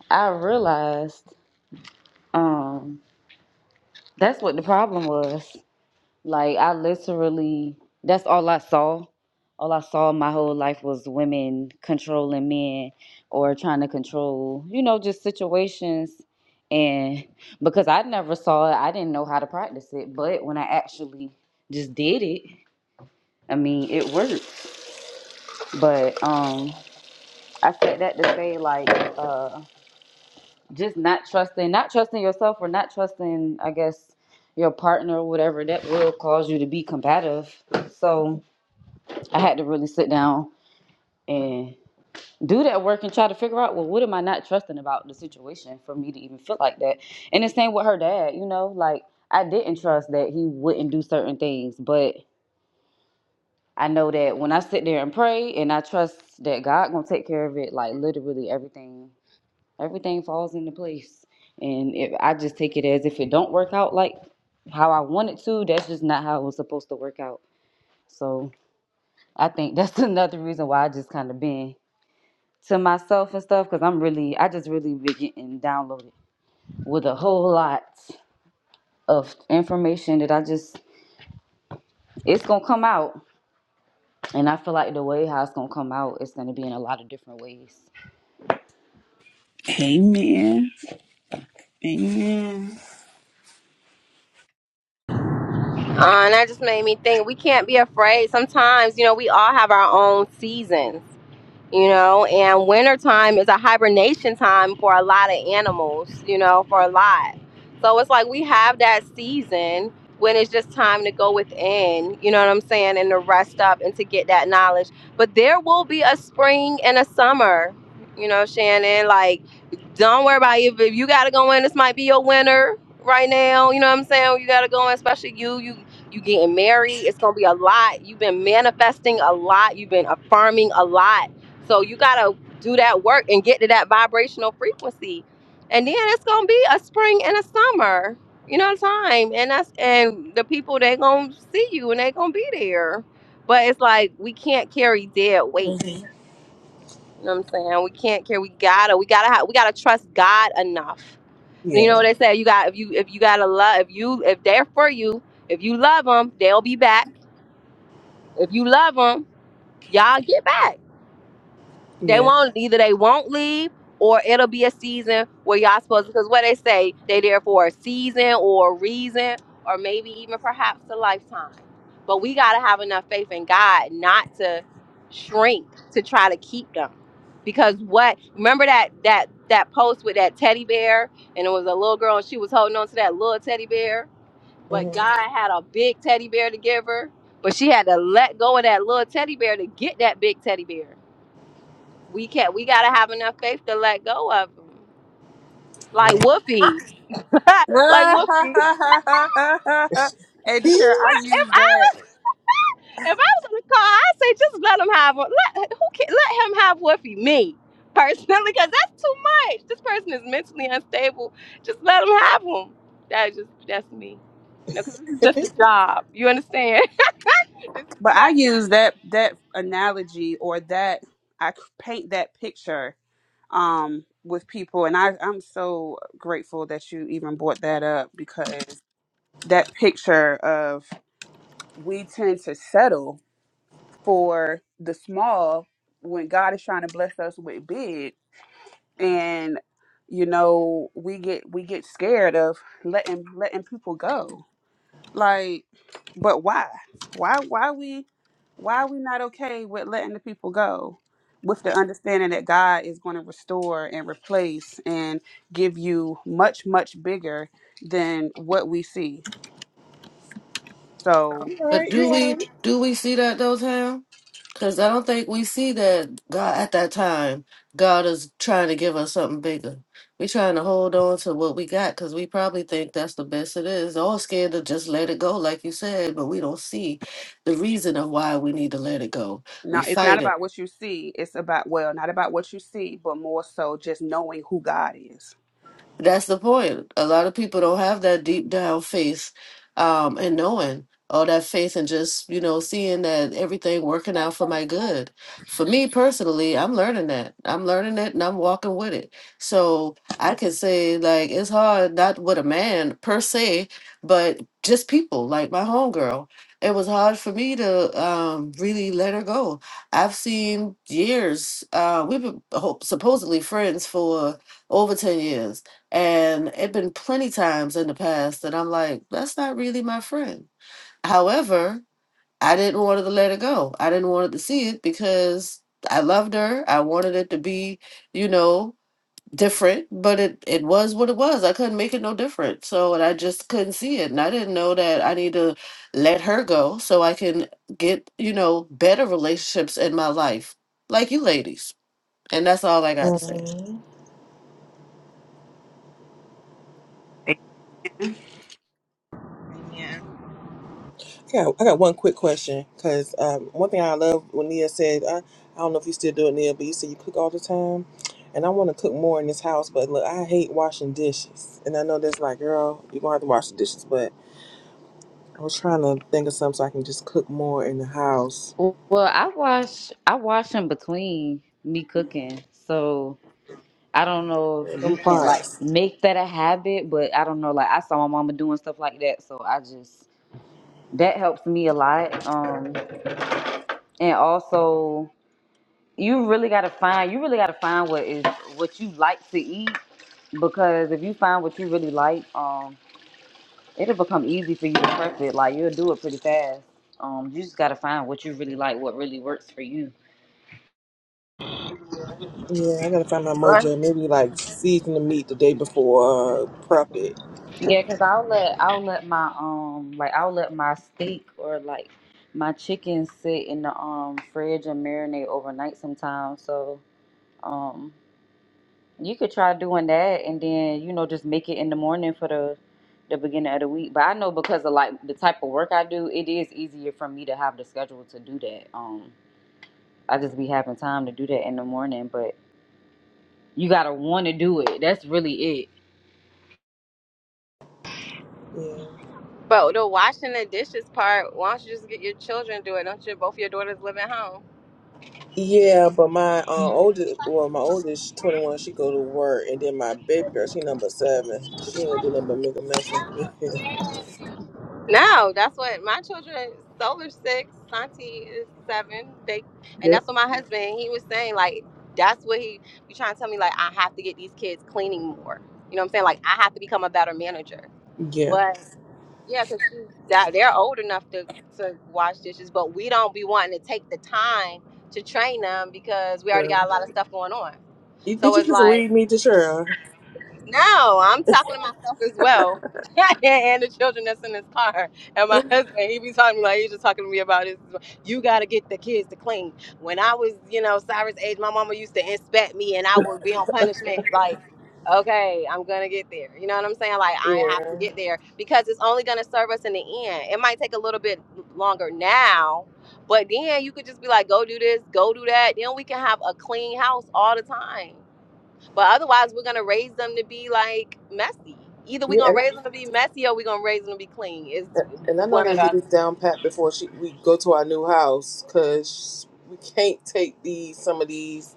S6: I realized um that's what the problem was. Like I literally, that's all I saw. All I saw my whole life was women controlling men or trying to control, you know, just situations. And because I never saw it, I didn't know how to practice it. But when I actually just did it, I mean, it worked. But um, I said that to say like, uh, just not trusting, not trusting yourself or not trusting, I guess, your partner or whatever. That will cause you to be combative. So I had to really sit down and do that work and try to figure out, well, what am I not trusting about the situation for me to even feel like that? And the same with her dad, you know, like I didn't trust that he wouldn't do certain things, but I know that when I sit there and pray and I trust that God gonna take care of it, like literally everything, everything falls into place. And if I just take it as if it don't work out like how I want it to, that's just not how it was supposed to work out. So I think that's another reason why I just kind of been to myself and stuff because I'm really, I just really be getting downloaded with a whole lot of information that I just, it's gonna come out. And I feel like the way how it's gonna come out, it's gonna be in a lot of different ways.
S2: Amen. Amen.
S1: uh, and that just made me think we can't be afraid. Sometimes you know we all have our own seasons you know and winter time is a hibernation time for a lot of animals you know for a lot so it's like we have that season when it's just time to go within you know what i'm saying and to rest up and to get that knowledge but there will be a spring and a summer you know shannon like don't worry about it. if, if you gotta go in this might be your winter right now you know what i'm saying you gotta go in especially you you you getting married a lot a lot so you gotta do that work and get to that vibrational frequency a spring and a summer, you know, time, and that's and the people they gonna see you and they gonna be there. But it's like we can't carry dead weight.
S3: Mhm.
S1: You know what I'm saying? We can't carry. We gotta. We gotta. Have, we gotta trust God enough. You
S3: Yeah.
S1: know what they say? You got if you if you gotta love if you if they're for you if you love them they'll be back. If you love them, y'all get back. They
S3: Yeah.
S1: won't. or it'll be a season where y'all supposed because what they say they there for a season or a reason or maybe even perhaps a lifetime but we got to have enough faith in god not to shrink to try to keep them because what remember that that that post with that teddy bear and it was a little girl and she was holding on to that little teddy bear but
S3: Mhm.
S1: god had a big teddy bear to give her but she had to let go of that little teddy bear to get that big teddy bear we can't we gotta have enough faith to let go of them. Like
S3: Yeah.
S1: Whoopi.
S2: hey,
S1: like Whoopi.
S2: Deshaun, I
S1: Where- If
S2: use
S1: I
S2: that.
S1: was if I was in the car, I'd say just let him have Let who can, let him have Whoopi, me personally, because that's too much. This person is mentally unstable. Just let him have him. That's just that's me. You know, 'cause this is just a job. You understand? this is
S2: But I
S1: not
S2: use that that analogy or that I c- paint that picture um with people and I I'm so grateful that you even brought that up because that picture of we tend to settle for the small when God is trying to bless us with big and you know we get we get scared of letting letting people go like, but why? Why why we why are we not okay with letting the people go? With the understanding that God is going to restore and replace and give you much, much bigger than what we see. So
S3: you
S4: but
S3: right. You
S4: do we
S3: right.
S4: do we see that though Tam? Because I don't think we see that God at that time, God is trying to give us something bigger. we trying to hold on to what we got because we probably think that's the best it is. All scared to just let it go, like you said, but we don't see the reason of why we need to let it go. We
S2: now it's not
S4: fight it.
S2: about what you see, it's about well, not about what you see, but more so just knowing who God is.
S4: That's the point. A lot of people don't have that deep down faith um, and knowing all that faith and just, you know, seeing that everything working out for my good. For me personally, I'm learning that. I'm learning it and I'm walking with it. So I can say, like, it's hard, not with a man per se, but just people, like my homegirl. It was hard for me to um, really let her go. I've seen years, uh, we've been hope, supposedly friends for over 10 years and it been plenty times in the past that I'm like, that's not really my friend. However, I didn't want to let it go. I didn't want to see it because I loved her. I wanted it to be, you know, different, but it it was what it was. I couldn't make it no different. So, and I just couldn't see it. And I didn't know that I need to let her go so I can get, you know, better relationships in my life, like you ladies. And that's all I got to say.
S3: Mhm. Yeah, I got one quick question because um, one thing I love when Nia said, I, I don't know if you still do it, Nia, but you said you cook all the time. And I want to cook more in this house, but look, I hate washing dishes. And I know that's like, girl, you're going to have to wash the dishes, but I was trying to think of something so I can just cook more in the house.
S6: Well, I wash, I wash in between me cooking, so I don't know if you
S3: Them
S6: can like
S3: pots.
S6: make that a habit, but I don't know. Like I saw my mama doing stuff like that, so I just that helps me a lot. Um, and also you really gotta find you really gotta find what is what you like to eat because if you find what you really like, um, it'll become easy for you to prep it. Like you'll do it pretty fast. Um, you just gotta find what you really like, what really works for you.
S3: Yeah, I got to find my
S1: Right.
S3: mojo. Maybe like season the meat the day before, uh, prep it.
S6: Yeah, cause I'll let I'll let my um like I'll let my steak or like my chicken sit in the um fridge and marinate overnight sometimes. So um You could try doing that and then, you know, just make it in the morning for the the beginning of the week. But I know because of like the type of work I do, it is easier for me to have the schedule to do that. Um I just be having time to do that in the morning, but you gotta wanna do it. That's really it.
S3: Yeah.
S1: but the washing the dishes part, why don't you just get your children to do it? Don't you both your daughters live at home?
S3: Yeah, but my uh, oldest, well, my oldest, twenty one, she go to work, and then my baby girl, she number seven. She ain't gonna do nothing but make a mess. of it.
S1: No, that's what my children. Solar six, Santi is seven. They, and
S3: Yep.
S1: that's what my husband. He was saying like that's what he be trying to tell me like I have to get these kids cleaning more. You know what I'm saying? Like I have to become a better manager.
S3: yeah.
S1: But yeah, because she's that they're old enough to to wash dishes, but we don't be wanting to take the time to train them because we already
S3: Sure.
S1: got a lot of stuff going on.
S3: You,
S1: So
S3: did you
S1: it's
S3: just
S1: like
S3: read me to Cheryl?
S1: no, I'm talking to myself as well. and the children that's in his car. And my husband, he be talking to me like he's just talking to me about this. You gotta get the kids to clean. When I was, you know, Cyrus age, my mama used to inspect me and I would be on punishment like Okay, I'm gonna get there. You know what I'm saying? Like I have to
S3: Yeah.
S1: get there because it's only gonna serve us in the end. It might take a little bit longer now, but then you could just be like, go do this, go do that. Then we can have a clean house all the time. But otherwise, we're gonna raise them to be like messy. Either we're
S3: Yeah,
S1: gonna
S3: and
S1: raise them to be messy or we're gonna raise them to be clean.
S3: I,
S1: It's
S3: and I know I
S1: one or
S3: gotta
S1: the
S3: get
S1: other.
S3: this down pat before she we go to our new house, cause we can't take these some of these.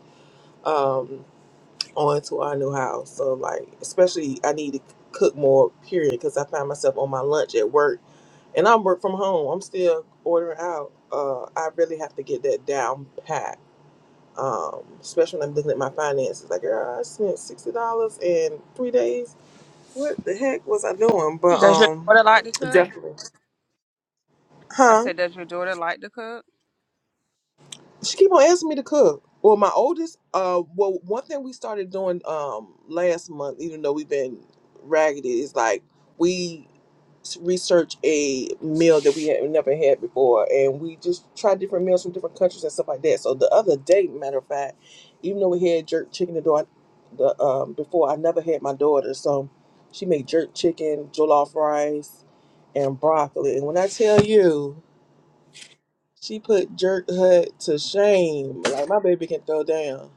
S3: onto our new house. So like, especially I need to cook more. Period, because I find myself on my lunch at work, and I work from home. I'm still ordering out. Uh, I really have to get that down pat. Um, especially when I'm looking at my finances. Like, girl, I spent sixty dollars in three days. What the heck was I doing? But
S2: Does your
S3: um,
S2: daughter like to cook?
S3: definitely,
S2: I
S3: huh?
S2: said, Does your daughter like to cook?
S3: She keep on asking me to cook. Well, my oldest, uh, well, one thing we started doing um last month, even though we've been raggedy, is like we s- research a meal that we had never had before, and we just try different meals from different countries and stuff like that. So the other day, matter of fact, even though we had jerk chicken the door, the um before I never had my daughter, so she made jerk chicken, jollof rice, and broccoli. And when I tell you. She put Jerk Hut to shame. Like my baby can throw down.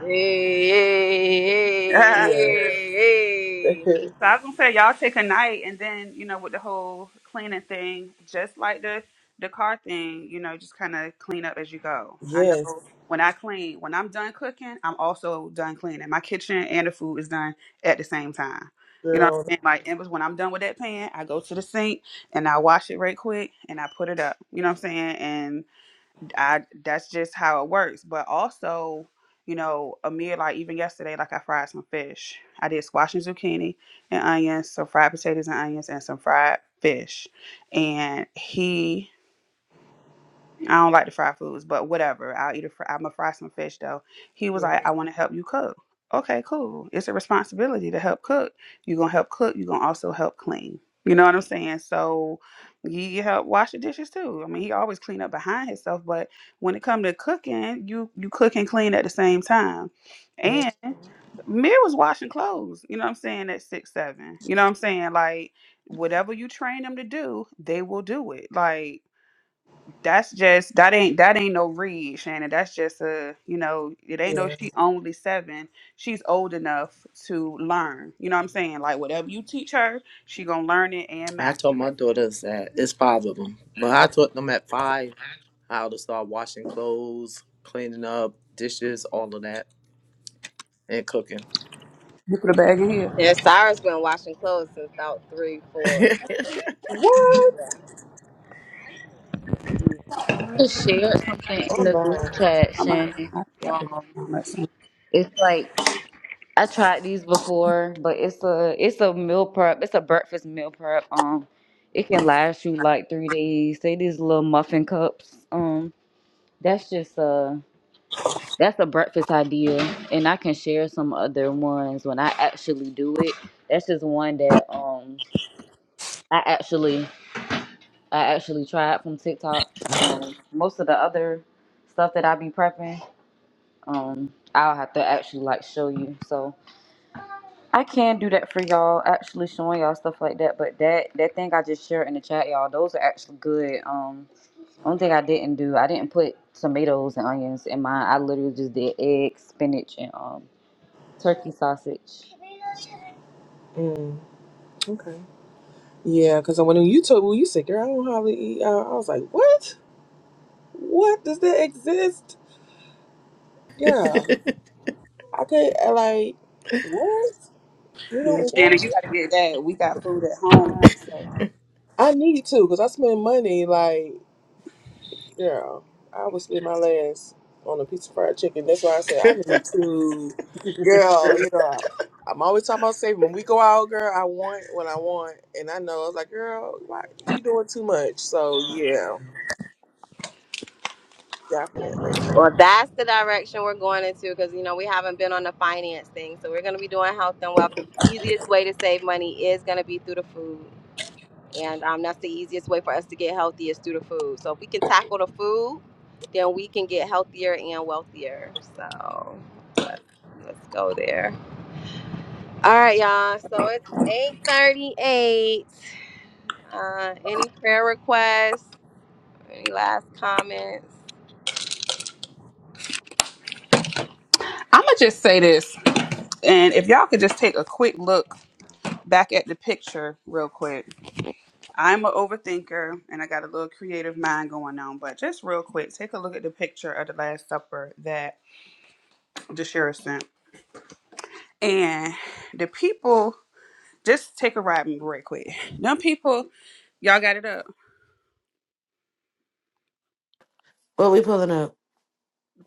S1: Hey, hey,
S3: Yeah.
S1: hey, hey, hey.
S2: So I was gonna say y'all take a night and then, you know, with the whole cleaning thing, just like the the car thing, you know, just kinda clean up as you go. I
S3: yes,
S2: know when I clean, when I'm done cooking, I'm also done cleaning. My kitchen and the food is done at the same time. You know what I'm
S3: girl.
S2: saying? Like it was when I'm done with that pan, I go to the sink and I wash it right quick and I put it up. You know what I'm saying? And I that's just how it works. But also, you know, Amir. like even yesterday, like I fried some fish. I did squash and zucchini and onions, some fried potatoes and onions, and some fried fish. And he I don't like the fried foods, but whatever. I'll eat a fr- I'm gonna fry some fish though. He was
S3: Yeah.
S2: like, I want to help you cook. Okay, cool. It's a responsibility to help cook. You're gonna help cook. You're gonna also help clean. You know what I'm saying? So he help wash the dishes too. I mean, he always clean up behind himself, but when it come to cooking, you you cook and clean at the same time. And
S3: Mm,
S2: Mir was washing clothes. You know what I'm saying? At six seven. You know what I'm saying? Like whatever you train them to do, they will do it. Like that's just that ain't that ain't no read, Shannon. That's just a you know it ain't no
S3: yeah.
S2: she only seven. She's old enough to learn. You know what I'm saying? Like whatever you teach her, she gonna learn it and
S5: I told
S2: master
S5: my
S2: it.
S5: daughters that it's five of them, but I taught them at five how to start washing clothes, cleaning up dishes, all of that, and cooking.
S2: You put a bag in here.
S1: Yeah, Cyrus been washing clothes since about three, four.
S5: I,
S3: What?
S6: Just shared something in
S3: I'm
S6: the group
S3: behind.
S6: chat,
S2: I'm a,
S6: Shannon.
S2: I got it.
S6: Um
S2: I'm not
S6: it's like I tried these before, but it's a it's a meal prep, it's a breakfast meal prep. Um it can last you like three days. Say these little muffin cups. Um That's just a that's a breakfast idea, and I can share some other ones when I actually do it. That's just one that um I actually I actually tried from TikTok. Um, most of the other stuff that I be prepping, um, I'll have to actually like show you. So I can do that for y'all, actually showing y'all stuff like that. But that that thing I just shared in the chat, y'all, those are actually good. Um, only thing I didn't do, I didn't put tomatoes and onions in mine. I literally just did eggs, spinach, and um turkey sausage.
S3: Mm, okay. Yeah, because when you told when you said, girl, I don't hardly eat out, I was like, what? What? Does that exist? Girl, I can't, I like, what? You
S2: Yeah,
S3: don't eat
S2: Shannon,
S3: out?
S2: you gotta get that. We got food at home.
S3: I need to because I spend money, like, Girl, I would spend my last on a piece of fried chicken. That's why I said I need to. Girl, you know, I'm always talking about saving. When we go out, girl, I want what I want, and I know I was like, girl, why you doing too much? So yeah, definitely.
S1: On the finance thing, so we're gonna be doing health and wealth. The easiest way to save money is gonna be through the food, and um, that's the easiest way for us to get healthy is through the food. So if we can tackle the food, then we can get healthier and wealthier. So let's let's go there. All right, y'all. So it's eight thirty-eight. Uh, any prayer requests? Any last comments?
S2: I'ma just say this, and if y'all could just take a quick look back at the picture real quick I'm an overthinker and I got a little creative mind going on, but just real quick, take a look at the picture of the Last Supper that Deshira sent. And the people, just take a ride with me real quick. Them people, y'all got it up.
S4: What we pulling up?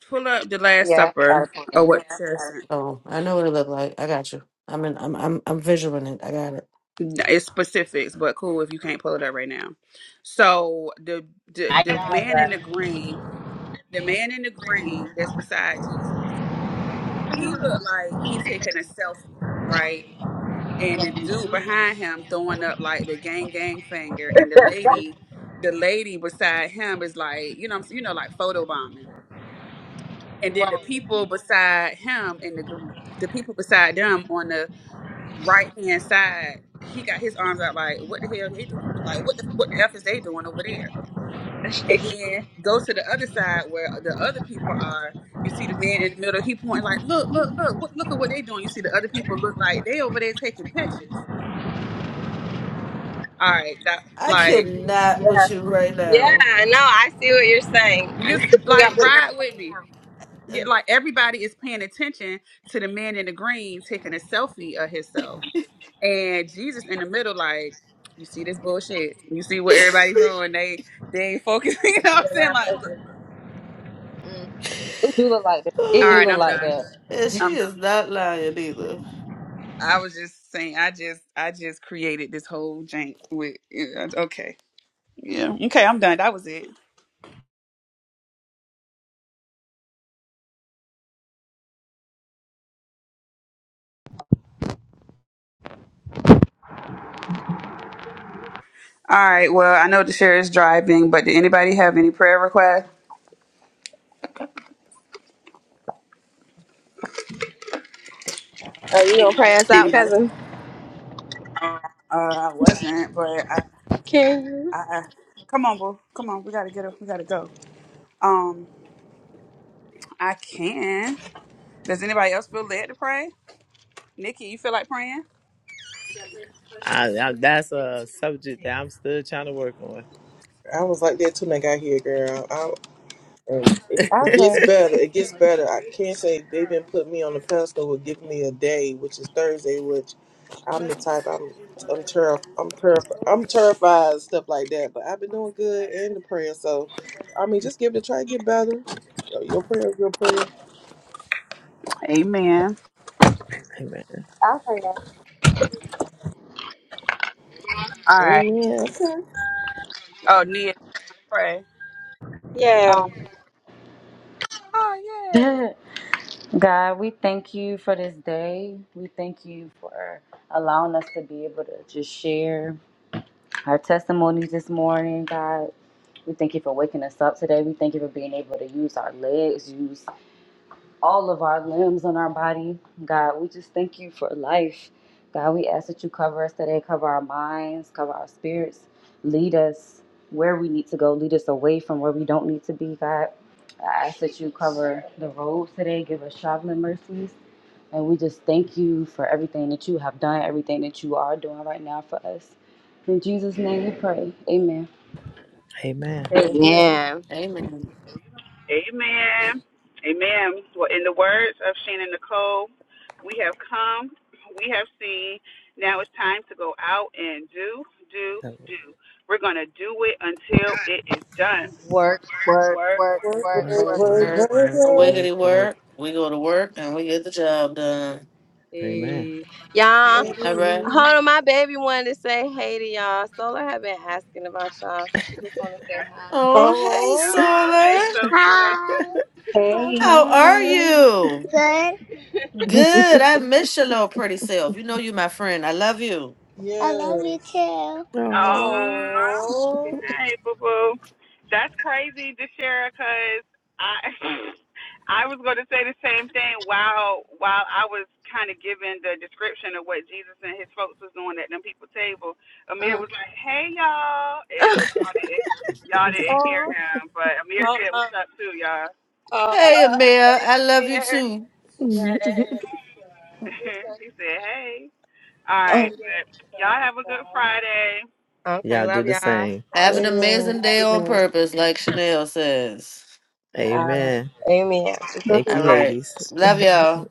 S2: Pull up the Last
S6: Yeah, I got it.
S2: Supper
S6: for
S2: or what Deshira
S4: Oh, I know what it looked like. I got you. I'm in, I'm I'm I'm visualing it. I got it.
S2: sent. It's specifics, but cool if you can't pull it up right now. So the the, the man in the green, the man in the green that's beside Jesus, he looked like he's taking a selfie, right? and the dude behind him throwing up like the gang gang finger and the lady the lady beside him is like you know what I'm s- you know like photo bombing and then the people beside him and the gr- the people beside them on the right hand side he got his arms out like what the hell they doing like what the, what the f is they doing over there and then go to the other side where the other people are you see the man in the middle he pointing like look look look what- look at what they doing you see the other people look like they over there taking pictures All right, that
S4: I
S2: like
S4: cannot
S1: Yeah,
S4: with you right
S1: yeah.
S4: now.
S1: No, I see what you're saying.
S2: you
S1: I'm picking up
S2: like
S1: what you're.
S2: ride with me. Get
S4: And,
S2: like everybody is paying attention to the man in the green taking a selfie of himself, and Jesus in the middle. Like you see this bullshit. You see what everybody's doing. They they ain't focusing. You know what I'm saying? Like,
S6: It do look like that.
S2: all
S6: It do
S2: right,
S6: look
S2: I'm
S6: like
S2: done.
S6: that.
S4: and she
S2: I'm.
S4: is not lying either.
S2: I was just saying. I just I just created this whole jank with. yeah, Okay. Yeah. Okay. I'm done. That was it. All right. Well, I know the share is driving, but did anybody have any prayer requests?
S1: You gonna pray us out,
S2: Anybody?
S1: cousin?
S2: Uh, I wasn't, but I,
S1: Can you?
S2: I, I- come on, boo, come on, we gotta get up, we gotta go. Um, I can. Does anybody else feel led to pray? Nikki, you feel like praying?
S5: I, that's a subject that I'm still trying to work on.
S3: I was like that too when I got here, girl. And it, it
S6: Okay.
S3: gets better. It gets better. I can't say they've been putting me on the pedestal with giving me a day, which is Thursday, which I'm the type I'm I'm terrif I'm terrif I'm terrified and stuff like that. But I've been doing good in the prayer, so I mean, just give it a try, get better. Your your prayer is your prayer.
S2: Amen. All right.
S3: Amen. Okay.
S2: Oh, Nia, pray.
S1: Yeah.
S2: Oh yeah.
S6: Um, God, we thank you for this day. We thank you for allowing us to be able to just share our testimonies this morning, God. We thank you for waking us up today. We thank you for being able to use our legs, use all of our limbs on our body. God, we just thank you for life. God, we ask that you cover us today, cover our minds, cover our spirits, lead us where we need to go, lead us away from where we don't need to be, God. I ask that you cover the roads today, give us traveling mercies. And we just thank you for everything that you have done, everything that you are doing right now for us. In Jesus' name we pray. Amen.
S5: Amen.
S3: Amen.
S1: Yeah.
S4: Amen.
S2: Amen. Amen. Well, in the words of Shannon Nicole, we have come, we have seen. Now it's time to go out and do, do, do. We're gonna do it until it is done. Work, work,
S3: Work,
S2: work,
S5: Work,
S3: work,
S4: Word,
S2: work,
S3: work,
S5: work,
S4: word.
S3: work,
S2: work.
S5: work,
S3: work.
S5: work,
S4: Wiggity
S5: work.
S4: work. We go to work and we get the job done.
S5: Amen.
S1: Y'all,
S4: All right.
S3: Amen.
S1: hold on. My baby wanted to say hey to y'all. Solar have been asking.
S2: Got,
S4: Oh, hey,
S3: Oh,
S2: uh, hey,
S4: Solar.
S2: Sosa.
S6: Hey.
S4: How are
S5: I
S4: you? Good. I miss your little pretty self. You know you my friend. I love you.
S1: I love you
S3: yes.
S1: too.
S5: know.
S2: Uh,
S3: Oh,
S2: hey, boo boo. That's crazy, DeShera, because I. I was going to say the same thing while while I was kind of giving the description of what Jesus and his folks was doing at them people table. Amir was like, "Hey y'all," eh, but y'all didn't y'all didn't hear him. But Amir said, "What's up, too, y'all?"
S4: Hey, Amir. I love you too.
S2: he said, "Hey." All right, but y'all have a good Friday.
S5: Y'all do the same.
S4: Have
S3: yeah,
S4: an
S3: yeah.
S4: amazing day
S3: Good
S4: on
S3: night.
S4: purpose, like Chanel says.
S5: Amen. Thank
S4: All
S5: you,
S4: right.
S5: ladies.
S4: Love y'all.